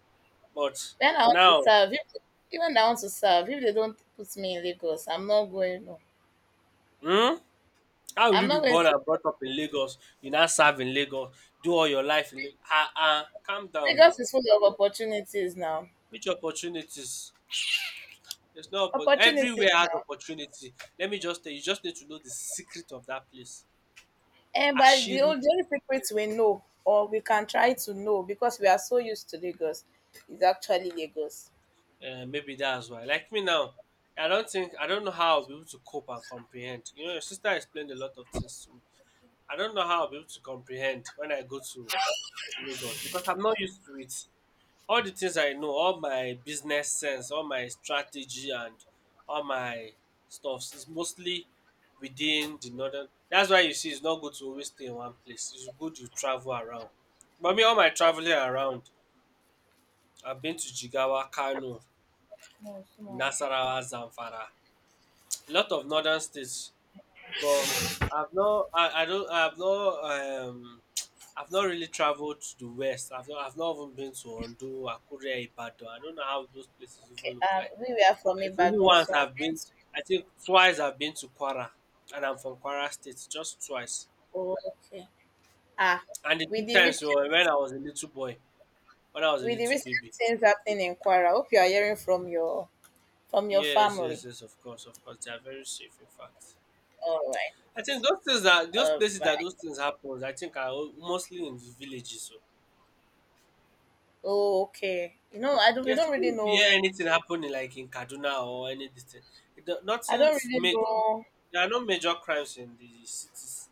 S2: But
S1: When I want to
S2: now,
S1: serve, if, even I want to serve, if they don't put me in Lagos, I'm not going. No,
S2: hmm? How will
S1: I'm
S2: you be
S1: not going
S2: born
S1: to.
S2: and brought up in Lagos? You now serve in Lagos, do all your life in Lagos. Ah, ah, calm down now.
S1: Lagos is full of opportunities now.
S2: Which opportunities? There's no oppo-
S1: Opportunities
S2: everywhere has
S1: now.
S2: opportunity. Let me just tell you, you just need to know the secret of that place.
S1: And by the
S2: Ashiri,
S1: only the only secret we know, or we can try to know, because we are so used to Lagos, is actually Lagos.
S2: uh, maybe that's why. Like me now, I don't think I don't know how I'll be able to cope and comprehend. You know, your sister explained a lot of things to me. I don't know how I'll be able to comprehend when I go to Lagos because I'm not used to it. All the things I know, all my business sense, all my strategy and all my stuffs is mostly within the northern. That's why you see it's not good to always stay in one place. It's good you travel around. But me, all my traveling around, I've been to Jigawa, Kano,
S1: No, small.
S2: Nasarawa, Zamfara, a lot of northern states. But I've not. I, I don't. I've not. Um, I've not really traveled to the west. I've not. I've not even been to Ondo, Akure, Ibadan. I don't know how those places even
S1: Okay,
S2: look
S1: uh,
S2: like.
S1: we were from
S2: It's only
S1: Ibadan,
S2: once
S1: so I've
S2: I've
S1: been
S2: been.
S1: to.
S2: I think twice I've been to Kwara, and I'm from Kwara State. Just twice,
S1: Oh, okay. Ah,
S2: and the two
S1: with the
S2: times were when
S1: recent
S2: I was a little boy, when I was a
S1: with the
S2: little
S1: recent
S2: baby.
S1: things happening in Kwara, I hope you are hearing from your from your
S2: Yes, yes,
S1: family.
S2: yes. Of course, of course. They are very safe. In fact,
S1: All right,
S2: I think those things that those
S1: all
S2: places
S1: right.
S2: that those things happen, I think are o- mostly in the villages. Oh.
S1: Oh, okay. You know, I don't. We
S2: Yes,
S1: don't really
S2: even if you
S1: know.
S2: hear anything happening like in Kaduna or any distance, it, do-
S1: I don't
S2: nothing's
S1: really
S2: major.
S1: know.
S2: There are no major crimes in the cities.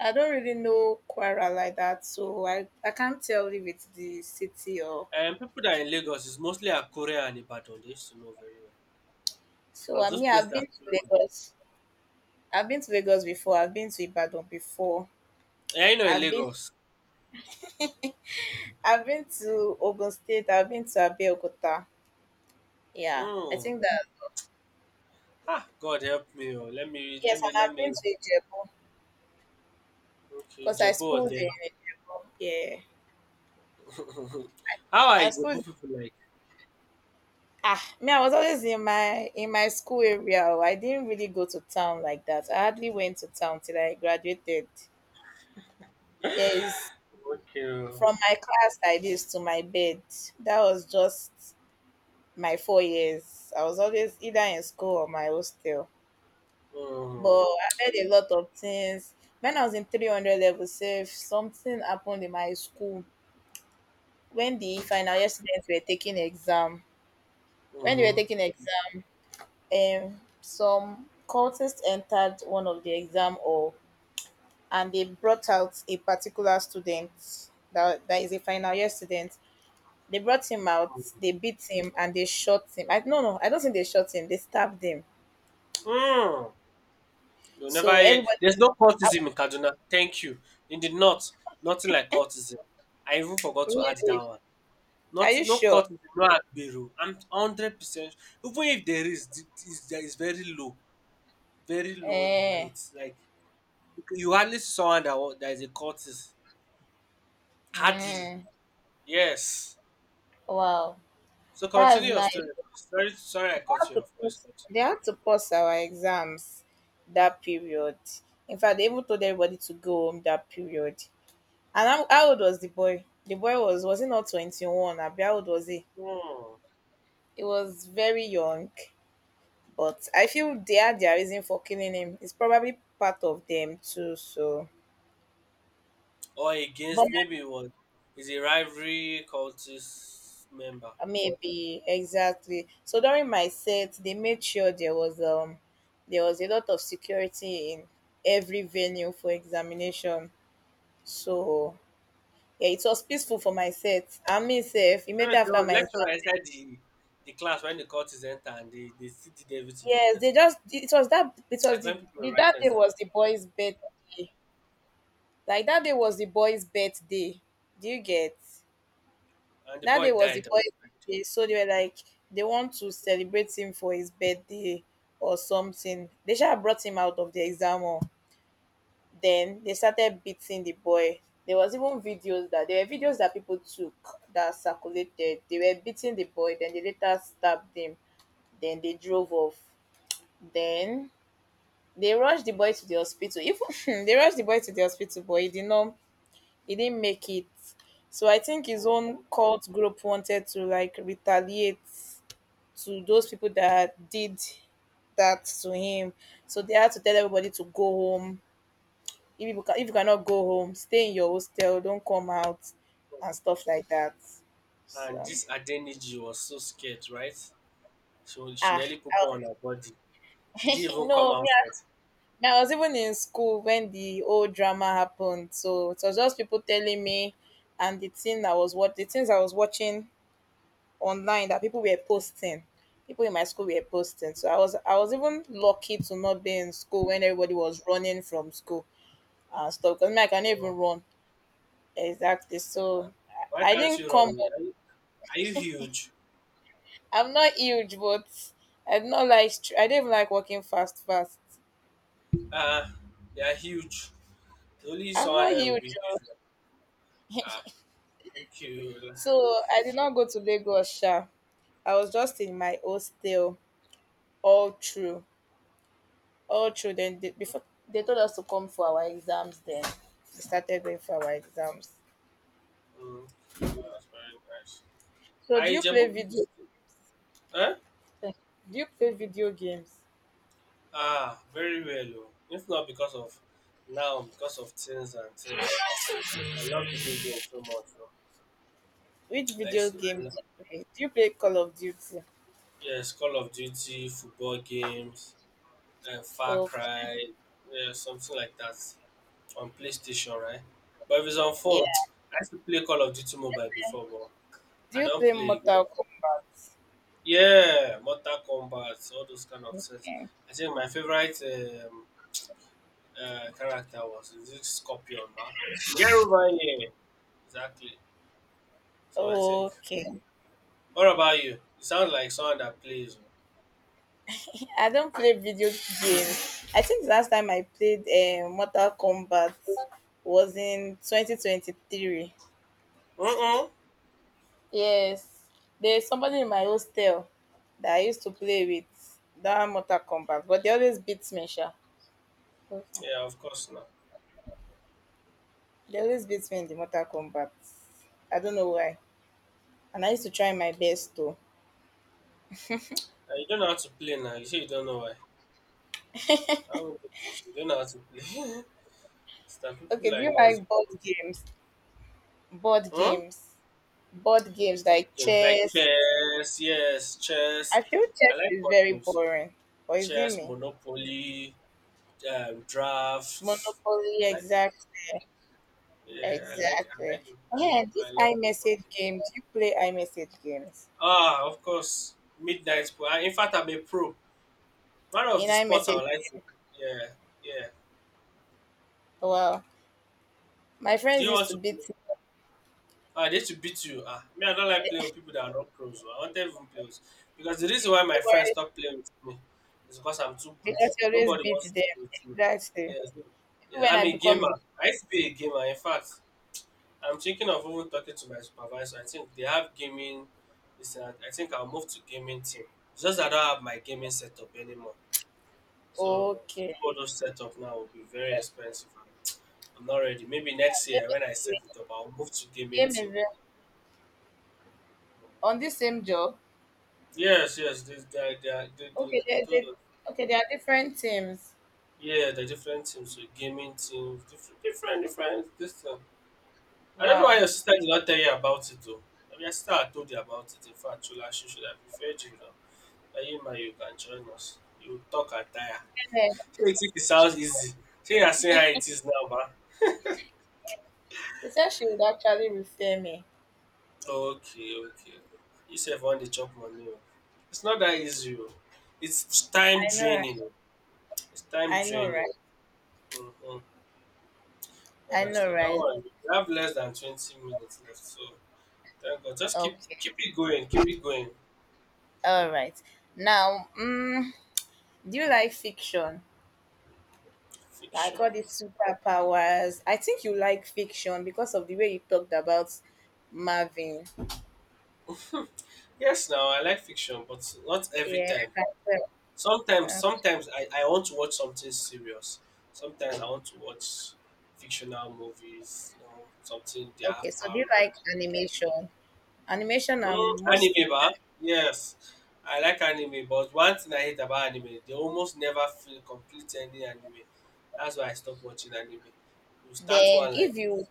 S1: I don't really know Kwara like that, so I I can't tell if it's the city or.
S2: And people that are in Lagos is mostly Akure and Ibadan. They used to know very well
S1: So
S2: because
S1: I
S2: those
S1: mean, I've
S2: places are
S1: been to
S2: closed.
S1: Lagos. I've been to Lagos before. I've been to Ibadan before.
S2: Yeah, you know in
S1: I've been
S2: Lagos.
S1: I've been to Ogun State. I've been to Abeokuta. Yeah, I
S2: Oh,
S1: think that
S2: ah, God help me. Oh. Let me,
S1: yes,
S2: let me,
S1: and
S2: let
S1: I've been
S2: me.
S1: to Ijebu.
S2: Okay,
S1: Because I
S2: Jebu or
S1: schooled in
S2: there.
S1: yeah.
S2: How are
S1: I schooled
S2: Jebu people like?
S1: ah me, I was always in my in my school area. Oh. I didn't really go to town like that. I hardly went to town till I graduated. Yes.
S2: Okay.
S1: From my class like this to my bed. That was just my four years. I was always either in school or my hostel. But
S2: Oh.
S1: I heard a lot of things. When I was in three hundred level safe, something happened in my school. When the final year students were taking exam, when
S2: Mm-hmm.
S1: they were
S2: Mm-hmm.
S1: taking exam, um, some cultists entered one of the exam hall and they brought out a particular student that, that is a final year student. They brought him out, they beat him, and they shot him. I no no, I don't think they shot him. They stabbed him.
S2: Mm. You'll never
S1: So
S2: hear
S1: everybody,
S2: there's no
S1: I-
S2: cultism in Kaduna. Thank you. In the north, nothing like cultism. I even forgot to add that
S1: really,
S2: one.
S1: are
S2: Not
S1: you
S2: no
S1: sure?
S2: cultism, no agbero. I'm hundred percent. Even if there is, th- is there is very low, very low
S1: Eh,
S2: rates. Like you hardly see someone that wa- that is a cultist. Hardly.
S1: mm,
S2: Yes.
S1: wow,
S2: So
S1: that is
S2: continue your
S1: nice.
S2: story. Please. Sorry, sorry, I
S1: They
S2: cut
S1: had
S2: you
S1: to
S2: off.
S1: pause,
S2: Please
S1: they
S2: continue.
S1: had to pause our exams that period. In fact, they even told everybody to go home that period. And how, how old was the boy? The boy was was he not twenty one? Abi how old was he?
S2: Hmm.
S1: He was very young, but I feel they had their reason for killing him. It's probably part of them too. So,
S2: Or
S1: but
S2: against
S1: my-
S2: maybe it was is a rivalry cultist member.
S1: maybe exactly. So during my set, they made sure there was um there was a lot of security in every venue for examination. So yeah, it was peaceful for my set. And me, safe
S2: So
S1: immediately after
S2: the
S1: my
S2: lecturer inside the the class when the court is entered and they, they still did everything they
S1: yes,
S2: wanted to
S1: they
S2: do.
S1: just it was that it was
S2: Like
S1: the,
S2: when people
S1: the
S2: were writing
S1: that day
S2: exam
S1: was the boy's birthday. Like that day was the boy's birthday. Do you get?
S2: and the
S1: That day
S2: boy
S1: was the
S2: died on the
S1: boy's
S2: birthday.
S1: birthday. So they were like they want to celebrate him for his birthday or something. They should have brought him out of the exam hall. Then they started beating the boy. There was even videos that there were videos that people took that circulated. They were beating the boy, then they later stabbed him, then they drove off. Then they rushed the boy to the hospital. Even they rushed the boy to the hospital, but he did not. He didn't make it. So I think his
S2: Oh,
S1: own cult group wanted to like retaliate to those people that did that to him. So they had to tell everybody to go home. If you, can, if you cannot go home, stay in your hostel. Don't come out and stuff like that.
S2: and
S1: So
S2: this Adeniji was so scared, right? So she
S1: ah,
S2: nearly put poo
S1: I,
S2: on her body. She didn't even come
S1: no, me
S2: outside.
S1: now, I was even in school when the whole drama happened, so it was just people telling me, and the thing I was what the things I was watching online that people were posting, people in my school were posting. So I was I was even lucky to not be in school when everybody was running from school and stuff. Because me, I can
S2: Oh,
S1: even run exactly. So
S2: why
S1: I, I
S2: can't
S1: didn't
S2: you
S1: come.
S2: run?
S1: Up-
S2: Are you, are you huge?
S1: I'm not huge, but I did not like. Str- I didn't even like walking fast, fast.
S2: Ah, they are huge. The only
S1: I'm
S2: someone
S1: not
S2: that will be
S1: huge, oh.
S2: huge. Now. Ah, thank you.
S1: So I did not go to Lagos, sha. I was just in my hostel all through, all through. Then they, before they told us to come for our exams, then we started going for our exams.
S2: Mm, okay, that's very nice.
S1: So
S2: Are
S1: do you play
S2: Ijebu people
S1: video?
S2: still? Huh?
S1: Eh, do you play video games?
S2: Ah, very well. Oh. If not because of now, because of things and things. I love video games so much. Oh.
S1: Which
S2: I
S1: video
S2: used to, I
S1: game do
S2: lo-
S1: you play? Do you play Call of Duty?
S2: yes, Call of Duty, football games, uh, Far
S1: Okay.
S2: Cry, yeah, something like that on PlayStation, right? But if it's on phone,
S1: Yeah.
S2: I used to play Call of Duty Mobile before, but
S1: Do
S2: I
S1: you
S2: don't
S1: play
S2: play. Again.
S1: Mortal Kombat?
S2: Yeah, Mortal Kombat, all those kind of things.
S1: Okay.
S2: I think my favorite um, uh, character was this Scorpion, but get over here. Exactly. So I think.
S1: Okay.
S2: What about you? You sound like someone that plays.
S1: I don't play video games. I think the last time I played uh, Mortal Kombat was in twenty twenty-three.
S2: Oh. Mm-mm.
S1: Yes, there's somebody in my hostel that I used to play with that Mortal Kombat, but they always beat me, sha. Okay.
S2: Yeah, of course now.
S1: They always beat me in the Mortal Kombat. I don't know why. And I used to try my best too.
S2: And you don't know how to play now. You say you don't know why. How would you you don't know how to play? it's that people
S1: Okay, do
S2: like
S1: you
S2: us.
S1: like board games? Board
S2: Hmm?
S1: games. Board games
S2: Board
S1: like
S2: games like
S1: chess.
S2: chess, yes,
S1: I
S2: chess.
S1: feel
S2: I
S1: chess
S2: like
S1: is
S2: board
S1: very
S2: games so
S1: boring. Or is it
S2: chess,
S1: me?
S2: Monopoly, um, drafts.
S1: Monopoly,
S2: I like,
S1: exactly.
S2: yeah, I like, I
S1: Exactly.
S2: like, the- I
S1: Yeah,
S2: love, I
S1: this
S2: love board
S1: iMessage
S2: games.
S1: game. Do you play iMessage games?
S2: Ah, of course, Midnight Pool. Ah, in fact, I'm a pro. One of
S1: In
S2: the sports I
S1: iMessage.
S2: would like to yeah, yeah.
S1: Wow. My
S2: Do
S1: friends
S2: you
S1: used
S2: want
S1: to
S2: to
S1: beat me.
S2: ah, they to beat you. Ah, me, I don't like playing with people that are not pros. Oh. I want even players because the reason why my friends
S1: Don't,
S2: stop playing with me is because I'm too good.
S1: because you always
S2: Nobody
S1: beat
S2: wants to
S1: them.
S2: play with me.
S1: Exactly.
S2: Yeah, so,
S1: Even
S2: yeah.
S1: when I
S2: I'm a
S1: become
S2: gamer. I used to be a gamer. In fact, I'm thinking of even talking to my supervisor. I think they have gaming. Listen, I I think I'll move to gaming team. It's just that I don't have my gaming setup anymore. So to
S1: okay.
S2: do all those setup now will be very expensive. I'm not ready. Maybe next
S1: Game
S2: year
S1: is
S2: when I set
S1: real.
S2: it up, I'll move to gaming
S1: Game
S2: team.
S1: is real. On this same job.
S2: Yes, yes. They, they, they, they, they,
S1: Okay,
S2: they
S1: there's
S2: told us.
S1: a okay, there are different teams.
S2: Yeah, the different teams, so gaming teams, different, different, different. This thing. I don't know why
S1: Wow.
S2: your sister did not tell you about it though. I mean, your sister had told you about it. In fact, Chula, she should have referred you now. That you man, you can join us. You will talk attire.
S1: And then
S2: She will think it sounds easy. She has seen how it is now, man.
S1: She said she would actually refer me.
S2: Okay, okay. You sef wan dey chop money oo. It's not that easy oo. It's time
S1: I know right.
S2: draining. It's time
S1: I know
S2: draining.
S1: right.
S2: Mhm.
S1: I know
S2: Honestly, dat
S1: right.
S2: one you have less than twenty minutes left so thank God. Just keep
S1: Okay.
S2: keep it going, keep it going.
S1: All right. Now, mm, do you like fiction? Like
S2: Fiction.
S1: all these superpowers. I think you like fiction because of the way you talked about Marvin.
S2: Yes now, I like fiction but not every
S1: Yeah,
S2: time.
S1: I can tell.
S2: Sometimes
S1: Uh,
S2: sometimes I I want to watch something serious. Sometimes I want to watch fictional movies, you know, something they have
S1: Okay, so do
S2: power.
S1: you like animation? Animation,
S2: Mm,
S1: I'm most.
S2: anime ba? Yes. I like anime, but one thing I hate about anime, they almost never feel complete ending anime. That's why I stopped watching anime. You start
S1: Then
S2: one like
S1: if you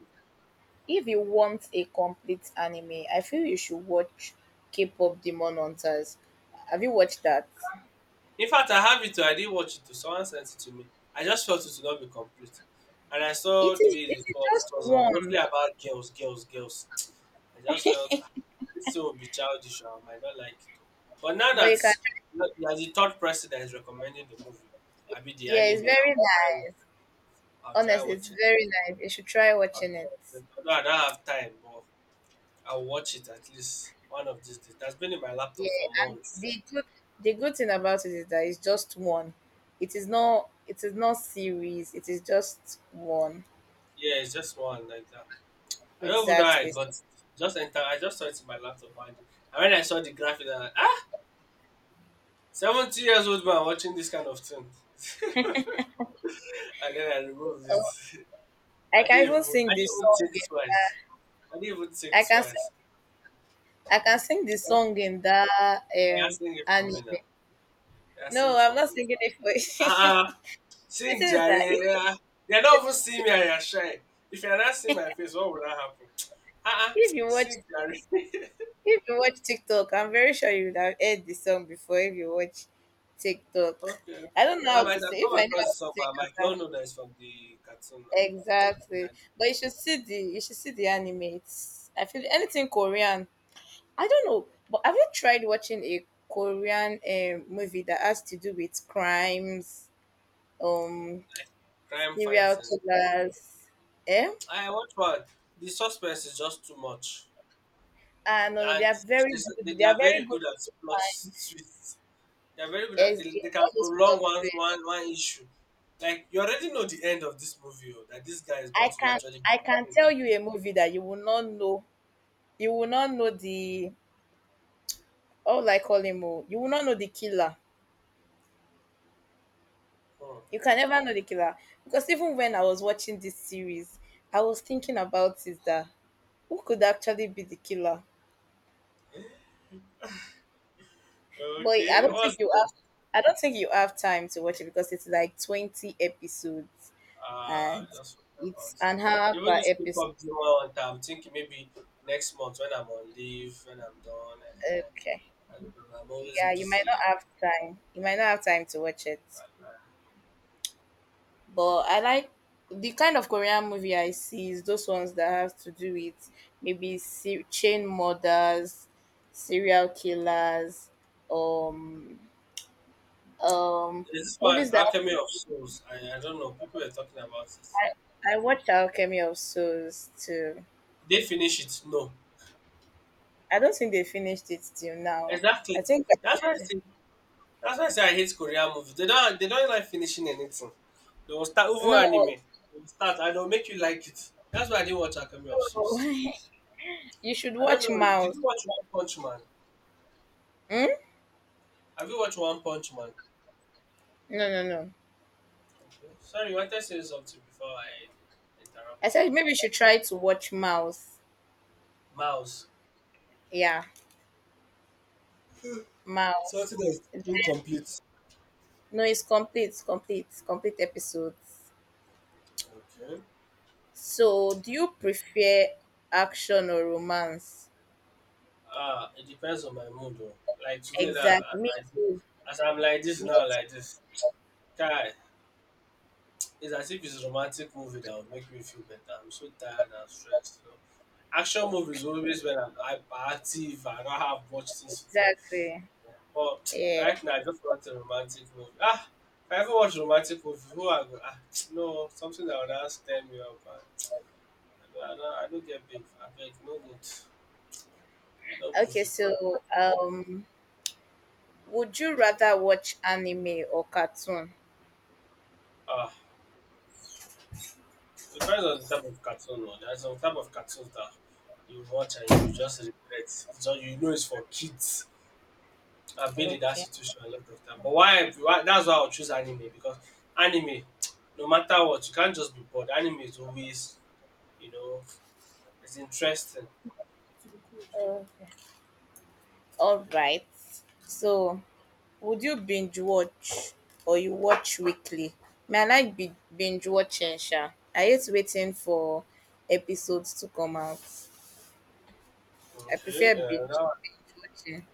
S1: if you want a complete anime, I feel you should watch K-pop Demon Hunters. Have you watched that?
S2: in fact I have it too, I didn't watch it too. Someone sent it to me. I just felt it to not be complete. And I
S1: It
S2: saw the
S1: is,
S2: way
S1: it
S2: it
S1: is
S2: was,
S1: just
S2: it was uh, mostly
S1: one
S2: about girls, girls, girls. I just felt "Ah, this thing will be childish, I might not like it. But now
S1: where
S2: that
S1: you can,
S2: now that the third person that is recommending the movie, I be the
S1: yeah, it's
S2: anime,
S1: very
S2: I'll try
S1: nice.
S2: I'll try
S1: Honestly, it's
S2: watching.
S1: very nice. You should try watching it.
S2: Although although I don't have time, but I'll watch it at least one of these days. That's been in my
S1: Yeah,
S2: laptop for
S1: and
S2: months.
S1: the good the good thing about it is that it's just one. It is not it is not series. It is just one.
S2: Yeah, it's just one like that. I don't even know how I
S1: Exactly.
S2: got it. Just enter. I just saw it in my laptop, and, and when I saw the graphic, I'm like, ah, seventy years old man watching this kind of thing. and then I removed
S1: Oh,
S2: it.
S1: I
S2: I
S1: can
S2: didn't
S1: even
S2: even.
S1: sing
S2: I didn't
S1: this
S2: even
S1: song.
S2: think
S1: In,
S2: twice. I didn't even think
S1: I can sing
S2: twice.
S1: I can sing the song in that
S2: They're
S1: um
S2: asking it for me
S1: anime.
S2: now. They're asking
S1: No, I'm
S2: for
S1: not
S2: me.
S1: singing it for
S2: Ah,
S1: you.
S2: ah.
S1: The
S2: Sing
S1: thing is
S2: Jare.
S1: that if you,
S2: Yeah. They don't even see me and you're shy. If you're not seeing my face, what would that happen? Uh-uh.
S1: if you watch
S2: Sing Jare.
S1: if you watch TikTok, I'm very sure you would have heard the song before if you watch TikTok.
S2: okay.
S1: I don't know
S2: I
S1: how to
S2: might have
S1: sing. If
S2: come
S1: I knew
S2: across it
S1: how
S2: somehow. I might
S1: to
S2: not
S1: sing.
S2: know that it's from the cartoon now.
S1: Exactly.
S2: Yeah,
S1: But you should see the you should see the animates. I feel anything Korean. I don't know, but have you tried watching a Korean um, movie that has to do with crimes, um,
S2: like crime
S1: serial
S2: fighting.
S1: killers? Eh?
S2: I watch one. The suspense is just too much.
S1: Ah, no, no, they
S2: And
S1: are very
S2: they, they,
S1: good. They
S2: they
S1: are
S2: are
S1: very
S2: very
S1: good.
S2: good at plot twists. They are very good at
S1: Yes,
S2: they,
S1: they-
S2: they can
S1: all those
S2: prolong
S1: plot
S2: one
S1: twists.
S2: one one issue. Like you already know the end of this movie, oh, that this guy is going
S1: I
S2: to
S1: can
S2: actually be
S1: I can
S2: the king.
S1: tell you a movie that you will not know. You will not know the. All I call him, oh. You will not know the killer.
S2: Hmm.
S1: You can never know the killer. Because even when I was watching this series, I was thinking about is that, who could actually be the killer? But I
S2: Okay,
S1: don't think
S2: what's
S1: you
S2: the
S1: have I don't think you have time to watch it because it's like twenty episodes
S2: uh
S1: and
S2: just forgot about
S1: it's
S2: it.
S1: an hour
S2: Even
S1: per
S2: this
S1: episode.
S2: pickup up month, I'm thinking maybe next month when I'm on leave, when I'm done, uh,
S1: Okay.
S2: I don't know, I'm always
S1: Yeah, you might
S2: busy
S1: not
S2: like
S1: have time. You might not have time to watch it.
S2: that. Right?
S1: But I like the kind of Korean movie I see is those ones that have to do with maybe se- chain murders, serial killers, um, um,
S2: There's this
S1: movies
S2: one,
S1: that have
S2: Alchemy
S1: to-
S2: of Souls. I, I don't know, people were talking about it.
S1: I watched Alchemy of Souls too.
S2: They finish it? No.
S1: I don't think they finished it till now. I
S2: Exactly.
S1: think I
S2: That's why I
S1: did.
S2: say that's why I say I hate Korean movies. They don't they don't like finishing anything. They will start over
S1: No,
S2: anime. They will start and they'll make you like it. That's why I didn't watch Alchemy of
S1: no.
S2: Souls.
S1: You should
S2: I don't
S1: watch
S2: know. Did
S1: Mouse.
S2: you watch One Punch Man?
S1: Hmm?
S2: Have you watched One Punch Man?
S1: No, no, no.
S2: Okay. Sorry, you wanted to say something before I
S1: I
S2: interrupted.
S1: said maybe you should try to watch Mouse.
S2: Mouse.
S1: Yeah,
S2: Something
S1: Mouse.
S2: that's incomplete.
S1: No, it's complete, complete, complete episodes.
S2: Okay.
S1: So, do you prefer action or romance?
S2: Ah, it depends on my mood though. Like today now, as,
S1: Exactly. Me
S2: I,
S1: too.
S2: as I'm like this
S1: Me
S2: now,
S1: too.
S2: like this. Guy, it's as if it's a romantic movie that will make me feel better. I'm so tired and stressed. You know? Action movies
S1: Okay.
S2: always when I'm hyper active, I don't have much things to do.
S1: Exactly.
S2: Oh,
S1: Yeah.
S2: right now I just want a romantic movie. Ah, if I ever watch romantic movie, who I go? Ah, no, something that would ask them me up. And I don't, I don't, I don't get big. I beg, no good. No
S1: Okay.
S2: movie fun.
S1: So, um, would you rather watch anime or cartoon?
S2: Ah, it depends on the type of cartoon. No, there's some type of cartoons that you watch and you just regret. It's just you know it's for kids. I've been in that
S1: Okay.
S2: situation a lot of time. But why? why that's why I'll choose anime because anime, no matter what, you can't just be bored. Anime is always, you know, it's interesting.
S1: Okay. All right. So, would you binge watch or you watch weekly? May I like bi- binge watching, Sha? I hate waiting for episodes to come out. I
S2: Okay,
S1: prefer
S2: yeah,
S1: binge
S2: that,
S1: watching.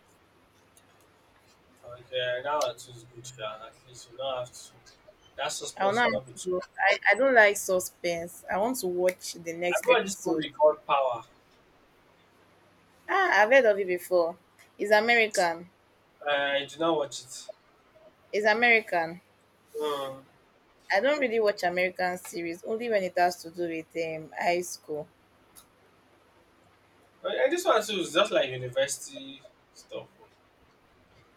S2: okay, yeah, that one too is good, yeah. At least you don't have to. That
S1: I will
S2: suspense will
S1: not
S2: not be
S1: have
S2: too.
S1: to. I, I don't like suspense. I want to watch the
S2: I
S1: next
S2: watched this
S1: episode.
S2: movie called Power.
S1: Ah, I've heard of it before. It's American.
S2: I did not watch it.
S1: It's American.
S2: Um,
S1: I don't really watch American series only when it has to do with um, high school.
S2: but- and this one too is just like university stuff.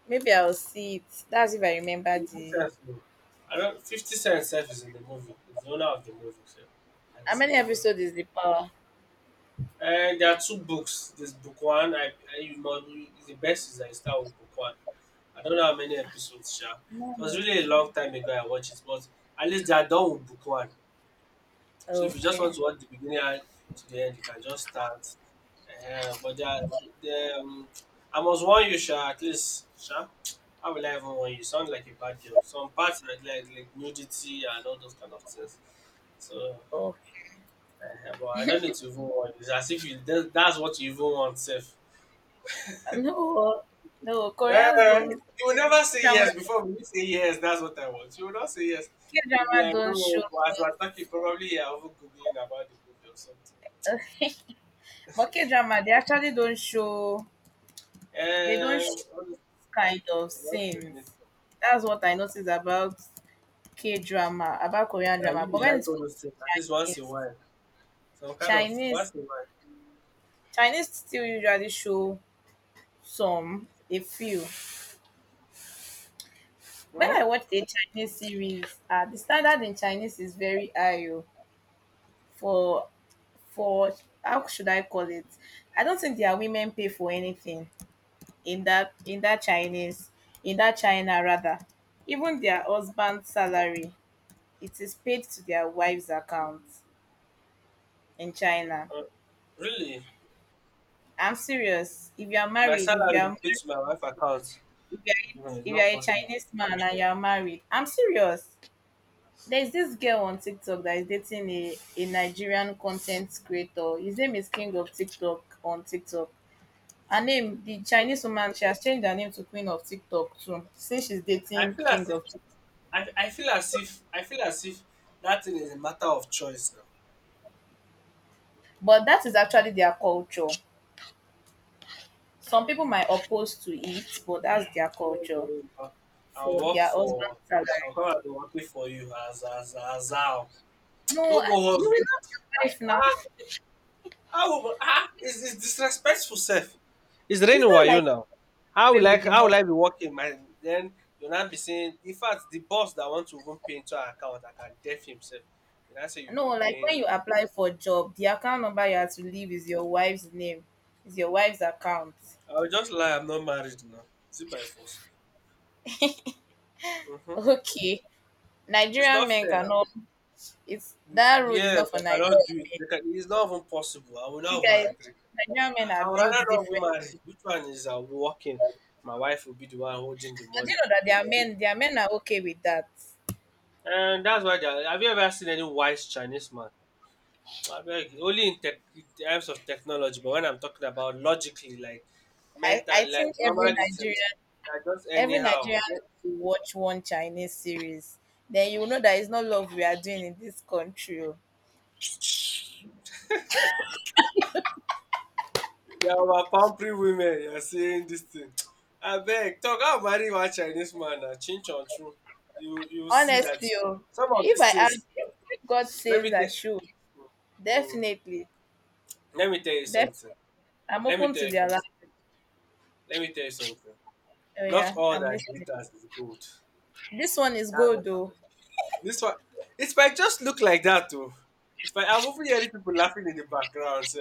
S1: Maybe I'll see it. That's if I remember
S2: Fifty cents.
S1: the.
S2: Sense, I don't. Fifty Cent self is in the movie. It's the owner of the movie, so, and
S1: How
S2: it's in
S1: many
S2: the movie.
S1: episodes is the Power?
S2: And there are two books. There's book one. I, I you know the best is I start with book one. I don't know how many episodes sha.
S1: No,
S2: It was
S1: no,
S2: really a
S1: sorry.
S2: long time ago I watched it, but at least they are done with book one. So if you just want
S1: Okay.
S2: to watch the beginning and to the end, you can just start. Ehen, but there are the um I must warn you sha, at least sha. How will I even warn you? You sound like a bad girl. Some parts like like like nudity and all those kind of things. So
S1: Okay.
S2: ehen, but I don't need to even warn you. It's as if you that's that's what you even want sef.
S1: No, no. Koreans
S2: Eh,
S1: don't.
S2: you will never
S1: K
S2: say
S1: drama.
S2: yes before we say yes. That's what I want. You will not say yes.
S1: K
S2: You'll be
S1: drama
S2: like,
S1: don't show
S2: no, but as
S1: us.
S2: we're talking, probably you're over googling about the movie or something.
S1: But K drama, they actually don't show they don't show
S2: And uh,
S1: this kind of scenes. That's what I noticed about K drama, about Korean drama.
S2: you,
S1: But
S2: you
S1: when
S2: like
S1: it
S2: all
S1: comes
S2: those
S1: to
S2: things at least once in a
S1: Chinese,
S2: while. Some kind of
S1: Chinese
S2: once in a
S1: Chinese still usually show some, a few. When
S2: while.
S1: I
S2: Hmm?
S1: watched a Chinese series, uh, the standard in Chinese is very high oh, for for how should I call it? I don't think their women pay for anything, in that in that Chinese, in that China rather. Even their husband's salary, it is paid to their wife's account in China.
S2: Uh, really?
S1: I'm serious. If you are
S2: My
S1: married, if you
S2: salary will
S1: are,
S2: pay to my wife account.
S1: if you are,
S2: No, it's
S1: if you are
S2: not
S1: a
S2: possible.
S1: Chinese man and you are married, I'm serious. There's this girl on TikTok that is dating a, a Nigerian content creator. His name is King of TikTok on TikTok. Her name, the Chinese woman, she has changed her name to Queen of TikTok too, since she's
S2: I
S1: dating
S2: feel as
S1: King
S2: if
S1: of TikTok.
S2: I, I feel as if I feel as if that thing is a matter of choice now.
S1: But that is actually their culture. Some people might oppose to it, but that's their culture
S2: I'll
S1: for
S2: work
S1: their husband's
S2: for.
S1: salary.
S2: I'll come and be working for you as as as how.
S1: No,
S2: No go
S1: you
S2: hustle.
S1: will not be your wife now.
S2: Ah, how? Ah, it's, it's disrespectful, self. It's
S1: It's
S2: raining
S1: not like
S2: wayo now. How
S1: away
S2: will I?
S1: with the
S2: How
S1: money.
S2: will I be working? My then you'll not be saying. In fact, the boss that want to even pay into our account, I can deaf himself. You know, say you'll
S1: No,
S2: be
S1: like
S2: paying.
S1: when you apply for job, the account number you have to leave is your wife's name, is your wife's account.
S2: I'll just lie. I'm not married now. Is it by force? Mm-hmm.
S1: Okay,
S2: It's
S1: Nigerian
S2: not
S1: men
S2: fair now.
S1: cannot. It's that rule is
S2: Yes,
S1: not for
S2: I cannot
S1: Nigerian
S2: do it.
S1: men.
S2: They can- It's not even possible. I will
S1: You
S2: not
S1: guys,
S2: even agree.
S1: Nigerian men
S2: I,
S1: are
S2: I would
S1: built
S2: rather not be
S1: different.
S2: married. Which one is uh, working? My wife will be the one holding the
S1: But do you
S2: money.
S1: know that their men, their men are okay with that.
S2: And that's why they are, have you ever seen any wise Chinese man? I beg, you, only in, tech, in terms of technology, but when I'm talking about logically, like
S1: I, I
S2: mental life,
S1: think every
S2: normal this thing,
S1: Nigerian.
S2: they're just
S1: Every
S2: anyhow.
S1: Nigerian
S2: They
S1: needs to watch one Chinese series. Then you will know that it's not love we are doing in this country, oh.
S2: they are our pampering women, you're saying this thing. I beg, talk, I'll marry one Chinese man, uh, chin chon chun. You, you see
S1: Honestly,
S2: that
S1: oh,
S2: some of
S1: if
S2: these
S1: I ask,
S2: things,
S1: if God
S2: let
S1: says
S2: me,
S1: I
S2: tell.
S1: should,
S2: mm,
S1: definitely,
S2: Let me tell you
S1: definitely,
S2: something.
S1: I'm
S2: Let me
S1: open
S2: tell
S1: to
S2: you
S1: their
S2: something.
S1: language.
S2: Let me tell you something.
S1: Oh
S2: Not
S1: yeah,
S2: all
S1: I'm
S2: that
S1: listening.
S2: glitters is gold.
S1: This one is
S2: That's
S1: good
S2: what I'm
S1: though.
S2: just. This one, it might just look like that too. It might, I'm over hearing people laughing in the background. So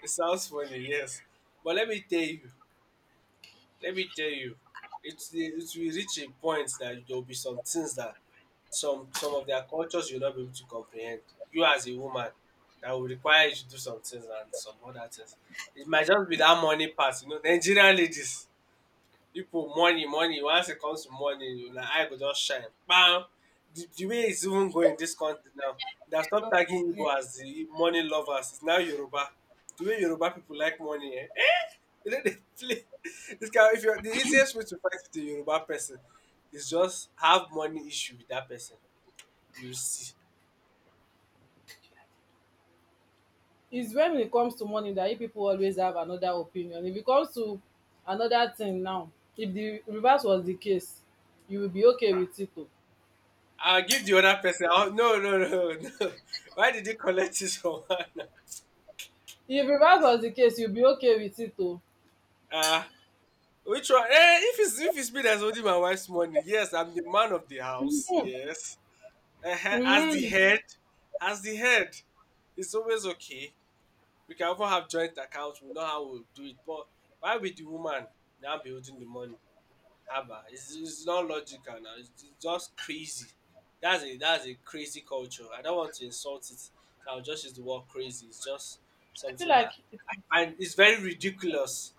S2: it sounds funny, yes. But let me tell you. Let me tell you. It's, it will reach a point that there will be some things that some some of their cultures you'll not be able to comprehend. You as a woman, that will require you to do some things and some other things. It might just be that money part, you know, Nigerian ladies. Pipu money money once it comes to money na eye go just shine Bam. The the way it's even going in dis country now, they have stopped
S1: Don't
S2: tagging
S1: complain.
S2: Igbo as the money lovers, it's now Yoruba. The way Yoruba people like money um eh, dey no dey play. Dis kind if you are the easiest way to fight with a Yoruba person is just have money issue with that person, you will see.
S1: It's when it comes to money that you people always have another opinion. If it comes to another thing now, if the reverse was the case, you will be okay with it, oh.
S2: I will give the other person I wan no no no no why did you collect this from one.
S1: If reverse was the case, you'll be okay with it, oh.
S2: Ah. Which one? Eh, if it's if it's me that's holding my wife's money, yes, I'm the man of the house. Yes, uh as the head, as the head, it's always okay. We can even have joint accounts. We know how we'll do it. But why with the woman now be holding the money? Haba, it's, it's not logical now. It's, it's just crazy. That's a that's a crazy culture. I don't want to insult it. So I'll just use the word crazy. It's just
S1: Feel
S2: something
S1: like,
S2: that I find it's very ridiculous.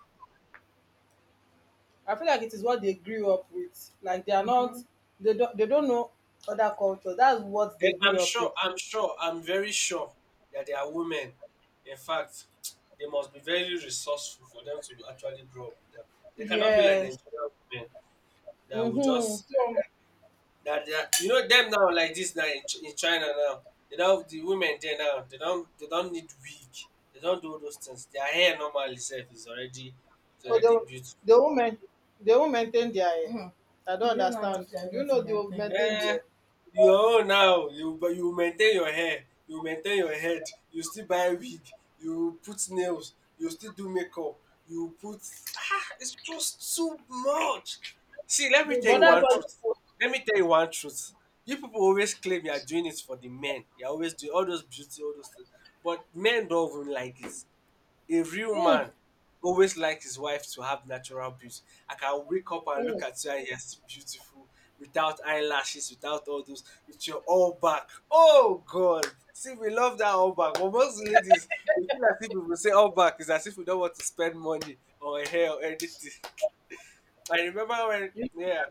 S1: I feel like it is what they grew up with. Like they are not. Mhm. they don't they don't know other cultures. That's what they
S2: Then I'm
S1: grew up with.
S2: sure, I'm sure, I'm very sure that there are women. In fact, they must be very resourceful for them to actually grow up with them. They cannot be like
S1: Yes.
S2: Nigerian women that will
S1: Mm-hmm.
S2: just
S1: So
S2: that they are, you know them now like this now in, Ch- in China now. They don't, the women there now, they don't they don't need wig. They don't do those things. Their hair normally itself is already is
S1: so they
S2: already
S1: will-,
S2: beautiful.
S1: they won't main, they won't maintain their eh, mhm. I don't. They don't know understand. Do you what know direct they their will thing. Maintain
S2: Eh,
S1: their.
S2: your own now, you but you maintain your hair, you maintain your head, you still buy wig, you put nails, you still do makeup, you put ah, it's just too much. See, let me
S1: They
S2: tell
S1: but don't
S2: you
S1: that's
S2: one
S1: know.
S2: truth.
S1: What,
S2: Let me tell you one truth. You people always claim you are doing it for the men. You're always doing all those beauty, all those things. But men don't even like it. A real
S1: mm,
S2: man always likes his wife to have natural beauty. I can wake up and
S1: mm,
S2: look at you and you're still beautiful without eyelashes, without all those, with your all back. Oh God. See, we love that all back. But most ladies, we feel as if we will say all back is as if we don't want to spend money on hair or anything. I remember when,
S1: you,
S2: yeah,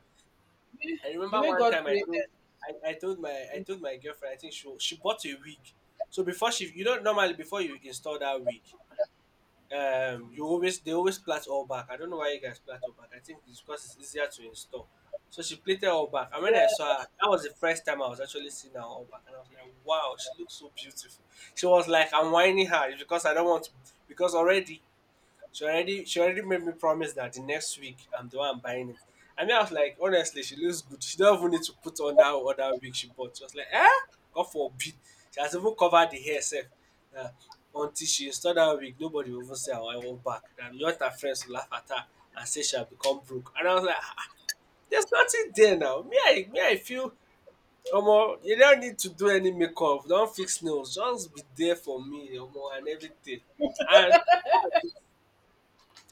S2: I
S1: the
S2: remember
S1: way
S2: one
S1: God
S2: time I told,
S1: created.
S2: I, I told my, I told my girlfriend. I think she she bought a wig. So before she, you don't normally before you install that wig, um you always they always plat all back. I don't know why you guys plat all back. I think it's because it's easier to install. So she plated all back, and when I saw her, that was the first time I was actually seeing her all back, and I was like, "Wow, she looks so beautiful." She was like, "I'm whining her. It's because I don't want to, because already she already she already made me promise that the next week I'm the one buying it." And then I was like, honestly, she looks good. She don't even need to put on that other wig she bought. She was like, eh? God forbid. She has even covered the hair herself. Uh, until she installed that wig, nobody will even say I want back. And you want her friends to laugh at her and say she'll become broke. And I was like, ah, there's nothing there now. Me, I me, I feel Omo, you don't need to do any makeup, don't fix nails, just be there for me, Omo, and everything. And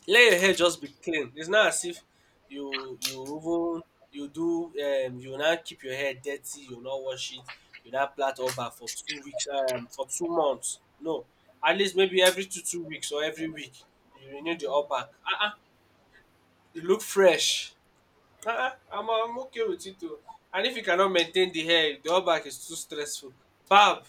S2: let your hair just be clean. It's not as if you you even you do um you not keep your hair dirty, you not wash it, you not plait all back for two weeks um for two months. No, at least maybe every two two weeks or every week you renew the all back. Uh uh you look fresh. Uh uh I'm I'm okay with it too. And if you cannot maintain the hair, the all back is too stressful. Barb,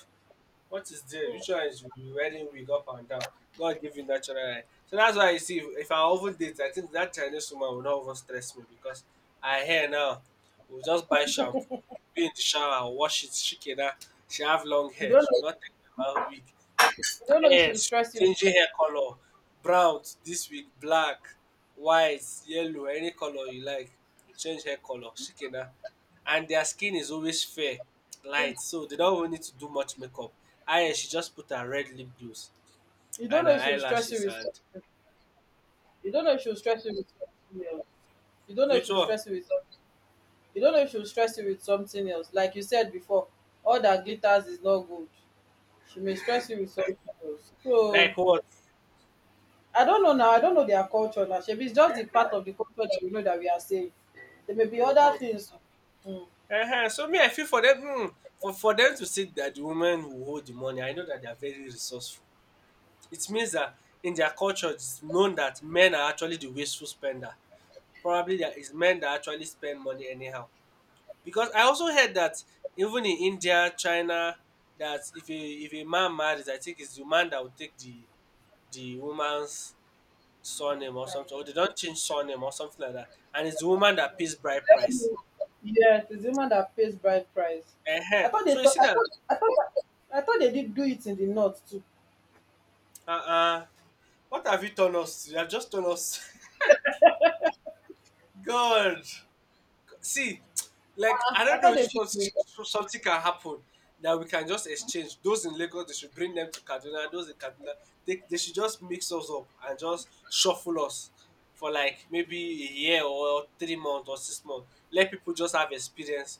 S2: what is there? Which one is you wearing wig up and down? God give you natural eye. So that's why you see, if, if I over date, I think that Chinese woman will not even stress me because I hear now, we'll just buy shampoo, be in the shower, wash it, shake it out. She have long
S1: You
S2: hair.
S1: don't
S2: She will
S1: know
S2: not think about wig.
S1: you don't know if she will
S2: Yes,
S1: stress you with.
S2: changing hair color, brown this week, black, white, yellow, any color you like, you change hair color, shikena. And their skin is always fair, light, so they don't even need to do much makeup. I she just put her red lip gloss
S1: You don't
S2: and
S1: know
S2: her
S1: if she will stress you
S2: eyelashes
S1: with
S2: and
S1: something. You don't know if she will stress you with something else. You don't know if she
S2: which
S1: will
S2: one?
S1: stress you with. You don't know if she will stress you with something else. Like you said before, all that glitters is not good. She may stress you with something else. So
S2: Like what?
S1: I don't know now. I don't know their culture now. Shebi it's just the part of the culture that we know that we are saying. There may be other
S2: Mm-hmm.
S1: things.
S2: Uh-huh. So me, I feel for them. Hmm, for for them to say that the women who hold the money, I know that they are very resourceful. It means that in their culture, it's known that men are actually the wasteful spender. Probably there is men that actually spend money anyhow. Because I also heard that even in India, China, that if a if a man marries, I think it's the man that will take the the woman's surname or something, or they don't change surname or something like that, and it's the woman that pays bride price.
S1: Yes, it's the woman that pays bride price.
S2: uh
S1: I thought they
S2: So you
S1: thought
S2: see
S1: I
S2: that?
S1: thought I thought I thought they did do it in the north too.
S2: Uh uh What have you done us to? You have just done us. God. See, like I
S1: I
S2: don't know
S1: thought
S2: if
S1: they did. Do
S2: something
S1: it.
S2: something can happen that we can just exchange those in Lagos. They should bring them to Kaduna. Those in Kaduna, they, they should just mix us up and just shuffle us for like maybe a year or three months or six months. Let people just have experience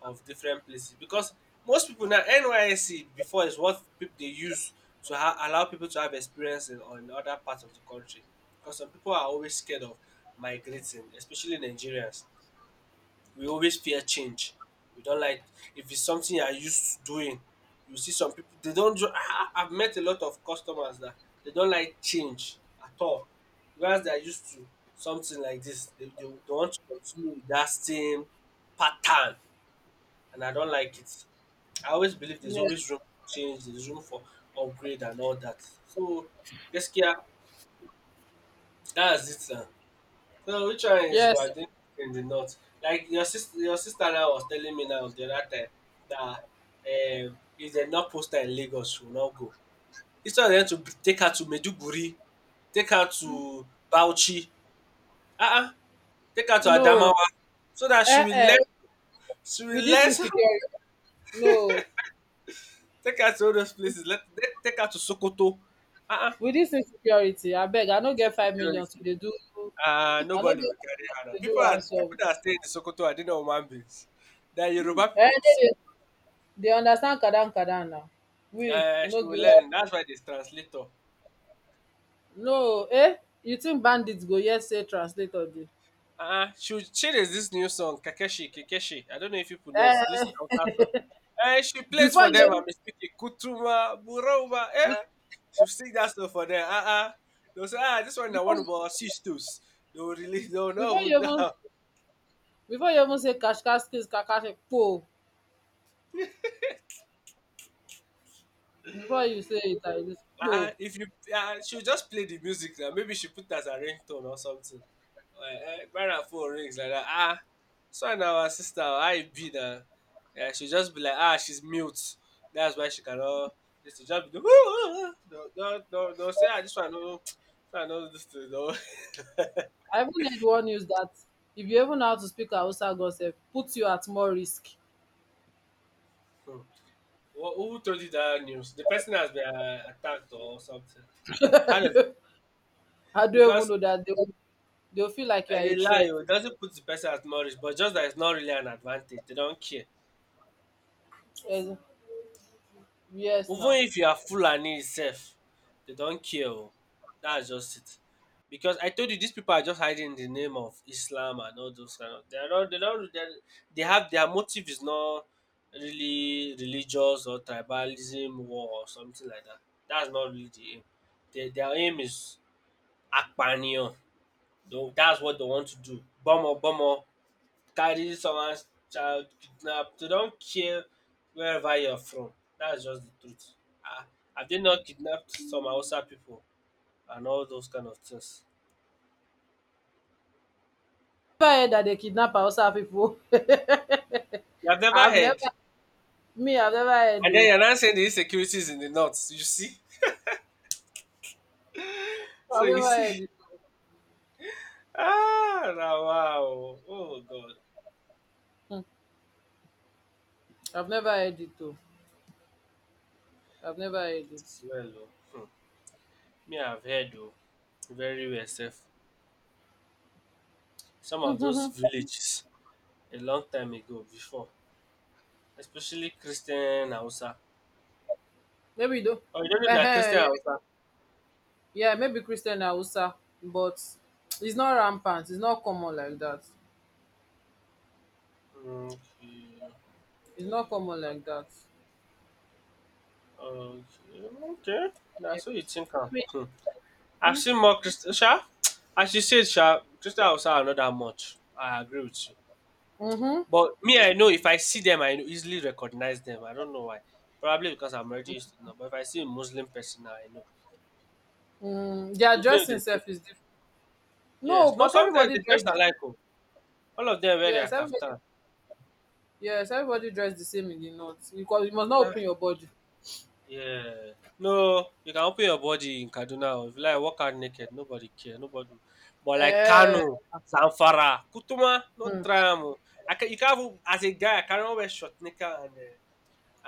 S2: of different places because most people now N Y S C before is what people they use to ha- allow people to have experience in on other parts of the country because some people are always scared of migrating, especially Nigerians, we always fear change. We don't like if it's something you are used to doing. You see some people they don't ju- I've met a lot of customers that they don't like change at all. Whereas they are used to something like this, they, they, they want to continue with that same pattern, and I don't like it. I always believe there's
S1: Yes.
S2: always room for change, there's room for upgrade and all that. So, gaskiya, that's it. Uh, So which one is we are
S1: Yes.
S2: doing in the north? Like your sister, your sister now was telling me now the other time that um, if they not poster in Lagos, she will not go. Instead of them to b- take her to Meduguri, take her to Bauchi, uh-uh, take her to
S1: No.
S2: Adamawa, so that she
S1: Eh.
S2: will learn,
S1: Eh.
S2: she
S1: With
S2: will
S1: this
S2: learn, some-
S1: insecurity. No.
S2: take her to all those places. Let, let take her to Sokoto. Uh-uh,
S1: Wit dis insecurity I beg. I no get
S2: she's
S1: five million to
S2: security.
S1: dey do.
S2: Uh,
S1: I no
S2: nobody
S1: get
S2: will
S1: five
S2: carry
S1: million
S2: her now.
S1: to dey do
S2: People are
S1: ransom. Um
S2: people that stay in Sokoto, are they not human beings? They are Yoruba people
S1: dey
S2: in
S1: dey
S2: Sokoto.
S1: dey understand kadan-kadan now. we we
S2: Uh,
S1: no
S2: she will
S1: give up.
S2: learn. That's why there's translator.
S1: No, eh? You think bandits go hear say translator dey.
S2: Uh-uh. She, will- she there's this new song, Kakeshi, Kakeshi. I don't know if people know it.
S1: um
S2: This Hausa song. Uh, she plays
S1: Before
S2: for them.
S1: you,
S2: I'm speaking Kutuma, Buroma. Eh? She'll sing that song for them. Uh-uh. They'll say, ah, this one I want
S1: before
S2: about sisters. They'll release, they'll
S1: before
S2: know.
S1: you even before you even say cash cash kashkaskis kakashikpo. Before you say it like dis kpo.
S2: Uh, if you uh, She'll just play the music now. Maybe she put as a ringtone or something. Uh, uh, buy her phone rings like that. Ah, so now our sister, how it be now? Yeah, she'll just be like, ah, she's mute. That's why she cannot. She just be do, don't, don't, don't, don't say ah, this one no, this one no, this thing no.
S1: I even heard one news that. If you even know how to speak Hausa, god sef put you at more risk.
S2: Hmm. Who who told you that news? The person has been uh, attacked or something. How does it?
S1: I don't even
S2: Because
S1: know dat. They will feel like you
S2: I
S1: are
S2: dey
S1: a
S2: lie,
S1: threat.
S2: oh, it doesn't put the person at knowledge, but just that it's not really an advantage. They don't care.
S1: Ex- Yes,
S2: Even
S1: now.
S2: if you are Fulani sef, they don't care, oh, that's just it. Because I told you these people are just hiding the name of Islam and all those kind of, they are not, they don't, they are- they have their motive, is not really religious or tribalism war or something like that. That's not really the aim. Their their aim is Akpanion. Apaniyan. That's what they want to do. Bomber bomber, carry someone's child, kidnap, dey don care wherever you're from. That's just the truth. Ah, have they not kidnapped some Hausa people and all those kind of things?
S1: Never heard that they kidnap Hausa people.
S2: You have never
S1: I've never,
S2: heard?
S1: me, I've never heard
S2: And then
S1: though.
S2: you're now saying the insecurity is in the north, you see? So
S1: I've
S2: you
S1: never
S2: see?
S1: heard it.
S2: Ah, na wow oh. Oh God.
S1: Hmm. I've never heard it though. I've never heard it.
S2: Well oh. Hmm. Me, I've heard oh. Very well sef. Some of those villages a long time ago before, especially Christian Hausa.
S1: Maybe though.
S2: Oh, you don't know
S1: uh
S2: that
S1: Yeah,
S2: Christian Hausa?
S1: yeah, maybe Christian Hausa, but it's not rampant. It's not common like that.
S2: Okay,
S1: It's not common like that.
S2: okay, okay. That's what you think. Huh? Hmm. I've seen more Christian. Sha, as you said, sha, Christian also are not that much. I agree with you.
S1: Mm-hmm.
S2: But me, I know if I see them, I know, easily recognize them. I don't know why. Probably because I'm already used to them. But if I see a Muslim person now, I know.
S1: Mm, their
S2: Even
S1: dressing
S2: if they,
S1: self is different. No,
S2: yes, no,
S1: but
S2: sometimes
S1: everybody
S2: they dress
S1: dresses.
S2: alike oh. All of them wear their
S1: Yes, everybody.
S2: kaftan.
S1: Yes, everybody dress the same in the north because you must not
S2: Ah,
S1: open your body.
S2: yeah. No, you can open your body in Kaduna. If you like walk out naked, nobody care, nobody. But like
S1: Eh.
S2: Kano, Zamfara, Kutuma, no
S1: Hmm.
S2: try am, can, you can't even, as a guy, I cannot wear short knicker and uh,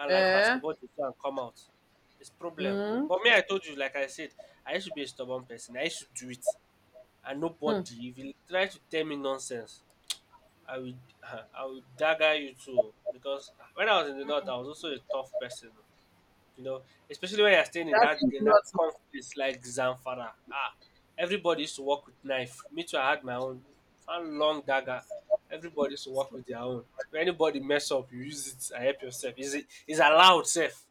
S2: and like
S1: Eh.
S2: basketball jersey and come out. It's problem.
S1: Hmm.
S2: But me, I told you, like I said, I used to be a stubborn person. I used to do it, and
S1: Hmm.
S2: nobody, if you try to tell me nonsense, I would I would dagger you too. Because when I was in the north, I was also a tough person. You know, especially when you're staying in
S1: That's
S2: that
S1: in the
S2: in that
S1: north.
S2: conflict place like Zamfara. Ah, everybody used to work with knife. Me too, I had my own one long dagger. Everybody used to work with their own. If anybody mess up, you use it and help yourself. Is it is allowed safe.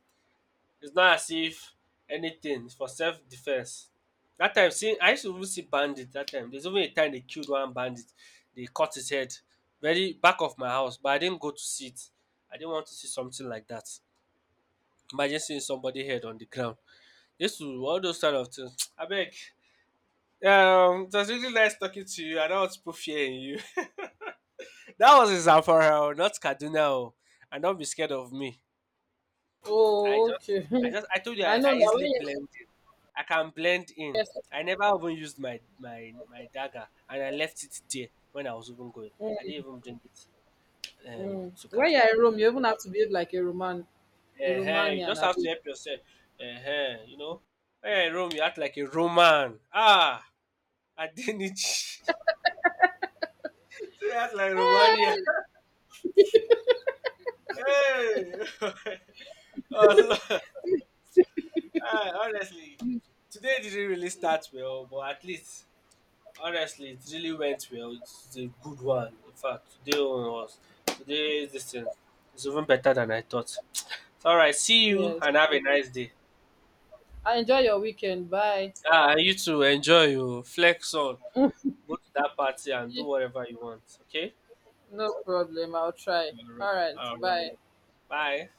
S2: It's not as if anything, it's for self defense. That time, see, I used to even see bandits that time. There's even a time they killed one bandit. They cut his head very back of my house, but I didn't go to see it. I didn't want to see something like that. Imagine seeing somebody head on the ground. Yes o, all those kind of things. Abeg, um it was really nice talking to you. I don't want to put fear in you. That was in Zamfara, not Kaduna o. And don't be scared of me. I
S1: Oh,
S2: just
S1: okay.
S2: I just I told you I,
S1: I know
S2: I
S1: now. When
S2: easily
S1: you
S2: blend in. I can blend in. I never even used my my my dagger and I left it there when I was even going. I didn't even bring it um
S1: mm,
S2: to
S1: when you're
S2: Kaduna.
S1: in Rome, you even have to behave like a Roman, a
S2: Uh you
S1: Romanian,
S2: just have to
S1: abi?
S2: help yourself. Uh you know. Hey, Rome, you act like a Roman. Ah, I didn't. See, that's like Romania.
S1: Eh.
S2: Hey! Oh, Lord. Ah, honestly, today didn't really start well, but at least, honestly, it really went well. It's a good one. In fact, today one was today. This thing is even better than I thought. So, all right, see you
S1: Yes.
S2: and have a nice day.
S1: I enjoy your weekend. Bye.
S2: Ah, and you too. Enjoy your flex on. Go to that party and do whatever you want. Okay.
S1: No problem. I'll try.
S2: All right.
S1: All right.
S2: All right.
S1: Bye.
S2: Bye.